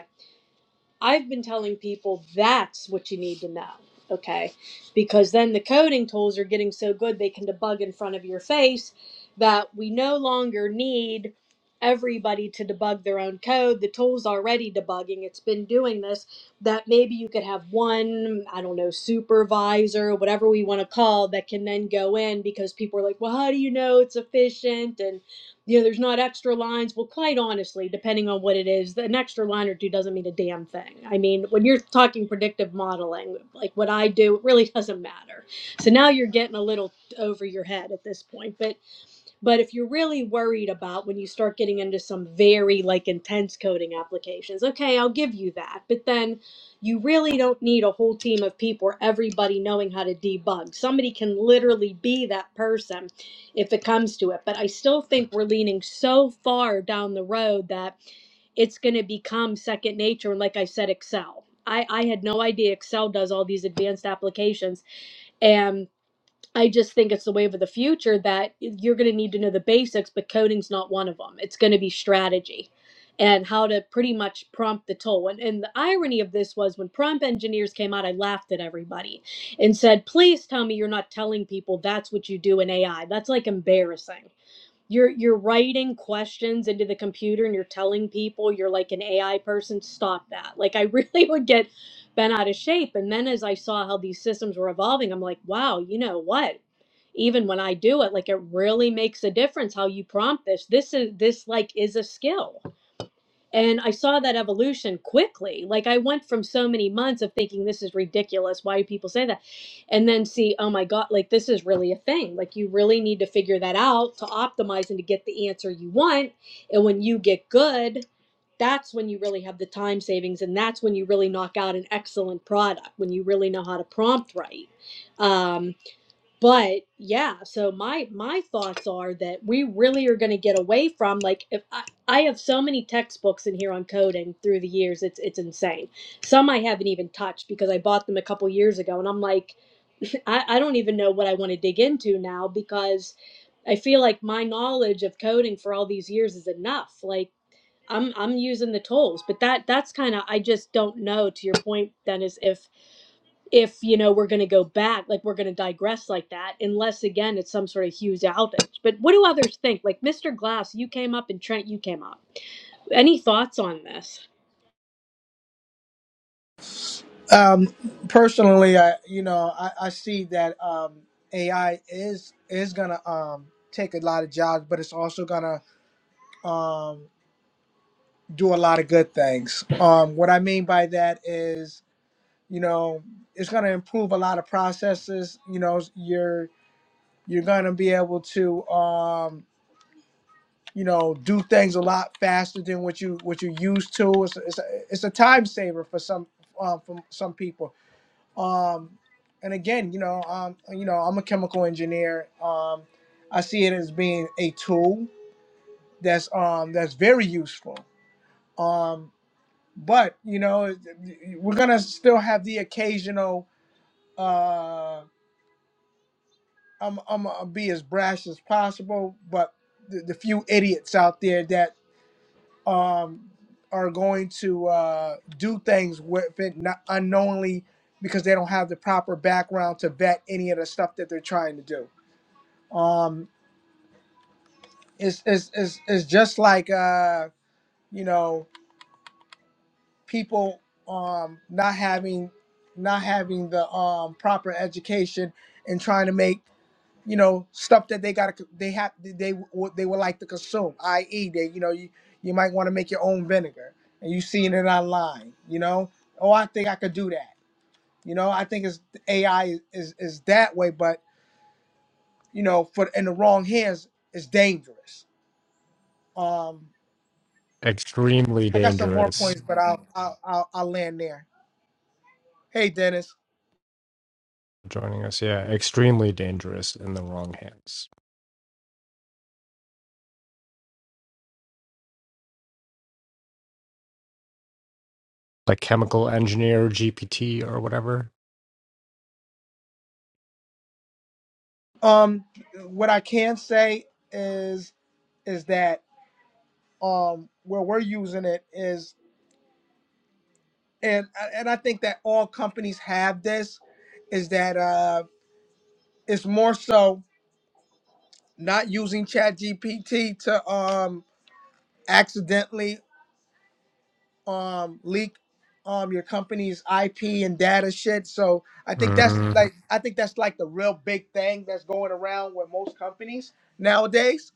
I've been telling people that's what you need to know, okay? Because then the coding tools are getting so good they can debug in front of your face that we no longer need everybody to debug their own code. The tool's already debugging, it's been doing this. That maybe you could have one, I don't know, supervisor, whatever we want to call, that can then go in because people are like, well, how do you know it's efficient? And you know, there's not extra lines. Well, quite honestly, depending on what it is, an extra line or two doesn't mean a damn thing. I mean, when you're talking predictive modeling, like what I do, it really doesn't matter. So now you're getting a little over your head at this point. But but if you're really worried about when you start getting into some very like intense coding applications, okay, I'll give you that. But then you really don't need a whole team of people or everybody knowing how to debug. Somebody can literally be that person if it comes to it. But I still think we're leaning so far down the road that it's going to become second nature. And like I said, Excel. I, I had no idea Excel does all these advanced applications. and. I just think it's the wave of the future that you're going to need to know the basics, but coding's not one of them. It's going to be strategy and how to pretty much prompt the tool. And, and the irony of this was when prompt engineers came out, I laughed at everybody and said, please tell me you're not telling people that's what you do in AI. That's like embarrassing you're you're writing questions into the computer and you're telling people you're like an AI person, stop that. Like I really would get bent out of shape. And then as I saw how these systems were evolving, I'm like, wow, you know what? Even when I do it, like it really makes a difference how you prompt this. This is this like is a skill. And I saw that evolution quickly. Like I went from so many months of thinking this is ridiculous. Why do people say that? And then see, oh my God, like this is really a thing. Like you really need to figure that out to optimize and to get the answer you want. And when you get good, that's when you really have the time savings and that's when you really knock out an excellent product, when you really know how to prompt right. Um, but yeah so my my thoughts are that we really are going to get away from like if I, I have so many textbooks in here on coding through the years it's it's insane some i haven't even touched because i bought them a couple years ago and i'm like i, I don't even know what i want to dig into now because i feel like my knowledge of coding for all these years is enough like i'm i'm using the tools but that that's kind of i just don't know to your point dennis if if you know we're going to go back like we're going to digress like that unless again it's some sort of huge outage but what do others think like mr glass you came up and trent you came up any thoughts on this
Um, personally, I you know I, I see that um, AI is is gonna um, take a lot of jobs, but it's also gonna um, do a lot of good things. Um, what I mean by that is you know it's gonna improve a lot of processes. You know you're you're gonna be able to um, you know do things a lot faster than what you what you used to. It's, it's, a, it's a time saver for some um, for some people Um, and again, you know, um, you know, I'm a chemical engineer. Um, I see it as being a tool that's um that's very useful. Um, but you know, we're gonna still have the occasional. Uh, I'm I'm gonna be as brash as possible, but the, the few idiots out there that um are going to uh, do things with it not unknowingly because they don't have the proper background to vet any of the stuff that they're trying to do um it's it's it's, it's just like uh you know people um not having not having the um proper education and trying to make you know stuff that they got to they have they would they would like to consume i.e. they you know you you might want to make your own vinegar and you seeing it online you know oh i think i could do that you know i think it's ai is is that way but you know for in the wrong hands it's dangerous Um,
extremely
I got some more
dangerous
points, but I'll I'll I'll, I'll land there. Hey, Dennis.
joining us. Yeah, extremely dangerous in the wrong hands. Like chemical engineer GPT or whatever.
Um, what I can say is is that um where we're using it is and and I think that all companies have this is that uh it's more so not using chat gpt to um accidentally um leak um your company's IP and data shit. So I think that's
hmm
like I think that's like the real big thing that's going around with most companies nowadays.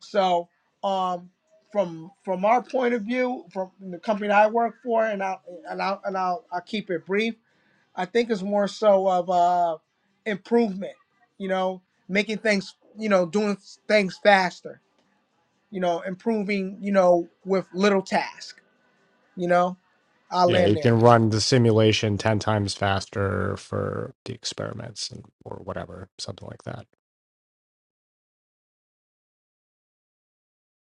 So um from from our point of view, from the company that I work for, and I and I and I'll, I'll keep it brief. I think it's more so of uh improvement, you know, making things, you know, doing things faster, you know, improving, you know, with little tasks you know, I'll
Yeah,
land
you
there.
can run the simulation 10 times faster for the experiments and, or whatever, something like that.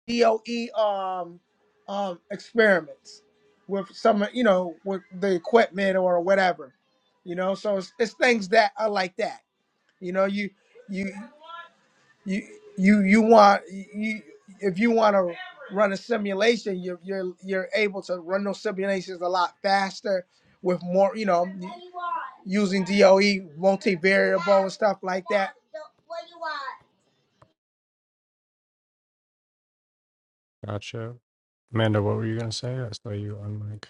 DOE um um experiments with some you know with the equipment or whatever. You know, so it's, it's things that are like that. You know, you you you you you want you if you want to run a simulation, you're you're you're able to run those simulations a lot faster with more you know using DOE multivariable and stuff like that.
Gotcha. Amanda, what were you going to say? I saw you on mic.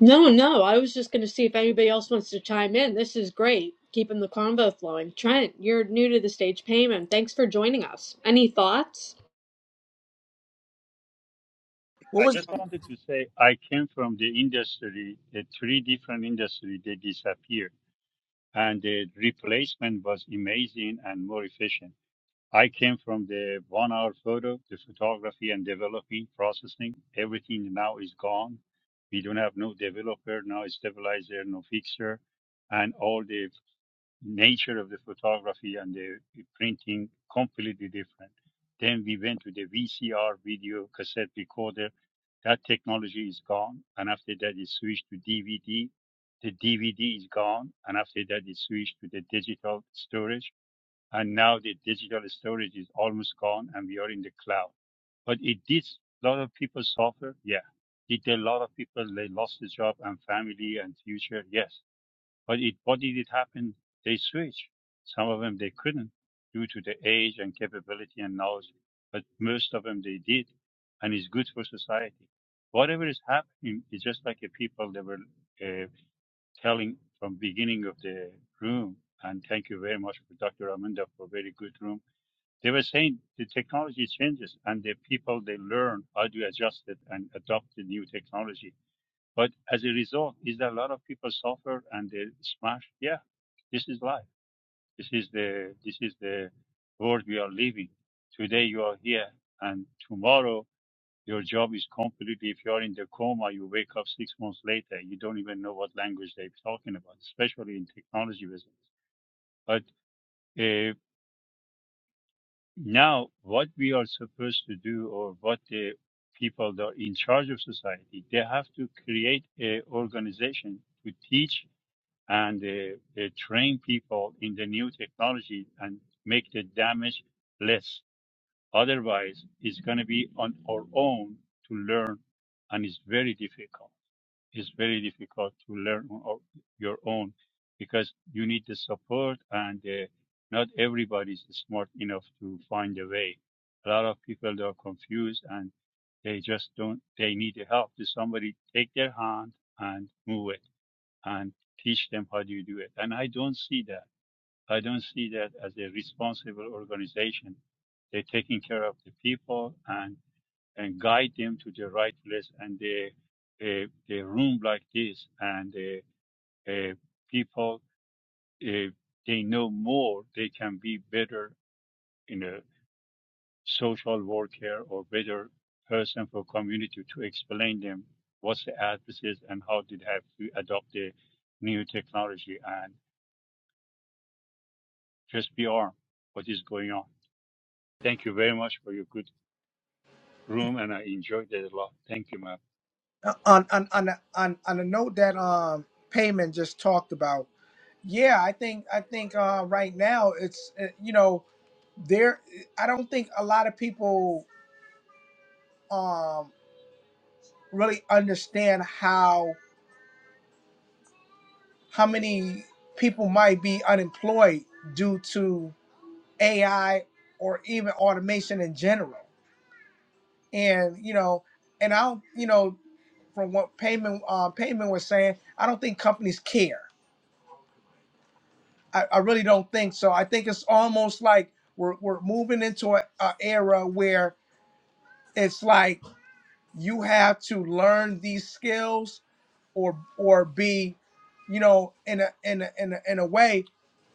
No, no. I was just going to see if anybody else wants to chime in. This is great, keeping the convo flowing. Trent, you're new to the stage payment. Thanks for joining us. Any thoughts?
What
I
was
just
Um,
wanted to say I came from the industry, the three different industry they disappeared, and the replacement was amazing and more efficient. I came from the one-hour photo, the photography and developing, processing. Everything now is gone. We don't have no developer now, stabilizer, no fixer, and all the nature of the photography and the printing completely different. Then we went to the VCR video cassette recorder. That technology is gone, and after that it switched to DVD. The DVD is gone, and after that it switched to the digital storage. And now the digital storage is almost gone, and we are in the cloud. But it did a lot of people suffer. Yeah. Did a lot of people they lost their job and family and future? Yes but it, what did it happen? They switched. Some of them they couldn't due to the age and capability and knowledge, but most of them they did, and it's good for society. Whatever is happening is just like the people they were uh, telling from beginning of the room. And thank you very much for Dr. Amanda for a very good room. They were saying the technology changes and the people they learn how to adjust it and adopt the new technology but as a result, is there a lot of people suffer and they smash? Yeah, this is life. This is the this is the world we are living. Today you are here, and tomorrow your job is completely. If you are in the coma, you wake up six months later. You don't even know what language they're talking about, especially in technology business. But uh, now, what we are supposed to do, or what the people that are in charge of society, they have to create a organization to teach and uh, uh, train people in the new technology and make the damage less. Otherwise, it's going to be on our own to learn, and it's very difficult. It's very difficult to learn on our, your own because you need the support, and uh, not everybody is smart enough to find a way. A lot of people they are confused and they just don't. They need the help. Does somebody take their hand and move it? and teach them how do you do it. And I don't see that. I don't see that as a responsible organization. They're taking care of the people and, and guide them to the right place. And they, uh, they room like this and uh, uh, people, uh, they know more. They can be better in a social worker or better person for community to explain them what's the addresses and how did have to adopt the new technology. and. just be armed. What is going on? Thank you very much for your good room, and I enjoyed it a lot. Thank you, my
on on on a- on on a note that um payment just talked about yeah i think i think uh right now it's uh, you know there i don't think a lot of people um really understand how how many people might be unemployed due to ai or even automation in general and you know and i don't you know from what payment uh, payment was saying i don't think companies care I, I really don't think so. I think it's almost like we're we're moving into a, a era where it's like you have to learn these skills or or be, you know, in a in a in a, in a way,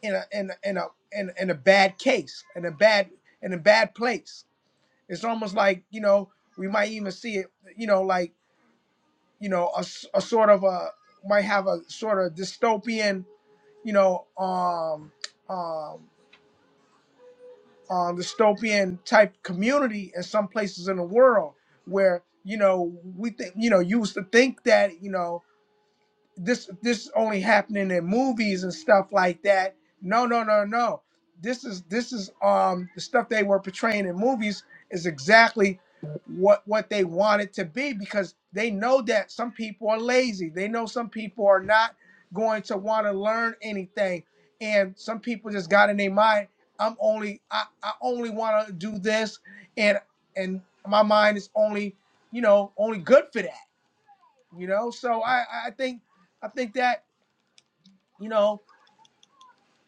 in a in a, in a in, in a bad case, in a bad in a bad place. It's almost like you know we might even see it, you know, like you know a, s- a sort of a might have a sort of dystopian, you know, um um uh, dystopian type community in some places in the world where you know we think you know used to think that you know this this is only happening in movies and stuff like that. No, no, no, no. This is this is um the stuff they were portraying in movies is exactly what what they want it to be because they know that some people are lazy. They know some people are not going to want to learn anything. And some people just got in their mind, I'm only I, I only want to do this and and my mind is only, you know, only good for that you know so i i think i think that you know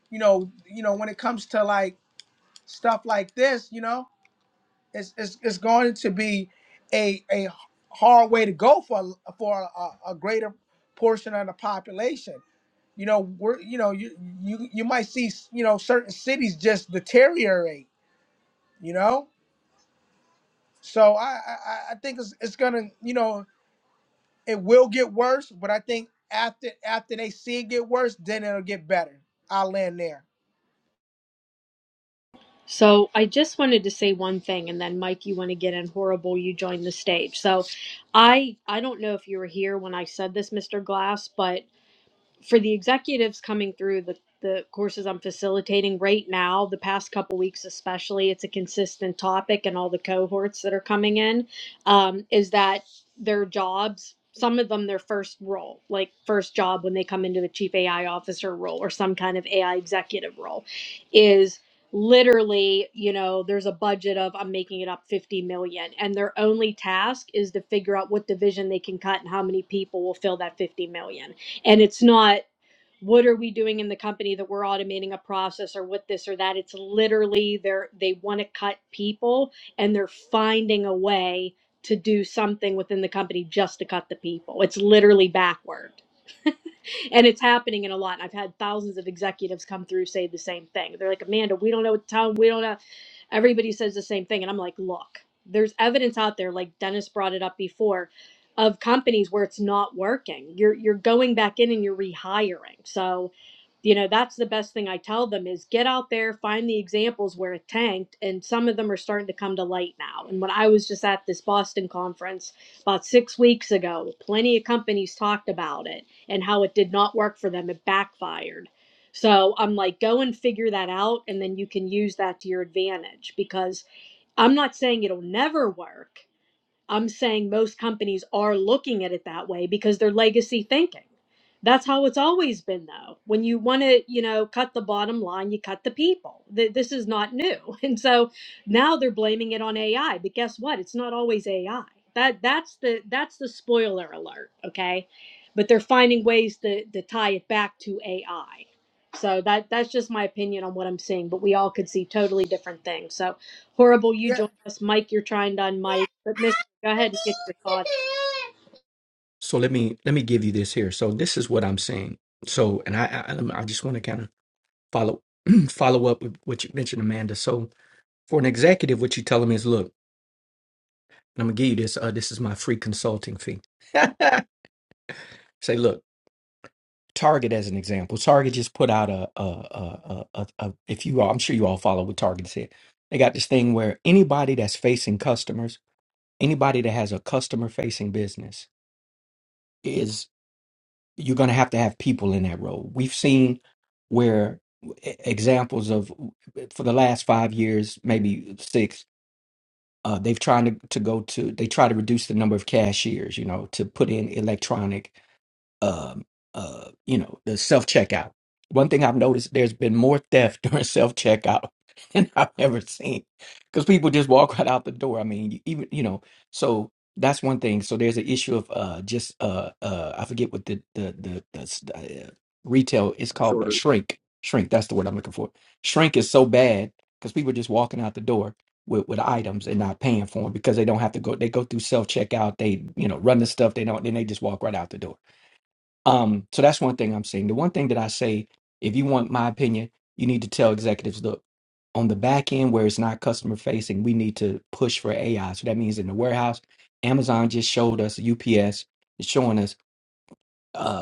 you know you know when it comes to like stuff like this you know it's it's, it's going to be a a hard way to go for for a, a greater portion of the population you know we're you know you you you might see you know certain cities just deteriorate you know so i i, I I think it's, it's gonna you know it will get worse but i think after after they see it get worse then it'll get better i'll land there
So, I just wanted to say one thing and then Mike, you want to get in horrible, you joined the stage. So, I I don't know if you were here when I said this, Mr. Glass, but for the executives coming through the the courses I'm facilitating right now, the past couple weeks especially, it's a consistent topic and all the cohorts that are coming in, um, is that their jobs, some of them their first role, like first job when they come into a chief AI officer role or some kind of AI executive role, is literally, you know, there's a budget of I'm making it up 50 million. And their only task is to figure out what division they can cut and how many people will fill that 50 million and it's not what are we doing in the company that we're automating a process or what this or that it's literally they're they want to cut people and they're finding a way to do something within the company just to cut the people it's literally backward. and it's happening in a lot. And I've had thousands of executives come through say the same thing. They're like, Amanda, we don't know what time, we don't know. Everybody says the same thing. And I'm like, look, there's evidence out there, like Dennis brought it up before, of companies where it's not working. You're you're going back in and you're rehiring. So you know that's the best thing i tell them is get out there find the examples where it tanked and some of them are starting to come to light now and when i was just at this boston conference about six weeks ago plenty of companies talked about it and how it did not work for them. It backfired. So I'm like, go and figure that out, and then you can use that to your advantage because I'm not saying it'll never work. I'm saying most companies are looking at it that way because they're legacy thinking. That's how it's always been, though. When you want to, you know, cut the bottom line, you cut the people. Th- This is not new, and so now they're blaming it on AI. But guess what? It's not always AI. That that's the that's the spoiler alert. Okay, but they're finding ways to to tie it back to AI. So that that's just my opinion on what I'm seeing. But we all could see totally different things. So horrible you
Yeah.
joined us mike you're trying to unmic but Miss. Go ahead and get your thought.
So let me let me give you this here. So this is what I'm saying. So and I I, I'm- I just want to kind of follow follow up with what you mentioned, Amanda. So for an executive, what you tell them is, look, I'm gonna give you this. Uh, this is my free consulting fee. Say, look, Target as an example. Target just put out a, a, a, a, a, a if you all, I'm sure you all follow what Target said. They got this thing where anybody that's facing customers, anybody that has a customer facing business, is you're gonna have to have people in that role. We've seen where e- examples of for the last five years, maybe six, Uh, they've tried to, to go to, they try to reduce the number of cashiers, you know, to put in electronic um, uh, you know, the self checkout. One thing I've noticed, there's been more theft during self checkout than I've ever seen, because people just walk right out the door. I mean, you- even you know, so that's one thing. So there's an issue of uh, just uh, uh, I forget what the the the, the s- uh, retail is called a
shorter.
shrink. Shrink. That's the word I'm looking for. Shrink is so bad because people are just walking out the door. With, with items and not paying for them because they don't have to go they go through self checkout they you know run the stuff they don't then they just walk right out the door um, so that's one thing I'm saying. The one thing that I say, if you want my opinion, you need to tell executives, look, on the back end where it's not customer facing, we need to push for AI. So that means in the warehouse, Amazon just showed us UPS is showing us. uh,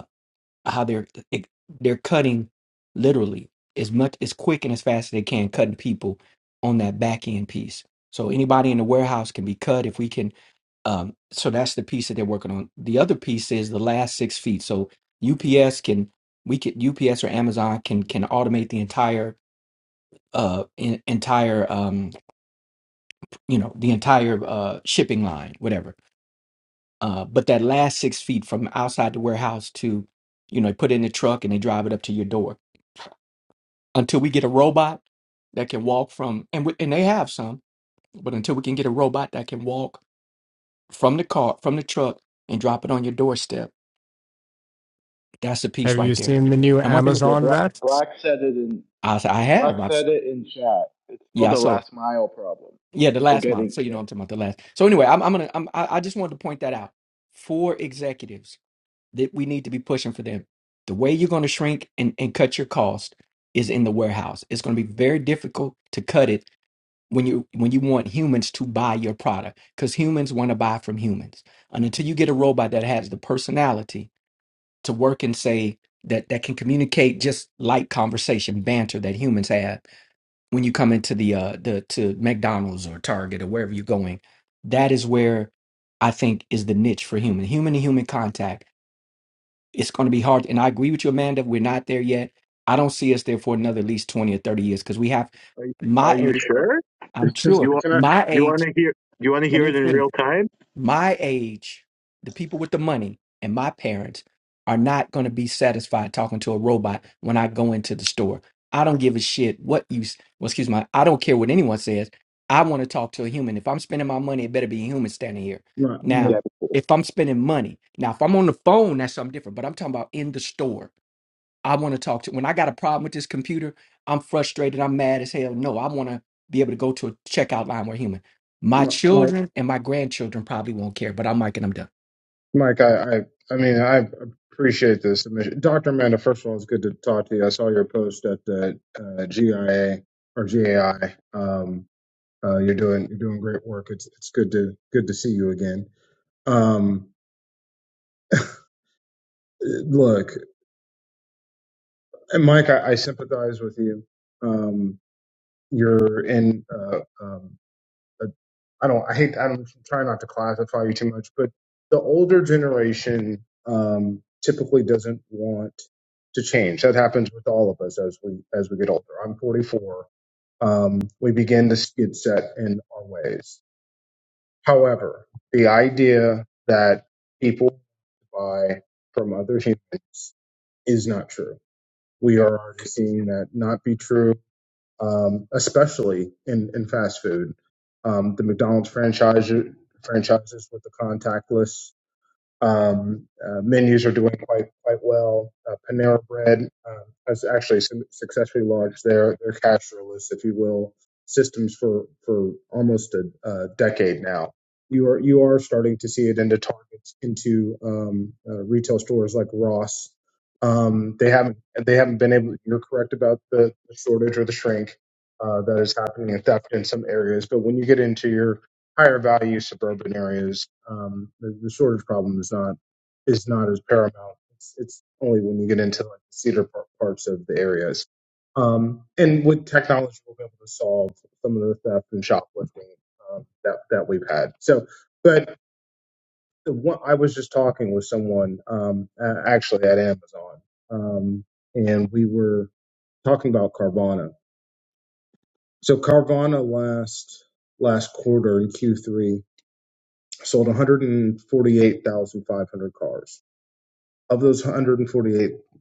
how they're it, they're cutting literally as much as quick and as fast as they can cutting people on that back end piece so anybody in the warehouse can be cut if we can um so that's the piece that they're working on the other piece is the last six feet so ups can we can ups or amazon can can automate the entire uh en- entire um you know the entire uh shipping line whatever uh but that last six feet from outside the warehouse to you know put it in the truck and they drive it up to your door until we get a robot that can walk from and we, and they have some, but until we can get a robot that can walk from the car from the truck and drop it on your doorstep, that's a piece
Have you
right there.
seen the new
And one thing
Yeah,
Amazon
Black,
vets?
Black said it in
I s- I
Black
have I've, s-
said it in chat. It's called
yeah
the
so
last mile problem.
yeah the
So
last month
getting
so you
yeah
know I'm talking about the last so anyway I'm I'm gonna I'm, I I just wanted to point that out for executives that we need to be pushing for them. The way you're going to shrink and, and cut your cost is in the warehouse. It's going to be very difficult to cut it when you when you want humans to buy your product because humans want to buy from humans and until you get a robot that has the personality to work and say that that can communicate just like conversation banter that humans have when you come into the uh the to mcdonald's or target or wherever you're going that is where i think is the niche for human human to human contact it's going to be hard and i agree with you amanda we're not there yet i don't see us there for another at least 20 or 30 years because we have
Are
my
you
age
Okay.
sure?
i'm sure
You want
Can I,
my
you
age
want to hear you want to
let
hear
me
it in
finish.
rhyme?
My age, the people with the money, and my parents are not going to be satisfied talking to a robot when I go into the store. I don't give a shit what you, s- well, excuse me, I don't care what anyone says. I want to talk to a human. If I'm spending my money, it better be a human standing here.
Mike,
Now,
yeah
if I'm spending money, now if I'm on the phone, that's something different, but I'm talking about in the store. I want to talk to when I got a problem with this computer, I'm frustrated, I'm mad as hell. No, I want to be able to go to a checkout line where human. My
Mike, Mike,
children and my grandchildren probably won't care, but I'm Mike and I'm done.
Mike, I, I, I mean, I appreciate this submission. Dr. Amanda, first of all, it's good to talk to you. I saw your post at the uh, GIA or GAI. Um, uh, you're doing, you're doing great work. It's, it's good to, good to see you again. Um, look, and Mike, I, I sympathize with you. Um, you're in. Uh, um, but I don't. I hate. I don't try not to classify you too much, but the older generation um, typically doesn't want to change. That happens with all of us as we as we get older. I'm 44. Um, we begin to skid set in our ways. However, the idea that people buy from other humans is not true. We are already seeing that not be true um, especially in, in fast food. Um, the McDonald's franchise franchises with the contactless um, uh, menus are doing quite quite well. Uh, Panera Bread um, has actually su- successfully launched their their cashless, if you will, systems for for almost a, a decade now. You are you are starting to see it into Targets, into um, uh, retail stores like Ross. Um, they haven't they haven't been able. You're correct about the, the shortage or the shrink uh, that is happening in theft in some areas, but when you get into your higher value suburban areas, um, the, the shortage problem is not is not as paramount. It's, it's only when you get into like the cedar par- parts of the areas. Um, and with technology, we'll be able to solve some of the theft and shoplifting um, that that we've had. So, but the one I was just talking with someone um, a- actually at Amazon, um, and we were talking about Carvana. So Carvana last last quarter in Q3 sold 148,500 cars. Of those 148,000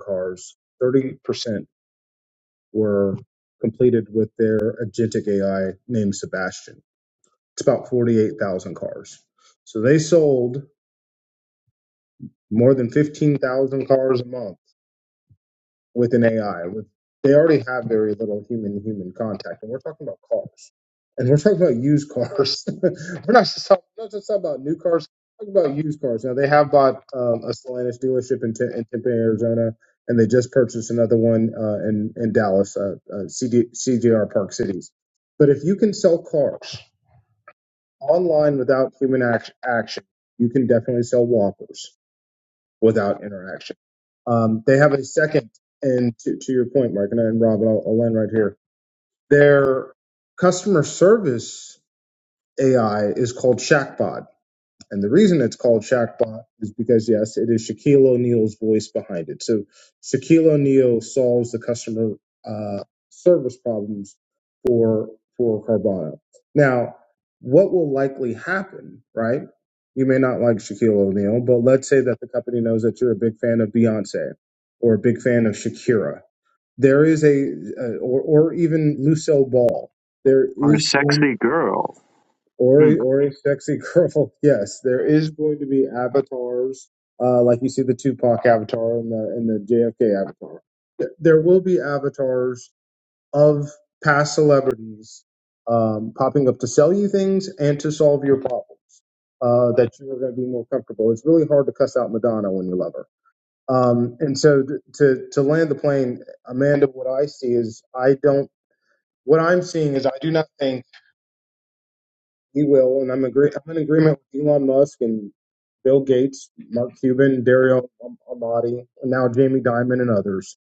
cars, 30% were completed with their agentic AI named Sebastian. It's about 48,000 cars. So they sold more than 15,000 cars a month with an AI. With they already have very little human human contact, and we're talking about cars, and we're talking about used cars. we're not just talking, not just talking about new cars. We're talking about used cars. Now they have bought um, a Stellantis dealership in, Tem- in Tempe, Arizona, and they just purchased another one uh, in in Dallas, uh, uh, CD, CJR Park Cities. But if you can sell cars online without human act- action, you can definitely sell walkers without interaction. Um, they have a second, and to, to your point, Mark, and, and Rob, and I'll, I'll end right here. Their customer service AI is called Shackbot. And the reason it's called Shackbot is because, yes, it is Shaquille O'Neal's voice behind it. So Shaquille O'Neal solves the customer uh, service problems for for Carvana. Now, what will likely happen, right? You may not like Shaquille O'Neal, but let's say that the company knows that you're a big fan of Beyonce or a big fan of Shakira. There is a, uh, or, or even Lucille Ball. There is going or
Hmm.
a or a sexy girl. Yes, there is going to be avatars, uh, like you see the Tupac avatar and the and the JFK avatar. Th- There will be avatars of past celebrities um, popping up to sell you things and to solve your problems uh, that you are going to be more comfortable. It's really hard to cuss out Madonna when you love her. Um, and so th- to to land the plane, Amanda, what I see is I don't. What I'm seeing is I do not think we will, and I'm agree. I'm in agreement with Elon Musk and Bill Gates, Mark Cuban, Dario Am- Amati, and now Jamie Dimon and others.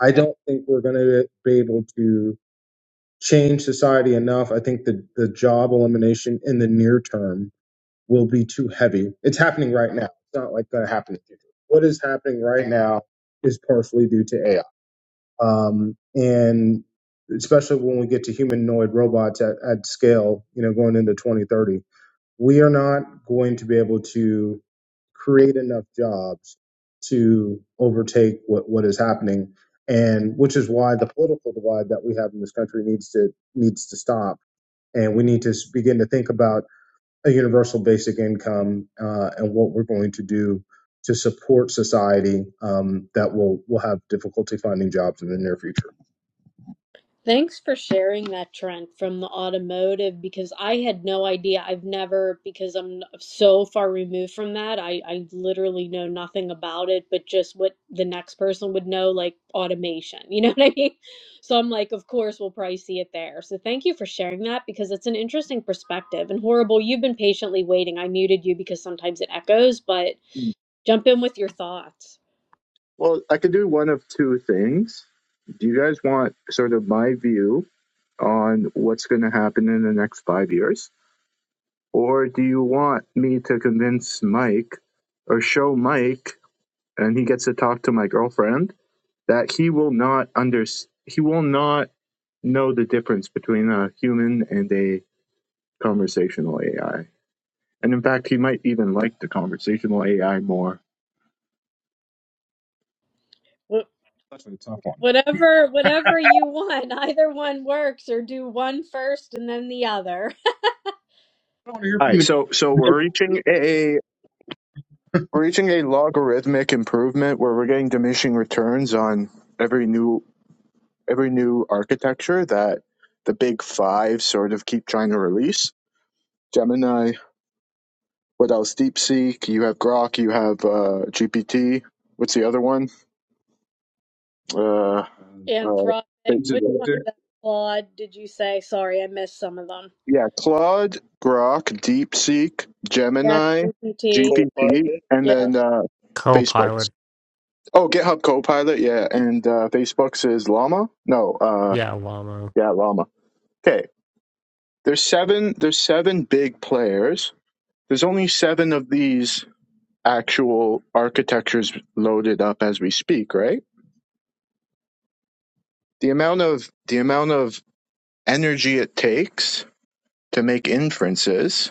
I don't think we're going to be able to change society enough. I think the the job elimination in the near term will be too heavy. It's happening right now. It's not like going to happen in the future. What is happening right now is partially due to AI, um, and especially when we get to humanoid robots at, at scale, you know, going into 2030 we are not going to be able to create enough jobs to overtake what, what is happening and which is why the political divide that we have in this country needs to needs to stop and we need to begin to think about a universal basic income uh, and what we're going to do to support society um, that will will have difficulty finding jobs in the near future.
Thanks for sharing that, Trent, from the automotive because I had no idea. I've never, because I'm so far removed from that, I, I literally know nothing about it, but just what the next person would know, like automation. You know what I mean? So I'm like, of course, we'll probably see it there. So thank you for sharing that because it's an interesting perspective. And horrible, you've been patiently waiting. I muted you because sometimes it echoes, but jump in with your thoughts.
Well, I could do one of two things. Do you guys want sort of my view on what's going to happen in the next five years, or do you want me to convince Mike or show Mike, and he gets to talk to my girlfriend that he will not under he will not know the difference between a human and a conversational AI. And in fact, he might even like the conversational AI more.
That's a tough one.
Whatever, whatever you want, either one works, or do one first and then the other.
I want to hear
All
from
right,
the,
so so we're reaching a we're reaching a logarithmic improvement where we're getting diminishing returns on every new every new architecture that the big five sort of keep trying to release. Gemini, what else? DeepSeek, you have Grok, you have uh, GPT. What's the other one? Uh,
uh,
Anthropic,
uh,
is it, is
which one's
it
that? Claude, did you say? Sorry, I missed some of them.
Yeah, Claude, Grok, DeepSeek,
That's
Gemini,
GPT.
GPT, and
Yeah.
then uh, Facebook's.
Copilot.
Oh, GitHub Copilot, yeah, and uh, Facebook's is Llama. No, uh,
Yeah, Llama.
yeah, Llama. Okay, there's seven. There's seven big players. There's only seven of these actual architectures loaded up as we speak, right? The amount of the amount of energy it takes to make inferences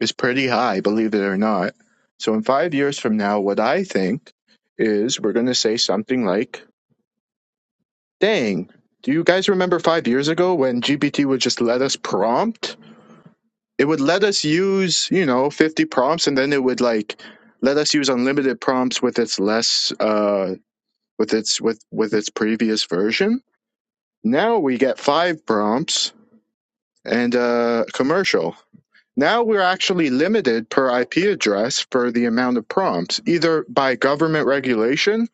is pretty high, believe it or not. So in five years from now, what I think is we're going to say something like, dang, do you guys remember five years ago when GPT would just let us prompt? It would let us use, you know, 50 prompts and then it would like let us use unlimited prompts with its less, uh, with its, with, with its previous version. Now we get five prompts and a commercial. Now we're actually limited per IP address for the amount of prompts, either by government regulation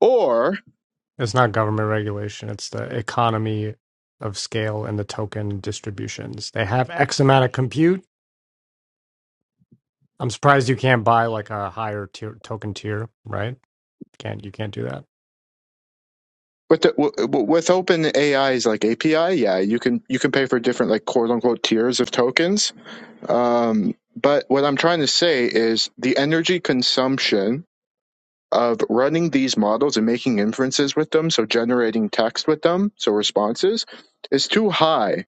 or
It's not government regulation, it's the economy of scale and the token distributions. They have X amount of compute. I'm surprised you can't buy like a higher tier token tier, right? Can't you can't do that.
with the, with open AI's like API. Yeah, you can you can pay for different like quote unquote tiers of tokens. Um, but what I'm trying to say is the energy consumption of running these models and making inferences with them, so generating text with them, so responses, is too high.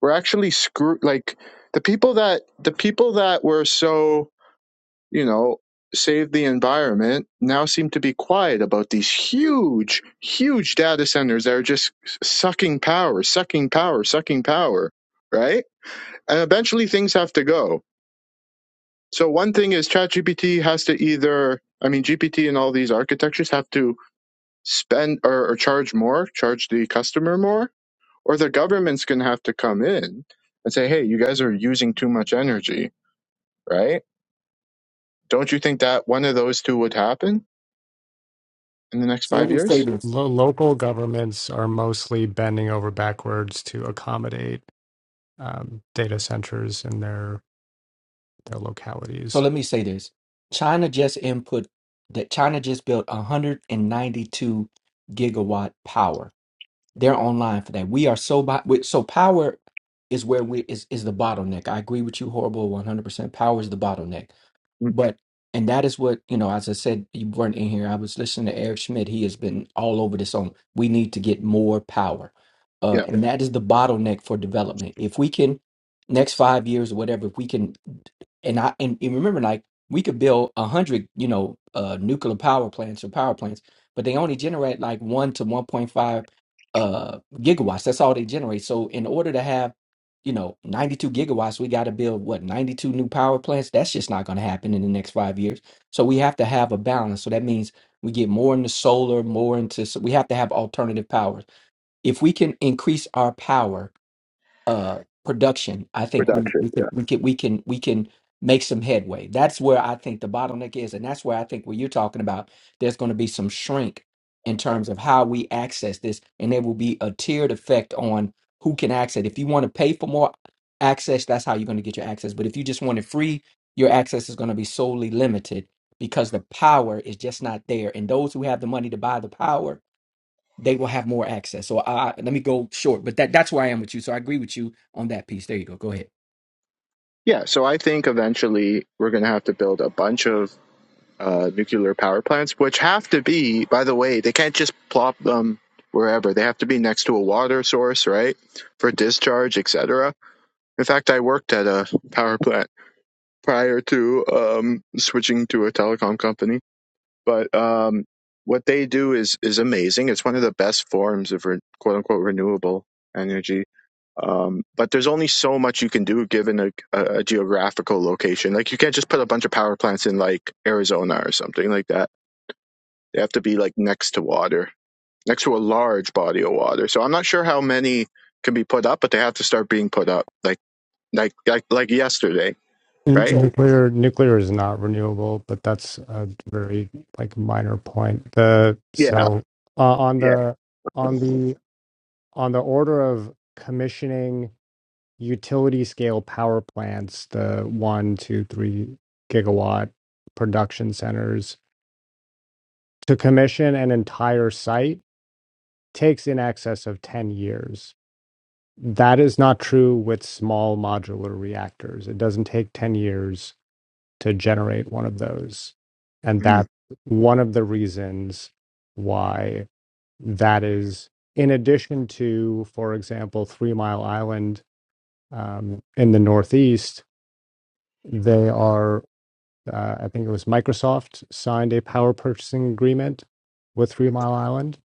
We're actually screw like the people that the people that were so you know save the environment now seem to be quiet about these huge huge data centers that are just sucking power sucking power sucking power right and eventually things have to go so one thing is chatgpt has to either i mean gpt and all these architectures have to spend or, or charge more, charge the customer more, or the government's going to have to come in and say, hey, you guys are using too much energy, right? Don't you think that one of those two would happen in the next
So
five
let me say
years?
this.
Lo- local governments are mostly bending over backwards to accommodate um, data centers in their their
So
localities.
let me say this. China just input that China just built 192 gigawatt power. They're online for that. We are so by so power is where we is is the bottleneck. I agree with you, horrible, one hundred percent. Power is the bottleneck. But and that is what you know. As I said, you weren't in here. I was listening to Eric Schmidt. He has been all over this on. We need to get more power, uh,
Yeah,
and that is the bottleneck for development. If we can, next five years or whatever, if we can, and I and, and remember, like we could build a hundred, you know, uh, nuclear power plants or power plants, but they only generate like one to one point five uh gigawatts. That's all they generate. So in order to have you know, 92 gigawatts, we got to build what, 92 new power plants? That's just not going to happen in the next five years. So we have to have a balance. So that means we get more into solar, more into, so we have to have alternative powers. If we can increase our power uh, production, I
we're
think
done.
we we can we can we can we can make some headway. That's where I think the bottleneck is, and that's where I think what you're talking about. There's going to be some shrink in terms of how we access this, and there will be a tiered effect on who can access it. If you want to pay for more access, that's how you're going to get your access. But if you just want it free, your access is going to be solely limited because the power is just not there, and those who have the money to buy the power they will have more access. So I, let me go short, but that that's where I am with you. So I agree with you on that piece. There you go. Go ahead.
Yeah, so I think eventually we're going to have to build a bunch of uh, nuclear power plants, which have to be, by the way, they can't just plop them wherever. They have to be next to a water source, right, for discharge, etc. In fact, I worked at a power plant prior to um, switching to a telecom company. But um, what they do is is amazing. It's one of the best forms of re- quote unquote renewable energy. Um, but there's only so much you can do given a, a, a geographical location. Like you can't just put a bunch of power plants in like Arizona or something like that. They have to be like next to water, next to a large body of water. So I'm not sure how many can be put up, but they have to start being put up like like like, like yesterday,
N-
right?
So,
Nuclear nuclear is not renewable, but that's a very like minor point. The
Yeah,
yeah.
so uh, on
yeah.
the on the on the order of commissioning utility scale power plants, the one, two, three gigawatt production centers, to commission an entire site takes in excess of 10 years. That is not true with small modular reactors. It doesn't take 10 years to generate one of those. And
Mhm.
that's one of the reasons why that is, in addition to, for example, Three Mile Island Um, in the Northeast, they are, uh, I think it was Microsoft signed a power purchasing agreement with Three Mile Island.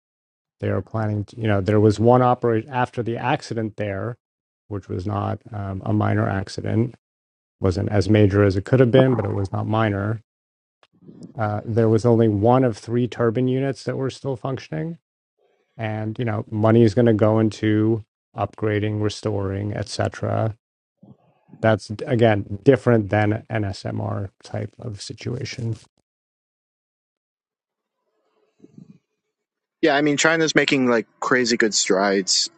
They are planning, to, you know, there was one operation after the accident there, which was not um, a minor accident, wasn't as major as it could have been, but it was not minor. Uh, there was only one of three turbine units that were still functioning. And, you know, money is going to go into upgrading, restoring, etc That's again different than an SMR type of situation.
Yeah, I mean China's making like crazy good strides.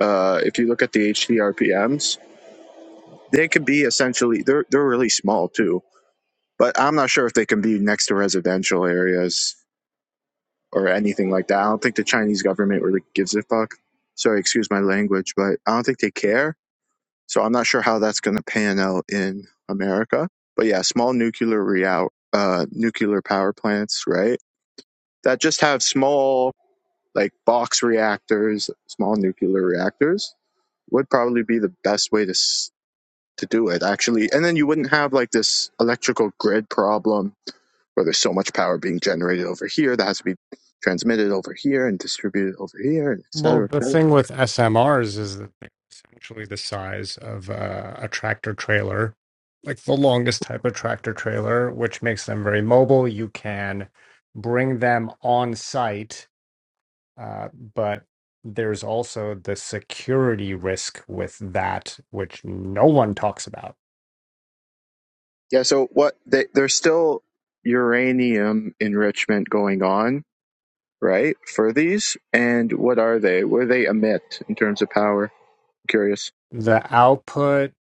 Uh, if you look at the HDR PMs, they could be essentially they're they're really small too. But I'm not sure if they can be next to residential areas or anything like that. I don't think the Chinese government really gives a fuck. Sorry, excuse my language, but I don't think they care. So I'm not sure how that's going to pan out in America. But yeah, small nuclear real uh, nuclear power plants, right? That just have small like box reactors, small nuclear reactors would probably be the best way to s- to do it actually and then you wouldn't have like this electrical grid problem where there's so much power being generated over here that has to be transmitted over here and distributed over here and et
Well,
cetera, et
the
cetera.
thing with SMRs is that they're essentially the size of uh, a tractor trailer, like the longest type of tractor trailer, which makes them very mobile. You can bring them on site, uh, but there's also the security risk with that, which no one talks about.
yeah so what they, there's still uranium enrichment going on right for these and what are they what do they emit in terms of power I'm curious
The output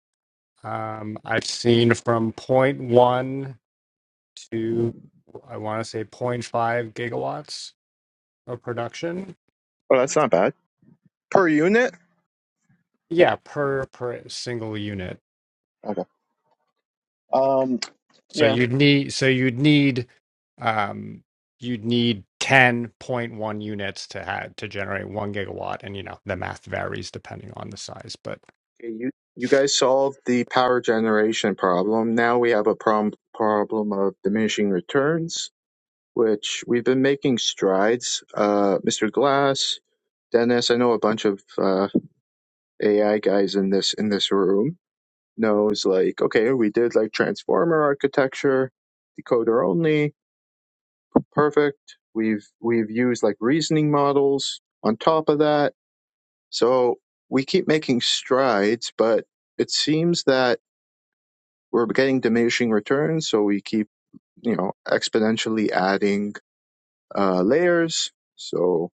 um, I've seen from point one. to I want to say zero point 0.5 gigawatts of production.
oh that's not bad per unit
Yeah, per per single unit.
Okay. Um.
So
Yeah.
you'd need so you'd need um you'd need 10.1 units to have to generate 1 gigawatt and you know the math varies depending on the size but
Okay, You you guys solved the power generation problem. Now we have a problem problem of diminishing returns, which we've been making strides. Uh, Mr. Glass, Dennis, I know a bunch of uh, AI guys in this in this room knows like okay, we did like transformer architecture, decoder only, perfect. We've we've used like reasoning models on top of that So we keep making strides, but it seems that we're getting diminishing returns. So we keep, you know, exponentially adding uh, layers, so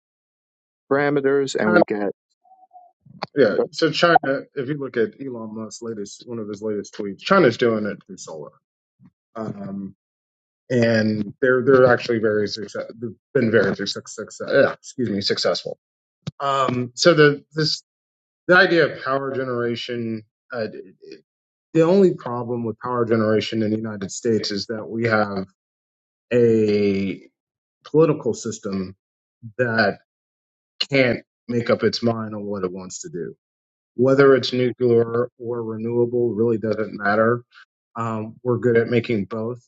is
parameters,
it
and
China
we get
Yeah. So China, if you look at Elon Musk's latest, one of his latest tweets, China's doing it through solar, um, and they're they're actually very success. They've been very success. success Yeah, excuse me, successful. Um, so the this the idea of power generation. Uh, it- it- the only problem with power generation in the United States is that we have a political system that can't make up its mind on what it wants to do Whether it's nuclear or renewable really doesn't matter. Um, we're good at making both,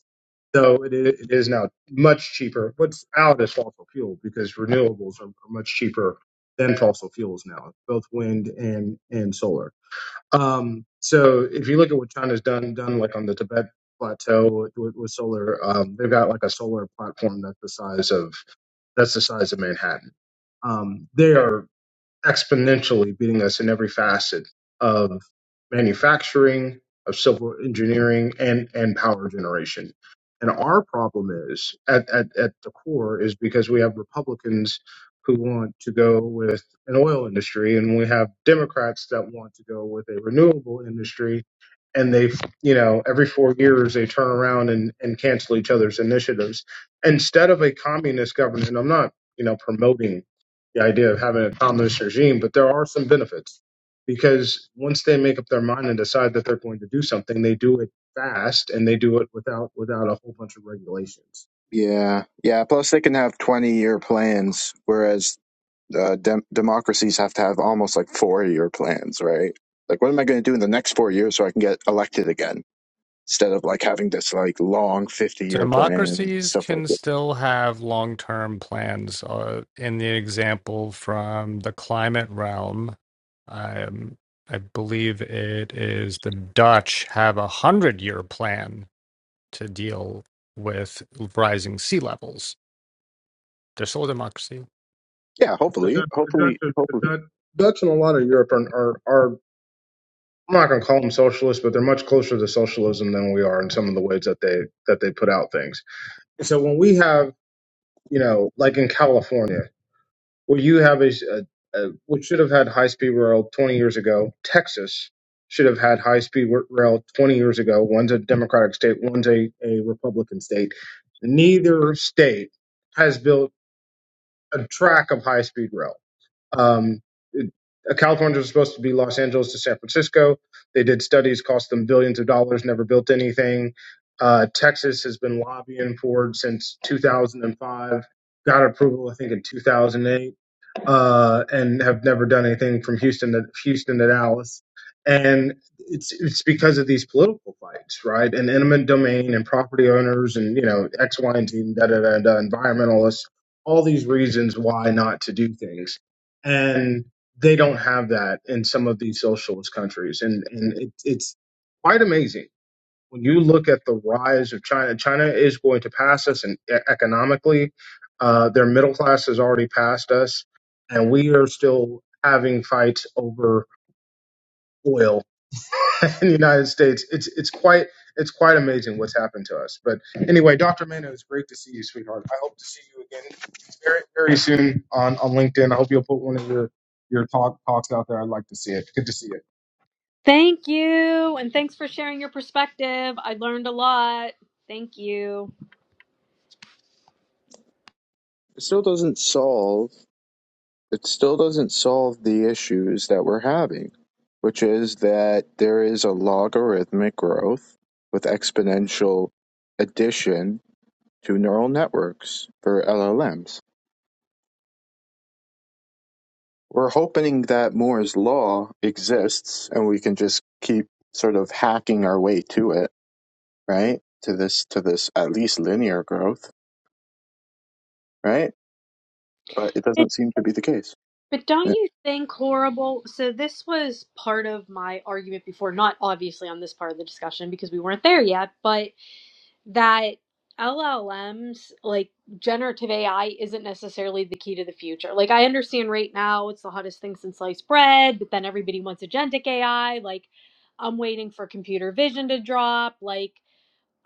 though it i- it is now much cheaper. What's out is fossil fuel because renewables are are much cheaper than fossil fuels now, both wind and and solar. Um, so if you look at what China's done, done like on the Tibet plateau with, with, with solar, um, they've got like a solar platform that's the size of that's the size of Manhattan um, they are exponentially beating us in every facet of manufacturing, of civil engineering, and and power generation. And our problem is at, at, at the core is because we have Republicans who want to go with an oil industry and we have Democrats that want to go with a renewable industry and they you know every four years they turn around and, and cancel each other's initiatives instead of a communist government i'm not you know promoting the idea of having a communist regime, but there are some benefits because once they make up their mind and decide that they're going to do something, they do it fast and they do it without without a whole bunch of regulations.
yeah, yeah. Plus, they can have twenty-year plans, whereas uh, dem- democracies have to have almost like four-year plans, right? Like, what am I going to do in the next four years so I can get elected again? Instead of like having this like long fifty-year plan and
Democracies
stuff like
can
that.
still have long term plans. Uh, in the example from the climate realm, um, I believe it is the Dutch have a hundred year plan to deal with rising sea levels. They're still a democracy.
Yeah,
The
hopefully,
Dutch, the Dutch,
hopefully,
are-
hopefully.
the Dutch, Dutch and a lot of Europe are, are, are I'm not going to call them socialist, but they're much closer to socialism than we are in some of the ways that they that they put out things. And so when we have you know, like in California. Well, you have a, a, a what should have had high speed rail 20 years ago. Texas should have had high speed rail 20 years ago. One's a Democratic state, one's a, a Republican state. Neither state has built a track of high speed rail. Um, it- uh, California was supposed to be Los Angeles to San Francisco. They did studies, cost them billions of dollars, never built anything. Uh, Texas has been lobbying for it since 2005, got approval, I think, in 2008 uh, and have never done anything from Houston to Houston to Dallas. And it's it's because of these political fights, right? And eminent domain and property owners and you know X, Y, and Z, and da da da da, environmentalists. All these reasons why not to do things, and they don't have that in some of these socialist countries, and and it, it's quite amazing when you look at the rise of China, China is going to pass us in, e- economically. Uh, their middle class has already passed us, and we are still having fights over oil in the United States. It's it's quite it's quite amazing what's happened to us. But anyway, Dr. Mano, it's great to see you, sweetheart. I hope to see you again very very soon on on LinkedIn. I hope you'll put one of your your talk talks out there. I'd like to see it. Good to see you.
Thank you, and thanks for sharing your perspective. I learned a lot. Thank you.
It still doesn't solve it still doesn't solve the issues that we're having, which is that there is a logarithmic growth with exponential addition to neural networks for LLMs. We're hoping that Moore's law exists and we can just keep sort of hacking our way to it, right? To this to this at least linear growth, right? But it
But
doesn't seem to be the case.
but don't
Yeah.
you think horrible? So this was part of my argument before, not obviously on this part of the discussion because we weren't there yet, but that LLMs, like generative AI, isn't necessarily the key to the future. Like, I understand right now it's the hottest thing since sliced bread, but then everybody wants agentic AI. Like, I'm waiting for computer vision to drop. Like,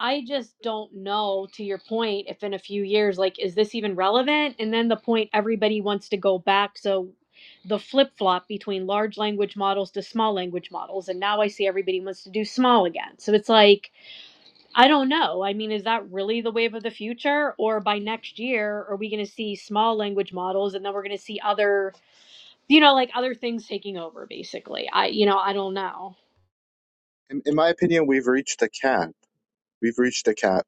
I just don't know, to your point, if in a few years, like, is this even relevant? And then the point everybody wants to go back. So, the flip flop between large language models to small language models. And now I see everybody wants to do small again. So, it's like, I don't know. I mean, is that really the wave of the future? Or by next year, are we going to see small language models and then we're going to see other, you know, like other things taking over, basically? I, you know, I don't know.
In, in my opinion, we've reached a cap. We've reached a cap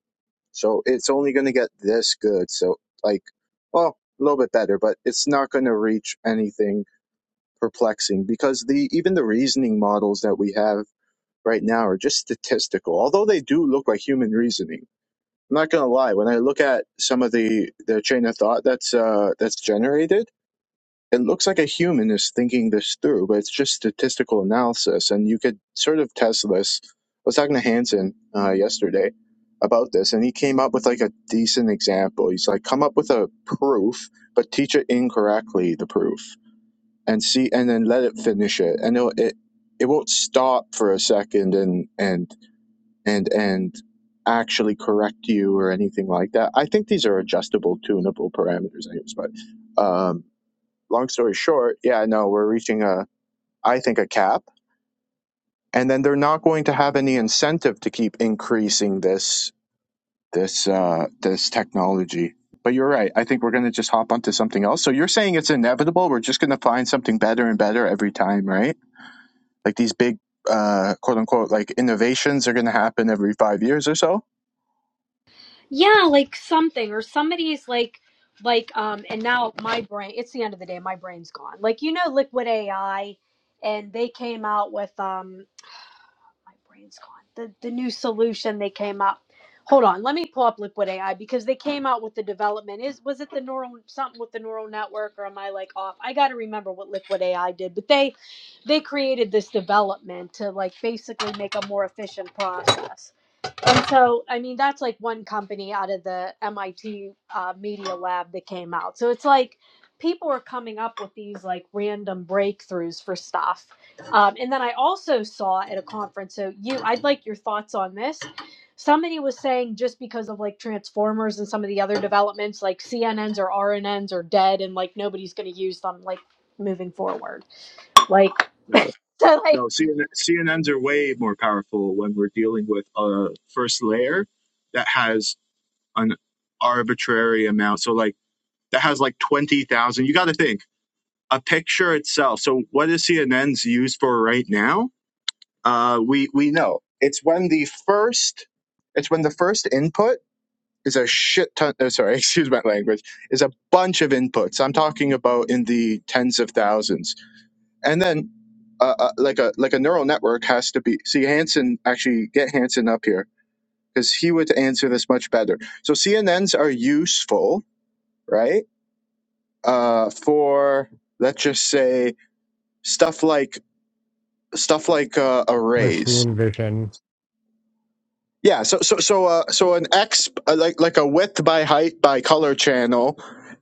So it's only going to get this good. So like, well, a little bit better, but it's not going to reach anything perplexing because the even the reasoning models that we have right now are just statistical. Although they do look like human reasoning. I'm not going to lie. When I look at some of the the chain of thought that's uh that's generated it looks like a human is thinking this through, but it's just statistical analysis. And you could sort of test this. I was talking to Hansen uh, yesterday about this, and he came up with like a decent example. He's like, come up with a proof, but teach it incorrectly, the proof, and see, and then let it finish it. And it'll, it, it won't stop for a second and, and, and, and, actually correct you or anything like that. I think these are adjustable tunable parameters anyways, but um long story short, yeah, no, we're reaching a, I think, a cap, and then they're not going to have any incentive to keep increasing this this uh, this technology. But you're right. I think we're going to just hop onto something else. So you're saying it's inevitable. We're just going to find something better and better every time, right? Like these big, uh, quote unquote, like innovations are going to happen every five years or so.
Yeah, like something or somebody's like, like, um, and now my brain, it's the end of the day, my brain's gone. Like, you know, Liquid AI, and they came out with, um, my brain's gone. The the new solution they came up. Hold on, let me pull up Liquid AI because they came out with the development. Is was it the neural something with the neural network or am I like off? I got to remember what Liquid AI did, but they they created this development to like basically make a more efficient process. And so, I mean, that's like one company out of the MIT uh, Media Lab that came out. So it's like people are coming up with these like random breakthroughs for stuff. Um, and then I also saw at a conference, so you, I'd like your thoughts on this. Somebody was saying just because of like Transformers and some of the other developments, like CNNs or RNNs are dead and like nobody's going to use them like moving forward. Like,
Yeah.
so like,
No, CNN, CNNs are way more powerful when we're dealing with a first layer that has an arbitrary amount. So, like, that has like 20,000. You got to think a picture itself. So, what is CNN's used for right now? Uh, we, we know it's when the first, it's when the first input is a shit ton. Oh, sorry, excuse my language, is a bunch of inputs. I'm talking about in the tens of thousands and then uh, uh, like a like a neural network has to be see Hansen actually get Hansen up here because he would answer this much better. So CNNs are useful, right? Uh, for let's just say stuff like stuff like uh, arrays.
Machine vision.
Yeah. So so so uh, so an X uh, like like a width by height by color channel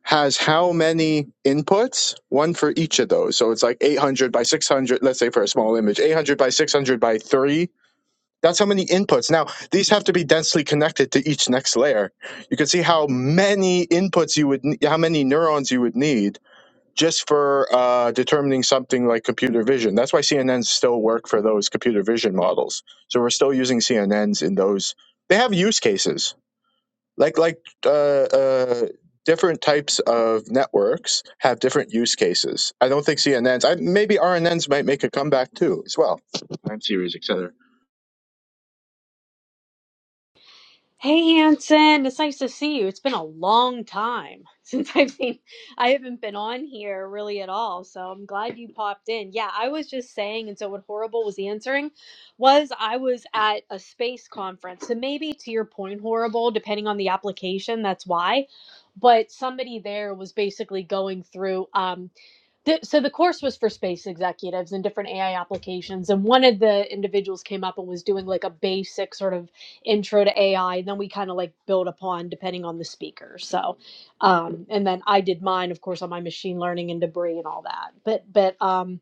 has how many inputs one for each of those so it's like 800 by 600 let's say for a small image 800 by 600 by 3 That's how many inputs. Now, these have to be densely connected to each next layer. You can see how many inputs you would, ne- how many neurons you would need just for uh, determining something like computer vision. That's why CNNs still work for those computer vision models. So we're still using CNNs in those. They have use cases, like like uh, uh, different types of networks have different use cases. I don't think CNNs. I, maybe RNNs might make a comeback too, as well. Time series, etc.
Hey Hanson, it's nice to see you. It's been a long time since I've seen I haven't been on here really at all, so I'm glad you popped in. Yeah, I was just saying, and so what Horrible was answering was I was at a space conference. So maybe to your point, Horrible, depending on the application, that's why. But somebody there was basically going through. Um, the, so the course was for space executives and different AI applications. And one of the individuals came up and was doing like a basic sort of intro to AI. And then we kind of like build upon depending on the speaker. So, um, and then I did mine, of course, on my machine learning and debris and all that. But, but, um,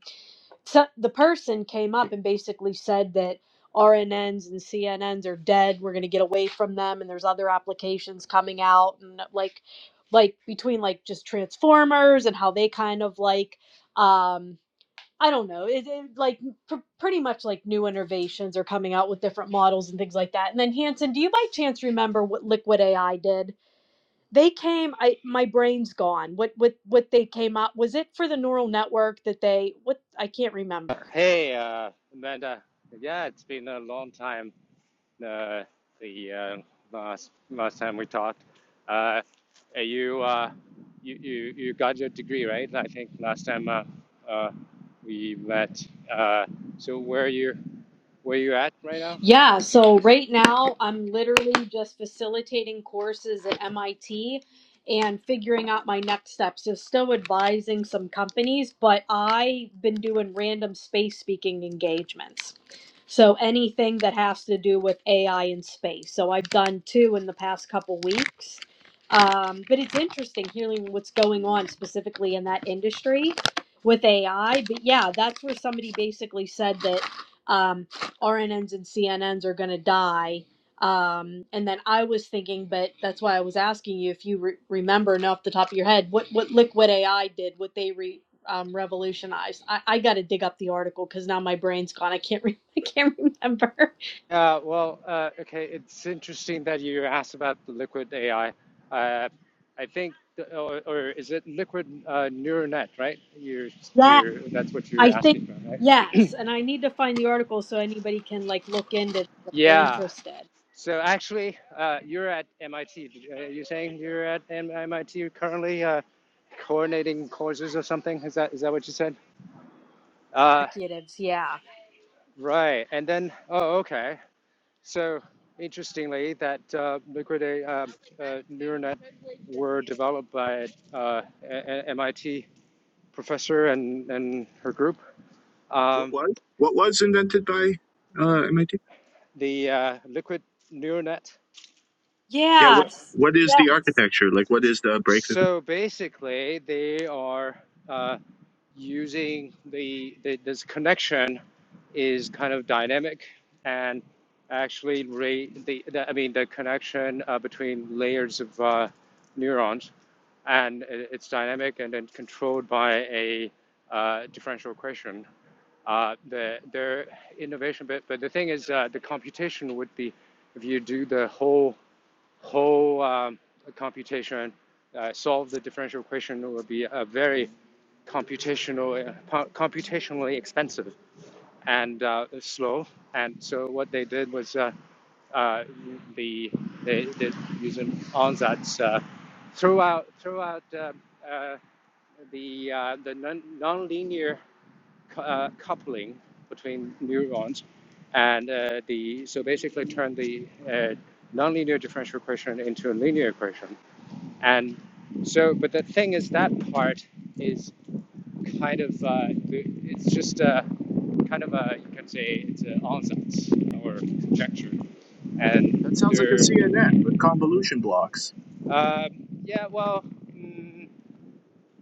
so the person came up and basically said that RNNs and CNNs are dead. We're going to get away from them, and there's other applications coming out, and uh, like, like between like just transformers and how they kind of like, um, I don't know, it, it, like pr- pretty much like new innovations are coming out with different models and things like that. And then Hanson, do you by chance remember what Liquid AI did? They came. I my brain's gone. What what what they came up was it for the neural network that they what I can't remember.
Hey, uh, Amanda. Yeah, it's been a long time. Uh, the uh, last last time we talked, uh, uh, you uh, you you you got your degree, right? I think last time uh, uh, we met. Uh, so where you where you at right now?
Yeah, so right now I'm literally just facilitating courses at MIT and figuring out my next steps. So still advising some companies, but I've been doing random space speaking engagements. So anything that has to do with AI and space. So I've done two in the past couple weeks. Um, but it's interesting hearing what's going on specifically in that industry with AI. But yeah, that's where somebody basically said that um, RNNs and CNNs are going to die. Um, and then I was thinking, but that's why I was asking you if you re- remember and off the top of your head what, what Liquid AI did, what they re- um, revolutionized. I, I got to dig up the article because now my brain's gone. I can't re- I can't remember.
Uh, well, uh, okay, it's interesting that you asked about the liquid AI. Uh, I think, the, or, or is it liquid uh, neural net, right? You're,
Yeah,
you're, that's what you're
I think
asking about, right?
yes, and I need to find the article so anybody can like look into it if they're
Yeah.
interested.
So actually, uh, you're at MIT. Did you- Uh, you're saying you're at M- MIT currently, uh, coordinating courses or something. Is that is that what you said? Uh,
Executives, yeah,
right. And then, oh, okay. So interestingly, that uh, liquid uh, uh, neural net were developed by uh, a- MIT professor and and her group.
What
Um,
was what was invented by uh, MIT?
the uh, liquid neural net.
Yeah. What
so
yes,
what is the
yes.
architecture? Like, what is the breakthrough?
So basically, they are uh, using the, the this connection is kind of dynamic and actually re, the, the I mean the connection uh, between layers of uh, neurons and it's dynamic and then controlled by a uh, differential equation. Uh, the their innovation, bit, but the thing is, uh, the computation would be if you do the whole whole um, computation, uh, solve the differential equation would be a very computational, uh, computationally expensive and uh, slow. And so what they did was uh, uh, the they did using ansatz uh, throughout throughout uh, uh, the uh, the non- nonlinear cou- uh, coupling between neurons, and uh, the so basically turn the uh, nonlinear differential equation into a linear equation. And so, but the thing is, that part is kind of uh, it's just a kind of a you can say it's an ansatz or conjecture,
That
and
sounds like a
there,
CNN with convolution blocks.
um yeah, well. Mm,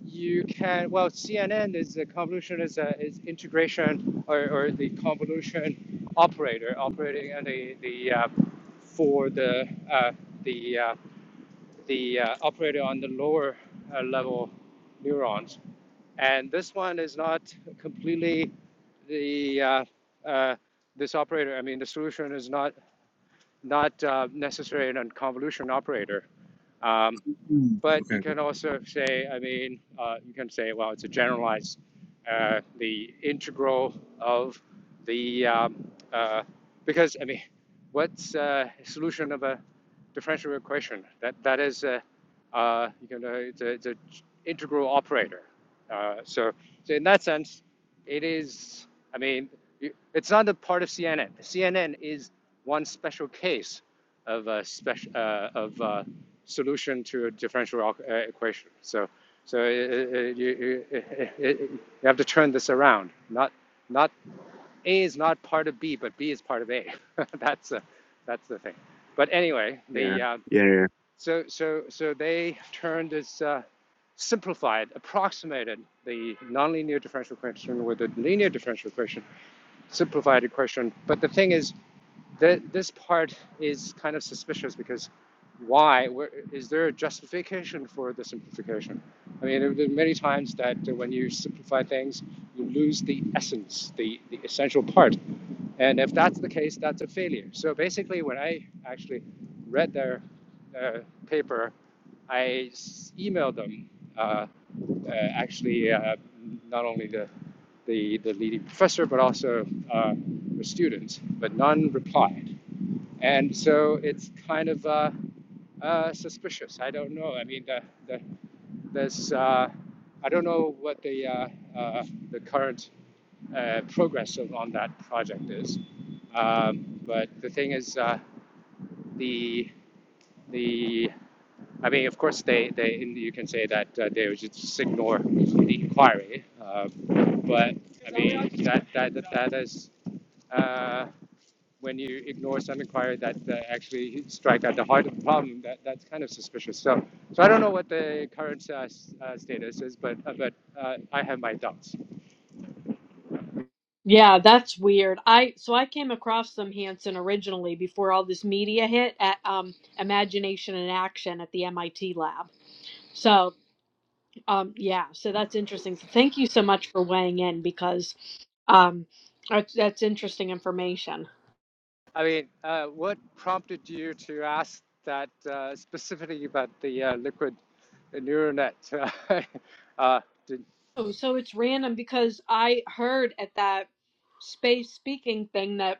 you can well CNN is a convolution is a is integration or, or the convolution operator operating on the the uh, for the uh, the uh, the uh, operator on the lower uh, level neurons and this one is not completely the uh, uh, this operator I mean the solution is not not uh, necessarily a convolution operator. Um,
Hmm.
but you
Okay.
can also say, I mean, uh, you can say, well, it's a generalized, uh, the integral of the, um, uh, because, I mean, what's uh, a solution of a differential equation? That that is, uh, uh, you know, it's a, it's a integral operator. Uh, so so in that sense, it is. I mean, it's not a part of CNN. CNN is one special case of a special uh, of a solution to a differential uh, equation. So. So uh, uh, uh, you, you, uh, uh, uh, you have to turn this around, not not a is not part of B, but B is part of A. that's a, that's the thing. But anyway,
Yeah.
the uh,
Yeah. yeah.
so so so they turned this uh, simplified, approximated the nonlinear differential equation with a linear differential equation, simplified equation. But the thing is, that this part is kind of suspicious because why? Where, is there a justification for the simplification? I mean, there are many times that when you simplify things, you lose the essence, the, the essential part. And if that's the case, that's a failure. So basically, when I actually read their uh, paper, I emailed them, uh, uh, actually, uh, not only the, the, the leading professor, but also uh, the students, but none replied. And so it's kind of uh, uh, suspicious. I don't know. I mean, the, the, there's, uh, I don't know what the, uh, uh, the current uh, progress on that project is. Um, but the thing is, uh, the the I mean, of course, they, they you can say that uh, they would just ignore the inquiry, uh, but I mean that that that, that is uh, when you ignore some inquiry that uh, actually strike at the heart of the problem. That that's kind of suspicious. So so I don't know what the current uh, s- uh, status is, but uh, but uh, I have my doubts.
Yeah, that's weird. I so I came across some Hanson originally before all this media hit at um, Imagination and Action at the MIT lab. So um, yeah, so that's interesting. So thank you so much for weighing in because um, that's, that's interesting information.
I mean, uh, what prompted you to ask that uh, specifically about the uh, liquid neural net? uh, did,
Oh, so it's random because I heard at that space speaking thing that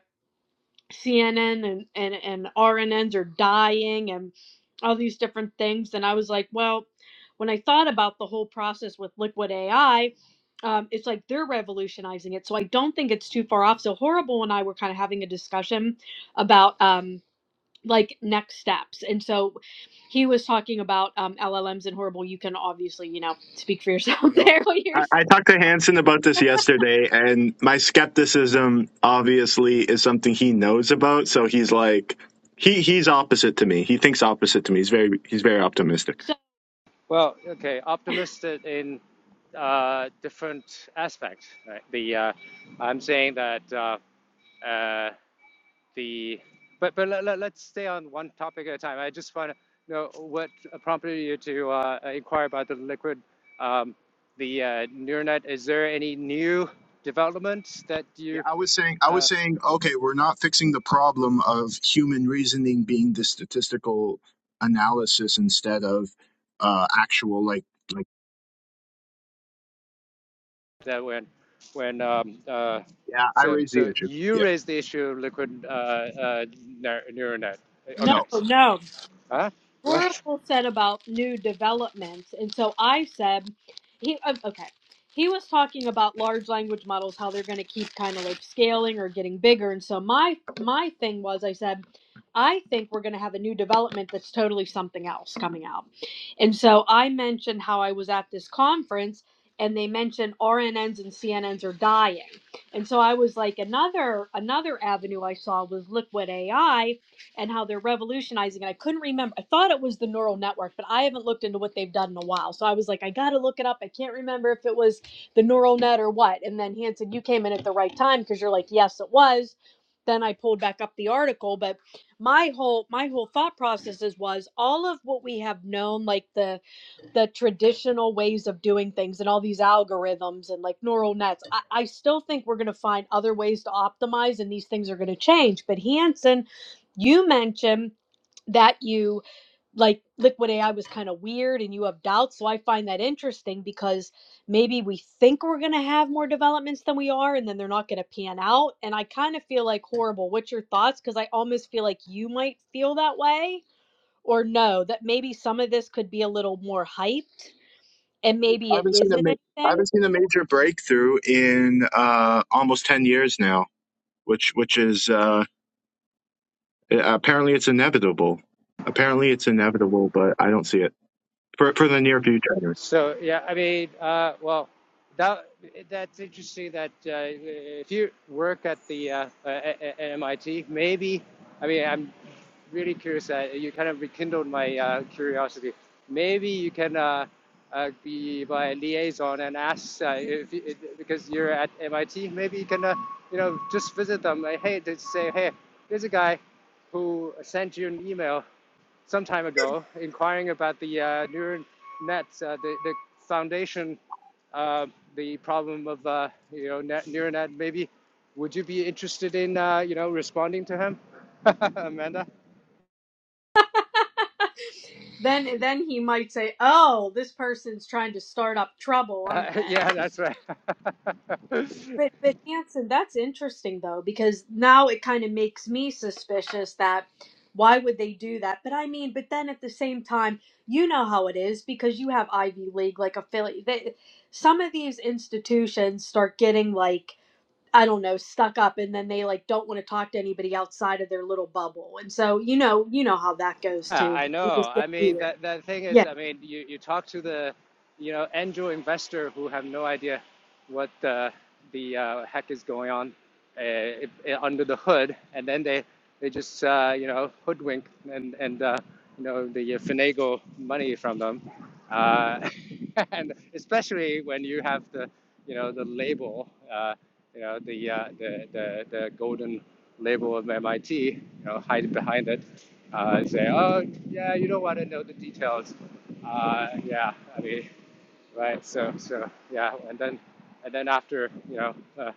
CNN and, and, and RNNs are dying and all these different things. And I was like, well, when I thought about the whole process with liquid AI, um, it's like they're revolutionizing it. So I don't think it's too far off. So Horrible and I were kind of having a discussion about um, like next steps. And so he was talking about um, LLMs and Horrible. You can obviously, you know, speak for yourself
No,
there what
I,
you're saying.
I talked to Hanson about this yesterday, and my skepticism obviously is something he knows about. So he's like, he he's opposite to me. He thinks opposite to me. He's very he's very optimistic.
So,
well, okay, optimistic in uh, different aspects. Right? The uh, I'm saying that uh, uh, the but but let, let, let's stay on one topic at a time. I just want to know what prompted you to uh, inquire about the liquid um, the uh, neural net. Is there any new developments that
Yeah,
you
I was saying, I was
uh,
saying, okay, we're not fixing the problem of human reasoning being the statistical analysis instead of uh, actual, like, like.
that when when um, uh,
Yeah, I
so
raised the
so
issue.
you
Yeah,
raised the issue of liquid uh, uh, neural net.
no,
Okay.
no,
no,
Huh? What?
Horrible said about new developments, and so I said, he uh, okay. He was talking about large language models, how they're going to keep kind of like scaling or getting bigger, and so my my thing was, I said, I think we're going to have a new development that's totally something else coming out, and so I mentioned how I was at this conference. And they mentioned RNNs and CNNs are dying, and so I was like, another another avenue I saw was liquid AI, and how they're revolutionizing. And I couldn't remember. I thought it was the neural network, but I haven't looked into what they've done in a while. So I was like, I got to look it up. I can't remember if it was the neural net or what. And then Hanson, you came in at the right time because you're like, yes, it was. Then I pulled back up the article, but my whole my whole thought processes was all of what we have known, like the the traditional ways of doing things and all these algorithms and like neural nets. I, I still think we're going to find other ways to optimize and these things are going to change. But Hanson, you mentioned that you like liquid AI was kind of weird and you have doubts. So I find that interesting because maybe we think we're going to have more developments than we are and then they're not going to pan out. And I kind of feel like horrible. What's your thoughts? Because I almost feel like you might feel that way or no, that maybe some of this could be a little more hyped and maybe
I
it
haven't seen a
isn't
ma- I
anything.
haven't seen a major breakthrough in uh, almost ten years now, which which is uh, apparently it's inevitable. Apparently, it's inevitable, but I don't see it for for the near future.
So yeah, I mean, uh, well, that that's interesting. That uh, if you work at the uh, uh, at MIT, maybe I mean, I'm really curious. Uh, you kind of rekindled my uh, curiosity. Maybe you can uh, uh, be my liaison and ask uh, if you, because you're at MIT. Maybe you can uh, you know just visit them. Like, hey, just say, hey, there's a guy who sent you an email some time ago, inquiring about the uh, neural nets, uh, the, the foundation, uh, the problem of uh, you know net, neural net. Maybe would you be interested in uh, you know responding to him, Amanda?
Then then he might say, "Oh, this person's trying to start up trouble, aren't
Uh, yeah,
they?"
that's right.
But but Hanson, that's interesting though because now it kind of makes me suspicious that why would they do that? But I mean, but then at the same time, you know how it is because you have Ivy League like affiliate. They, some of these institutions start getting like I don't know stuck up, and then they like don't want to talk to anybody outside of their little bubble, and so you know you know how that goes
Yeah,
too.
I
They just
know.
get
I mean,
weird.
that that thing is,
Yeah.
I mean, you, you talk to the, you know, angel investor who have no idea what the the uh, heck is going on uh, if- uh, under the hood, and then they they just uh, you know hoodwink and and uh, you know the uh, finagle money from them, uh, and especially when you have the you know the label, uh, you know the, uh, the the the golden label of MIT, you know, hide behind it uh, say, oh, yeah, you don't want to know the details. Uh, yeah, I mean, right. So, so yeah, and then, and then after, you know, uh,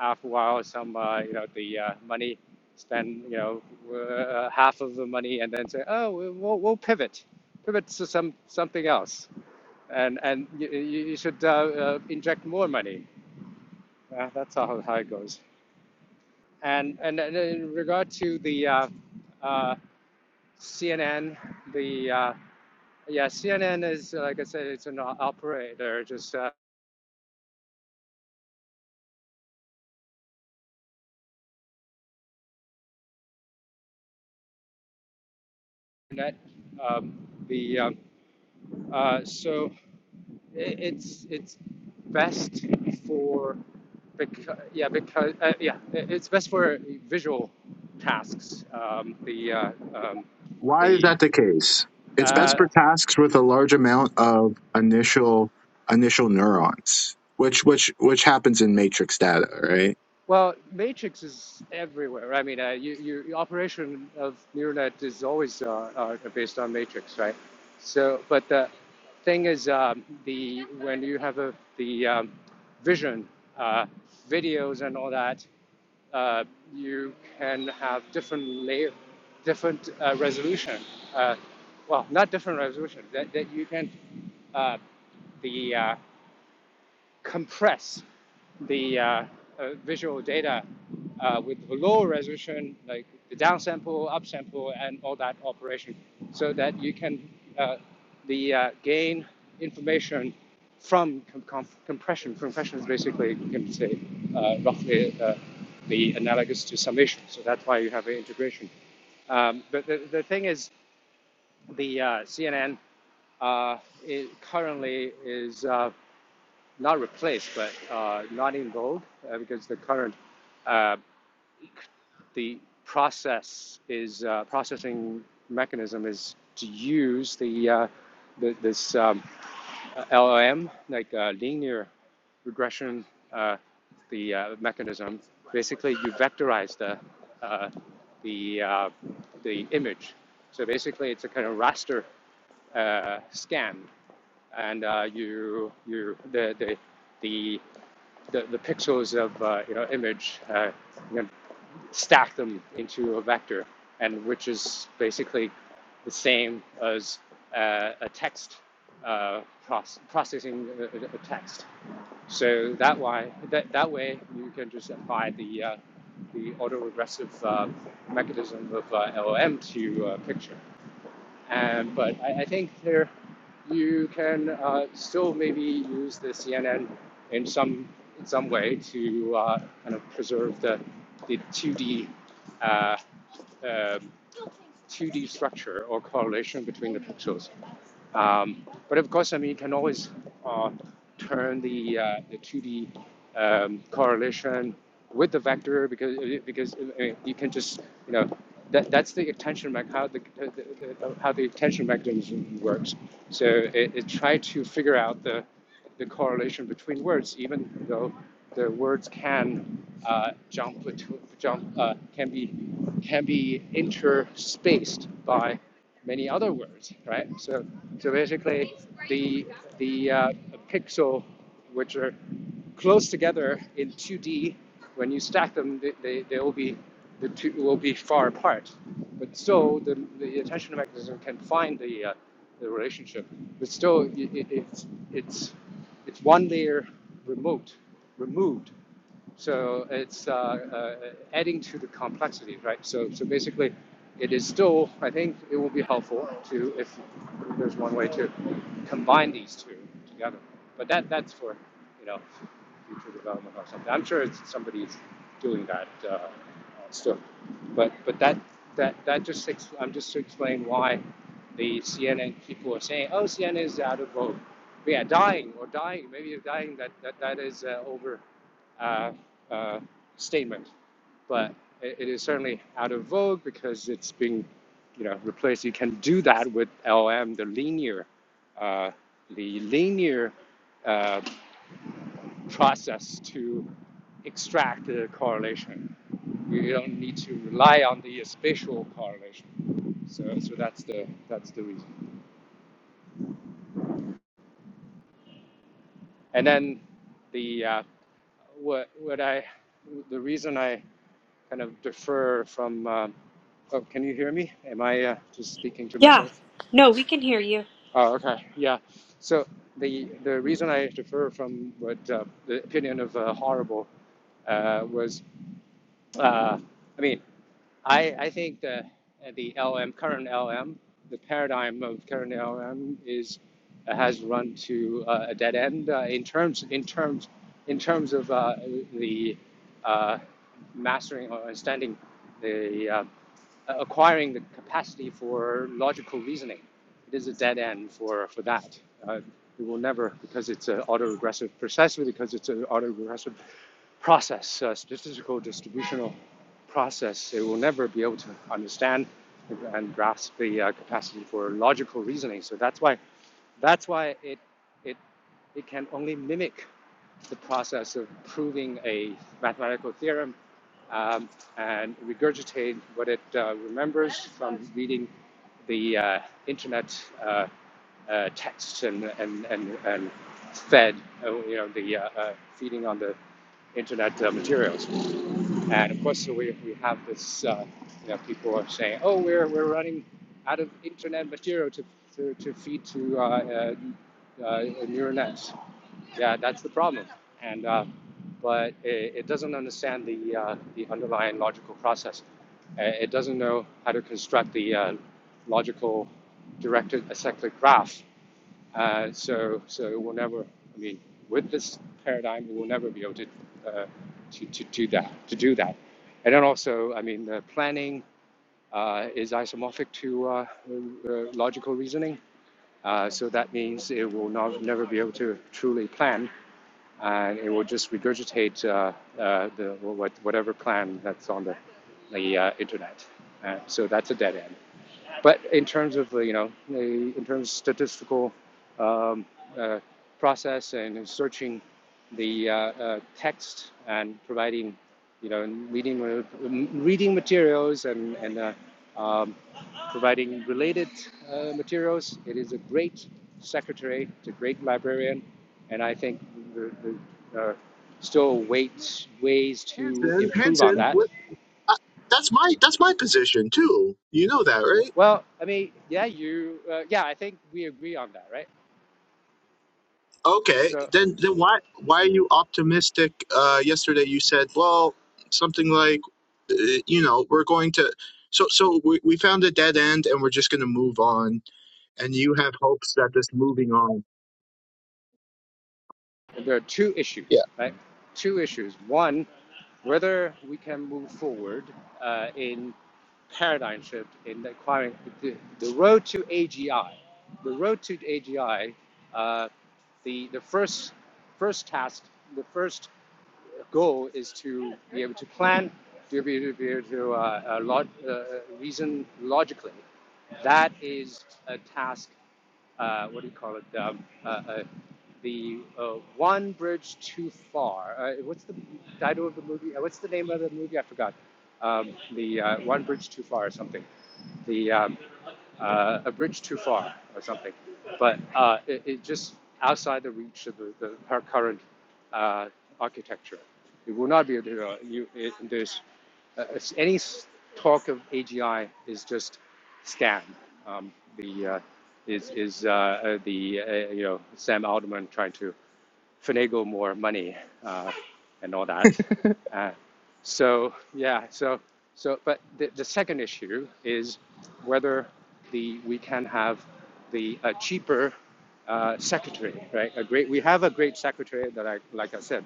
after a while, some, uh, you know, the uh, money spend, you know, uh, half of the money, and then say, oh, we- we'll, we'll pivot, pivot to some something else, and and you, you you should uh, uh, inject more money. Uh, that's how how it goes. And and, and in regard to the uh, uh, CNN, the uh, Yeah, CNN is, uh, like I said, it's an operator, just uh, net. Um, the um, uh, so i it's it's best for because yeah because uh, yeah i- it's best for visual tasks. Um, the uh, um,
Why is
the
that the case? It's best
uh,
for tasks with a large amount of initial initial neurons, which which which happens in matrix data, right?
Well, Matrix is everywhere. I mean, uh, you, you, your operation of neural net is always uh, uh, based on Matrix, right? So, but the thing is, um, the when you have a, the um, vision, uh, videos, and all that, uh, you can have different layer, different uh, resolution. Uh, well, not different resolution. That, that you can uh, the uh, compress the uh, uh, visual data uh, with the lower resolution, like the downsample, upsample, and all that operation, so that you can uh, the uh, gain information from com- compression. Compression is basically, you can say, uh, roughly uh, the analogous to summation. So that's why you have an integration. Um, but the, the thing is, the uh, CNN uh, it currently is. Uh, not replaced, but uh, not involved uh, because the current uh, the process is uh, processing mechanism is to use the, uh, the this um, LLM like uh, linear regression uh, the uh, mechanism. Basically, you vectorize the uh, the uh, the image. So basically, it's a kind of raster uh, scan, and uh, you you the the the the, the pixels of uh, you know image uh, you know, stack them into a vector and which is basically the same as uh, a text uh, proce- processing a, a a text so that why that, that way you can just apply the uh, the autoregressive uh, mechanism of uh, LLM to uh, picture and but I, I think there you can uh, still maybe use the CNN in some in some way to uh, kind of preserve the the 2D uh, um 2D structure or correlation between the pixels. Um, but of course, I mean, you can always uh, turn the uh, the 2D um, correlation with the vector because uh, because I mean, you can just you know that that's the attention mech how the, the, the how the attention mechanism works. So it, it tried to figure out the the correlation between words, even though the words can uh, jump jump uh, can be can be interspaced by many other words, right? So so basically, the the uh, pixel which are close together in 2D. When you stack them, they, they, they will be the two will be far apart. But still, the, the attention mechanism can find the uh, the relationship. But still, i i it's it's it's one layer remote removed so it's uh, uh, adding to the complexity, right? So, so basically, it is still, I think it will be helpful to, if there's one way to combine these two together. But that, that's for, you know, future development or something. I'm sure it's, somebody's doing that uh, still. But, but that, that, that just, ex- I'm just explaining why the CNN people are saying, oh, CNN is out of vote. But yeah, dying or dying, maybe you're dying, that, that, that is uh, over uh, uh, statement, but it, it is certainly out of vogue because it's being, you know, replaced. You can do that with LM, the linear, uh, the linear uh, process to extract the correlation. You don't need to rely on the spatial correlation. So, so that's the that's the reason. And then the uh, what what I the reason I kind of differ from. Um, oh, can you hear me? Am I uh, just speaking to
Yeah.
myself?
No, we can hear you.
Oh, okay. Yeah. So the the reason I differ from what uh, the opinion of uh, horrible uh, was, uh, I mean, I, I think the uh, the LM current LM the paradigm of current LM is uh, has run to uh, a dead end uh, in terms in terms in terms of uh, the uh, mastering or understanding the uh, acquiring the capacity for logical reasoning. It is a dead end for for that. Uh, it will never because it's an autoregressive precisely because it's an autoregressive process, uh, statistical distributional process, it will never be able to understand and grasp the uh, capacity for logical reasoning. So that's why, that's why it, it, it can only mimic the process of proving a mathematical theorem um, and regurgitate what it uh, remembers from reading the uh, internet. Uh, uh, tests and and and, and fed, uh, you know, the uh, uh, feeding on the internet uh, materials. And of course, so we, we have this, uh, you know, people are saying, oh, we're, we're running out of internet material to, to, to feed to uh, uh, uh, neural nets. Yeah, that's the problem. And uh, but it, it doesn't understand the uh, the underlying logical process. Uh, It doesn't know how to construct the uh, logical directed acyclic graph uh, so, so it will never. I mean, with this paradigm, we will never be able to, uh, to, to do that. To do that, and then also, I mean, the planning uh, is isomorphic to uh, uh, logical reasoning. Uh, so that means it will not never be able to truly plan, and it will just regurgitate uh, uh, the what, whatever plan that's on the the uh, internet. Uh, so that's a dead end. But in terms of you know, in terms of statistical um, uh, process and searching the uh, uh, text and providing, you know, reading uh, reading materials and and uh, um, providing related uh, materials, it is a great secretary, it's a great librarian, and I think there, there are still ways ways to
Hanson,
improve on
Hanson,
that.
what, uh, that's my that's my position too. You know that, right?
Well, I mean, yeah, you, uh, yeah, I think we agree on that, right?
Okay,
So
then then why why are you optimistic? Uh, yesterday you said, well, something like, uh, you know, we're going to. So, so we, we found a dead end and we're just going to move on and you have hopes that this moving on
there are two
yeah
issues, right? Two issues. One, whether we can move forward uh, in paradigm shift in acquiring the, the road to AGI. The road to AGI, uh, the the first first task, the first goal is to be able to plan, to be, able to be able to uh, uh, log, uh, reason logically. That is a task. Uh, what do you call it? Um, uh, uh, the uh, one bridge too far. Uh, what's the title of the movie? Uh, what's the name of the movie? I forgot. Um, the uh, one bridge too far or something. The um, uh, a bridge too far or something. But uh, it, it just outside the reach of the, the her current uh, architecture. You will not be able to. uh, You, it, there's uh, any talk of AGI is just scam. Um, the uh, is is uh, uh, the uh, you know Sam Altman trying to finagle more money uh, and all that. Uh, so yeah, so so but the, the second issue is whether the we can have the a cheaper uh, secretary, right? A great we have a great secretary that I like I said,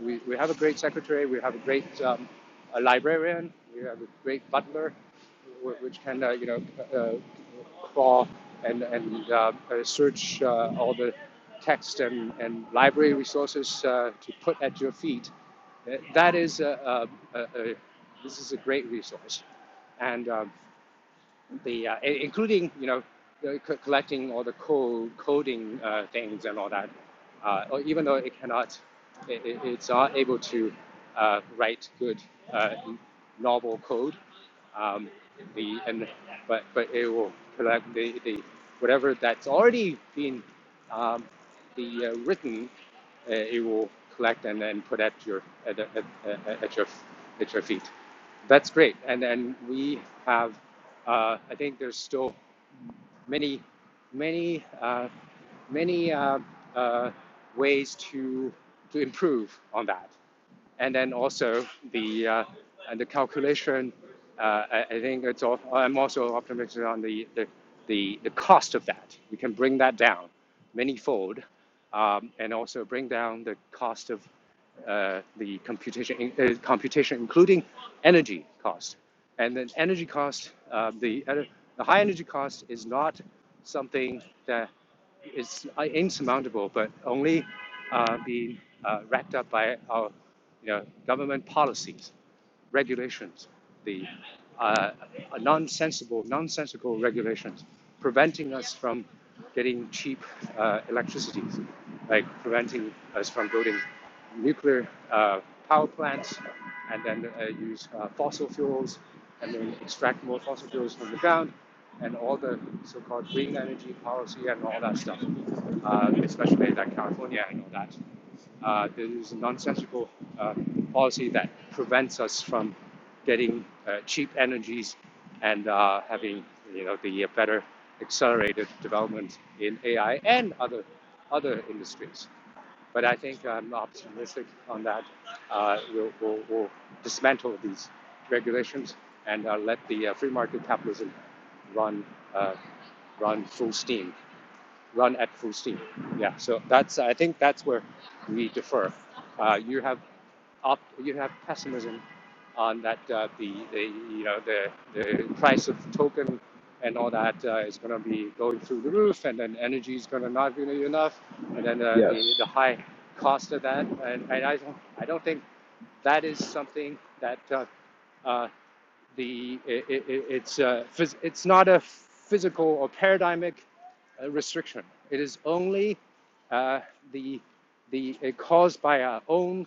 we, we have a great secretary, we have a great um, a librarian, we have a great butler, which can uh, you know uh, crawl and and uh, uh, search uh, all the text and, and library resources uh, to put at your feet. Uh, That is a, a, a, a this is a great resource, and um, the uh, including you know collecting all the code coding uh, things and all that uh, or even though it cannot it, it- it's not able to uh, write good uh, novel code um, the and but but it will collect the, the whatever that's already been um, the uh, written uh, it will collect and then put at your at, at, at, at your at your feet that's great. And and we have, uh, I think there's still many, many, uh, many uh, uh, ways to to improve on that. And then also the uh, and the calculation. Uh, I, I think it's. All, I'm also optimistic on the, the the the cost of that. We can bring that down manyfold, um, and also bring down the cost of uh, the computation, uh, computation, including energy cost. And then energy cost, uh, the, the high energy cost is not something that is uh, insurmountable, but only uh, being uh, wrapped up by our you know, government policies, regulations, the uh, nonsensible, nonsensical regulations, preventing us from getting cheap uh, electricity, like preventing us from building nuclear uh, power plants and then uh, use uh, fossil fuels and then extract more fossil fuels from the ground and all the so-called green energy policy and all that stuff, uh, especially like California and all that. Uh, there is a nonsensical uh, policy that prevents us from getting uh, cheap energies and uh, having you know the better accelerated development in AI and other other industries. But I think I'm optimistic on that. Uh, we'll, we'll, we'll dismantle these regulations and uh, let the uh, free market capitalism run uh, run full steam run at full steam. Yeah, so that's I think that's where we differ. Uh, you have op, you have pessimism on that uh, the, the you know the the price of token and all that uh, is going to be going through the roof, and then energy is going to not be enough, and then uh, the
Yes.
the high cost of that, and, and I don't I don't think that is something that. Uh, uh, the it, it, it's uh, it's not a physical or paradigmic uh, restriction. It is only uh, the the uh, caused by our own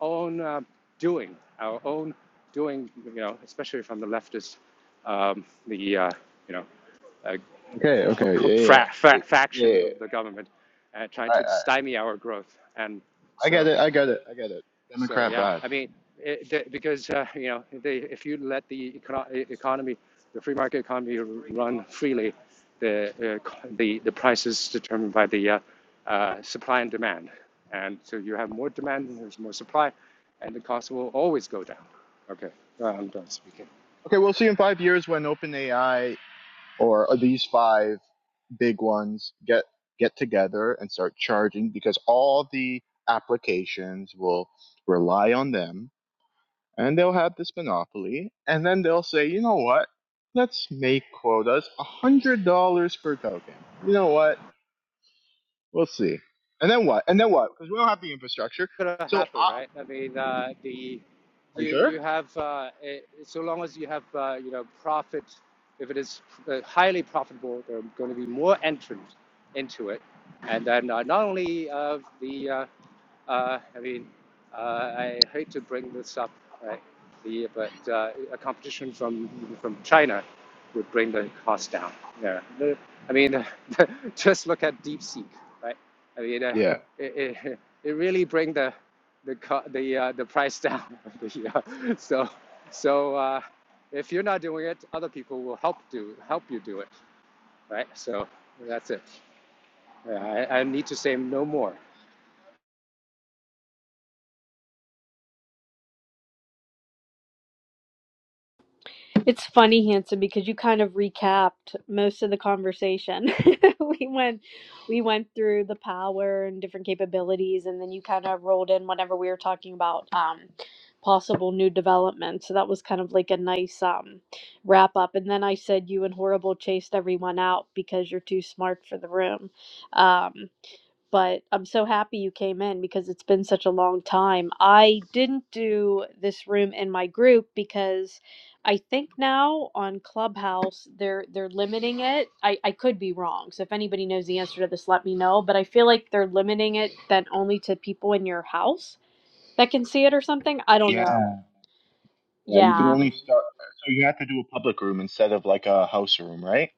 own uh, doing, our own doing. You know, especially from the leftist, um, the uh, you know uh,
Okay, okay, yeah, yeah,
fra-
yeah.
fra-
yeah.
faction
yeah, yeah.
of the government uh, trying
I,
to
I,
stymie our growth. And
I get
so
it, I get it, I get it.
so
Democrat
yeah,
bad.
I mean, it, the, because uh, you know, they, if you let the econo- e- economy, the free market economy run freely, the uh, the the price is determined by the uh, uh, supply and demand, and so you have more demand, and there's more supply, and the cost will always go down. Okay, uh, I'm done speaking.
Okay, we'll see in five years when OpenAI or uh, these five big ones get get together and start charging because all the applications will rely on them and they'll have this monopoly and then they'll say, you know what? Let's make quotas a hundred dollars per token. You know what? We'll see. And then what? And then what? Because we don't have the infrastructure.
gonna
So,
happen,
I
right? I mean, uh, the
are you
you
sure?
you have uh, eh, so long as you have uh, you know profit, if it is uh, highly profitable, there are going to be more entrants into it, and then uh, not only of the uh, uh, I mean, uh, I hate to bring this up, right? The, but uh, a competition from from China would bring the cost down. Yeah, The- I mean, uh, just look at DeepSeek, right? I mean, uh,
Yeah.
it, it, it really bring the the co- the uh, the price down. the, uh, so so uh, if you're not doing it, other people will help do help you do it, right? So that's it. Yeah, I, I need to say no more.
It's funny, Hanson, because you kind of recapped most of the conversation. we went we went through the power and different capabilities and then you kind of rolled in whenever we were talking about um possible new developments. So that was kind of like a nice um wrap up. And then I said you and Horrible chased everyone out because you're too smart for the room. Um but I'm so happy you came in because it's been such a long time. I didn't do this room in my group because I think now on Clubhouse they're they're limiting it. I, I could be wrong. So if anybody knows the answer to this, let me know. But I feel like they're limiting it then only to people in your house that can see it or something. I don't know.
Yeah, yeah, you can
Yeah.
only start. So you have to do a public room instead of like a house room, right?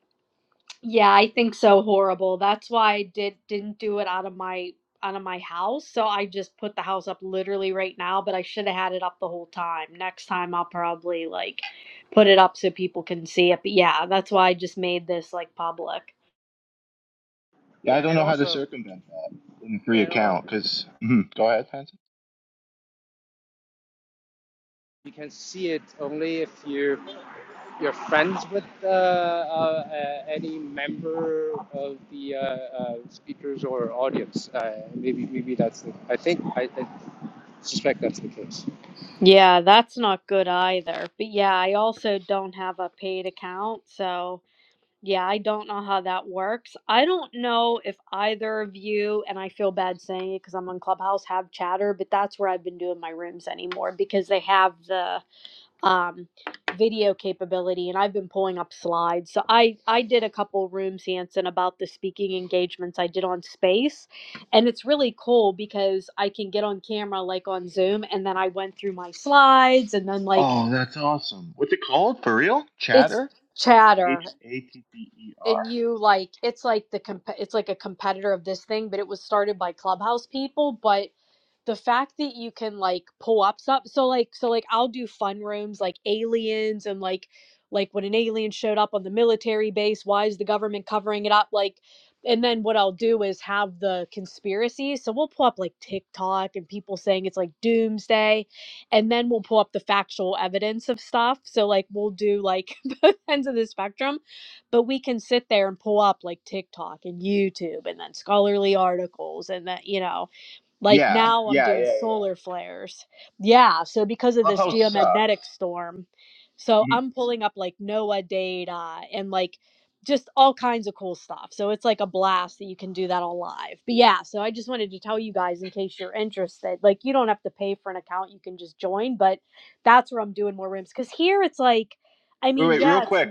Yeah, I think so horrible. That's why I did didn't do it out of my out of my house. So I just put the house up literally right now, but I should have had it up the whole time. Next time I'll probably like put it up so people can see it. But yeah, that's why I just made this like public.
Yeah, I
Yeah,
don't
and
know how to
also,
circumvent that in a free
and al-
account. because go ahead, Fancy.
You can see it only if you you're friends with uh, uh, uh, any member of the uh, uh, speakers or audience. Uh, maybe maybe that's the. I think I, I suspect that's the case.
Yeah, that's not good either. But yeah, I also don't have a paid account, so Yeah, I don't know how that works. I don't know if either of you, and I feel bad saying it because I'm on Clubhouse, have chatter, but that's where I've been doing my rooms anymore because they have the um, video capability, and I've been pulling up slides. So I I did a couple rooms, Hanson, about the speaking engagements I did on Space, and it's really cool because I can get on camera like on Zoom, and then I went through my slides, and then like
Oh, that's awesome. What's it called for real?
it's
Chatter? C
chatter
H A T T E
and
R?
you like it's like the comp- it's like a competitor of this thing but it was started by clubhouse people but the fact that you can like pull up stuff so like so like i'll do fun rooms like aliens and like like when an alien showed up on the military base why is the government covering it up like and then what i'll do is have the conspiracy so we'll pull up like tiktok and people saying it's like doomsday and then we'll pull up the factual evidence of stuff so like we'll do like both ends of the spectrum but we can sit there and pull up like TikTok and YouTube and then scholarly articles and that you know like
Yeah,
now I'm
yeah,
doing
yeah, yeah.
solar flares. Yeah, so because of this
Clubhouse
geomagnetic
sucks.
storm, so
Mhm.
I'm pulling up like NOAA data and like just all kinds of cool stuff. So it's like a blast that you can do that all live. But yeah, so I just wanted to tell you guys in case you're interested. Like you don't have to pay for an account, you can just join, but that's where I'm doing more rooms cuz here it's like I
Wait,
mean,
wait, real
yeah, it's
quick.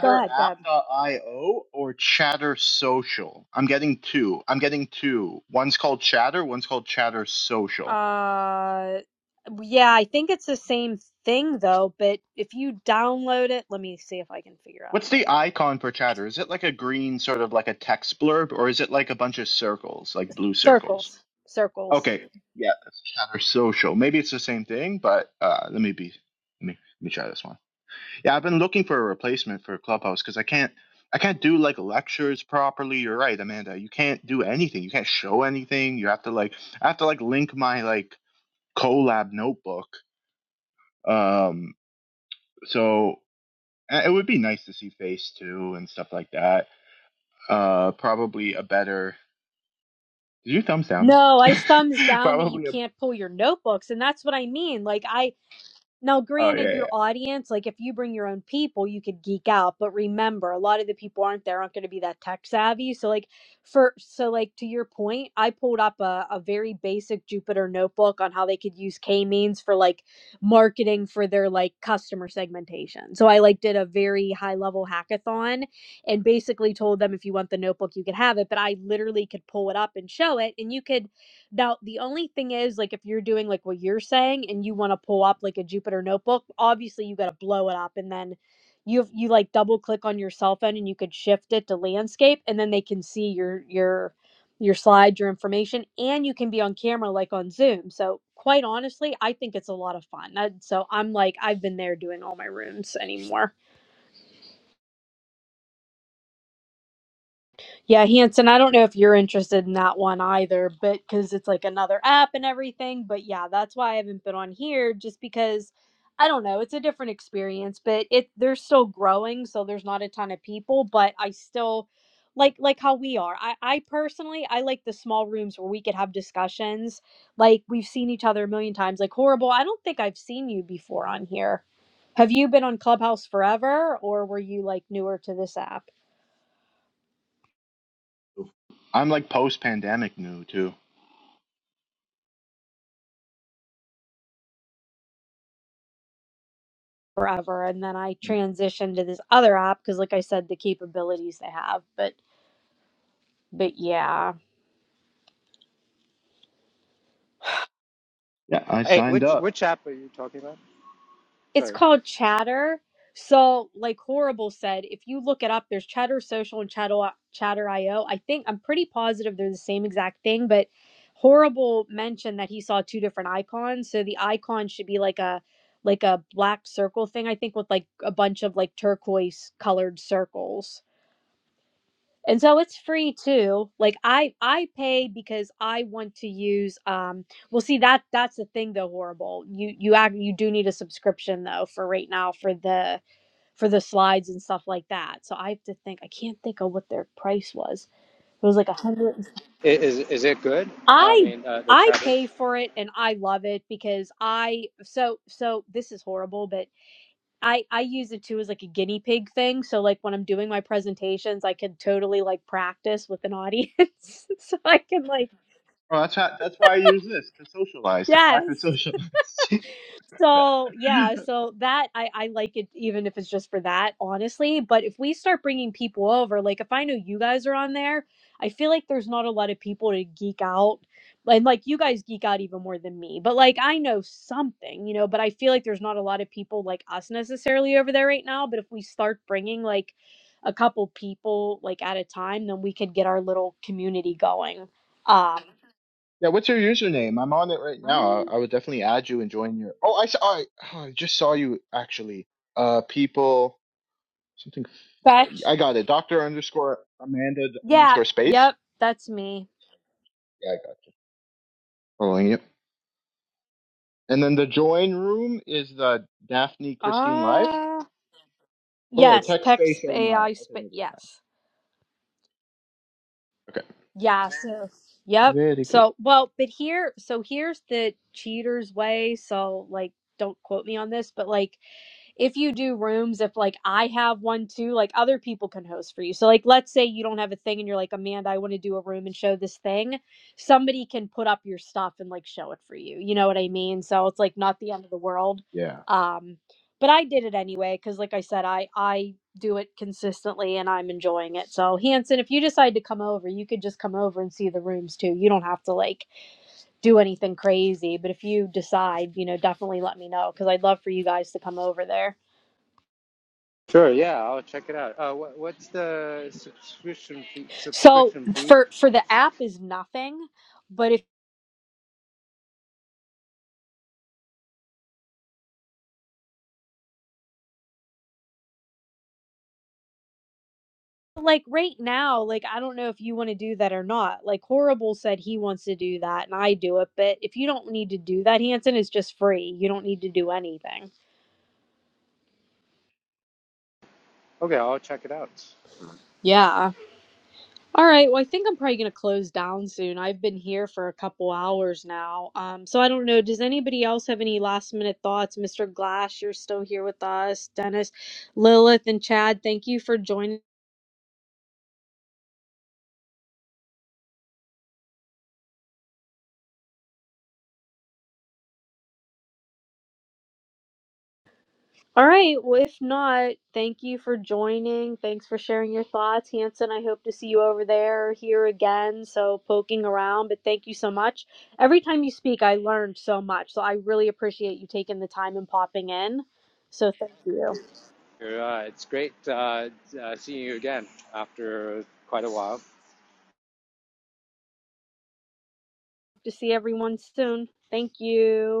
go ahead, Deb.
or Chatter Social? I'm getting two. I'm getting two. One's called Chatter, one's called Chatter Social.
Uh, yeah, I think it's the same thing though, but if you download it, let me see if I can figure out.
What's
uh,
the icon for chatter? Is it like a green sort of like a text blurb or is it like a bunch of circles, like blue circles?
Circles. Circles.
Okay. Yeah, that's chatter social. Maybe it's the same thing, but uh, let me be let me let me try this one. Yeah, I've been looking for a replacement for Clubhouse because I can't I can't do like lectures properly. You're right, Amanda. You can't do anything. You can't show anything. You have to like I have to like link my like collab notebook. Um so uh, it would be nice to see face too and stuff like that Uh, probably a better. Did you thumbs down
No,
me?
I thumbs down that you
probably a.
can't pull your notebooks, and that's what I mean. Like I Now,
Oh yeah,
granted, your
yeah.
audience, like if you bring your own people, you could geek out. But remember, a lot of the people aren't there, aren't going to be that tech savvy. So, like, for so, like, to your point, I pulled up a, a very basic Jupyter notebook on how they could use K means for like marketing for their like customer segmentation. So, I like did a very high level hackathon and basically told them if you want the notebook, you could have it. But I literally could pull it up and show it, and you could now, the only thing is, like, if you're doing like what you're saying and you want to pull up like a Jupyter notebook, obviously you got to blow it up and then you you like double click on your cell phone and you could shift it to landscape and then they can see your your your slides, your information, and you can be on camera like on Zoom. So, quite honestly, I think it's a lot of fun. I, so, I'm like I've been there doing all my rooms anymore. Yeah, Hanson, I don't know if you're interested in that one either, but because it's like another app and everything. But yeah, that's why I haven't been on here, just because I don't know, it's a different experience, but it they're still growing, so there's not a ton of people, but I still like like how we are. I, I personally I like the small rooms where we could have discussions. Like we've seen each other a million times. Like horrible, I don't think I've seen you before on here. Have you been on Clubhouse forever or were you like newer to this app?
I'm like post-pandemic new too.
forever and then i transitioned to this other app because like i said the capabilities they have but but yeah
Yeah, I
Hey,
signed
which
up.
which app are you talking about?
it's
Sorry,
called chatter so like horrible said if you look it up there's chatter social and chatter uh, chatter io i o. I think i'm pretty positive they're the same exact thing but horrible mentioned that he saw two different icons so the icon should be like a like a black circle thing i think with like a bunch of like turquoise colored circles and so it's free too like i i pay because i want to use um well see that that's the thing though horrible you you act you do need a subscription though for right now for the for the slides and stuff like that so i have to think i can't think of what their price was it was like a hundred
I- is is it good? I
i
mean, uh, the
i
chatter.
pay for it and i love it because i so so this is horrible but I I use it too as like a guinea pig thing. So like when I'm doing my presentations, I can totally like practice with an audience. so I can like
Oh, that's how, that's why I use this to socialize, to practice
yes.
socialize.
So yeah, so that I I like it even if it's just for that, honestly. But if we start bringing people over, like if I know you guys are on there, I feel like there's not a lot of people to geek out. And like you guys geek out even more than me, but like I know something, you know, but I feel like there's not a lot of people like us necessarily over there right now. But if we start bringing like a couple people like at a time, then we could get our little community going. Um,
Yeah, what's your username? I'm on it right now.
um
I, I would definitely add you and join your. Oh, I saw. I, oh, I just saw you actually. Uh, people, something.
Fetch.
I got it. Doctor underscore Amanda
Yeah,
underscore space.
yep, that's me.
Yeah, I got you. Following you. And then the join room is the Daphne Christine live.
Ah,
Oh,
yes,
tech
text
space Omar.
AI
Okay,
spit.
maybe.
Yes,
Okay,
yeah. So, yep.
very cool.
So, well, but here, so here's the cheater's way. So, like, don't quote me on this, but like, if you do rooms, if like I have one too, like other people can host for you. So like let's say you don't have a thing and you're like, Amanda, I want to do a room and show this thing. Somebody can put up your stuff and like show it for you. You know what I mean? So it's like not the end of the world.
Yeah.
Um but I did it anyway cuz like I said I I do it consistently and I'm enjoying it. So Hanson, if you decide to come over, you could just come over and see the rooms too. You don't have to like do anything crazy, but if you decide, you know, definitely let me know cuz I'd love for you guys to come over there.
Sure. Yeah, I'll check it out. Uh, what, what's the subscription fee?
So
Subscription fee?
for for the app is nothing, but if like right now, like I don't know if you want to do that or not. Like Horrible said he wants to do that and I do it, but if you don't need to do that, Hanson is just free. You don't need to do anything.
Okay, I'll check it out.
Yeah. All right. Well, I think I'm probably gonna close down soon. I've been here for a couple hours now. Um, so I don't know. Does anybody else have any last minute thoughts? Mr. Glass, you're still here with us. Dennis, Lilith, and Chad, thank you for joining. All right. Well, if not, thank you for joining. Thanks for sharing your thoughts, Hanson. I hope to see you over there, or here again. So poking around, but thank you so much. Every time you speak, I learned so much. So I really appreciate you taking the time and popping in. So thank you.
Uh, it's great uh, uh, seeing you again after quite a while.
To see everyone soon. Thank you.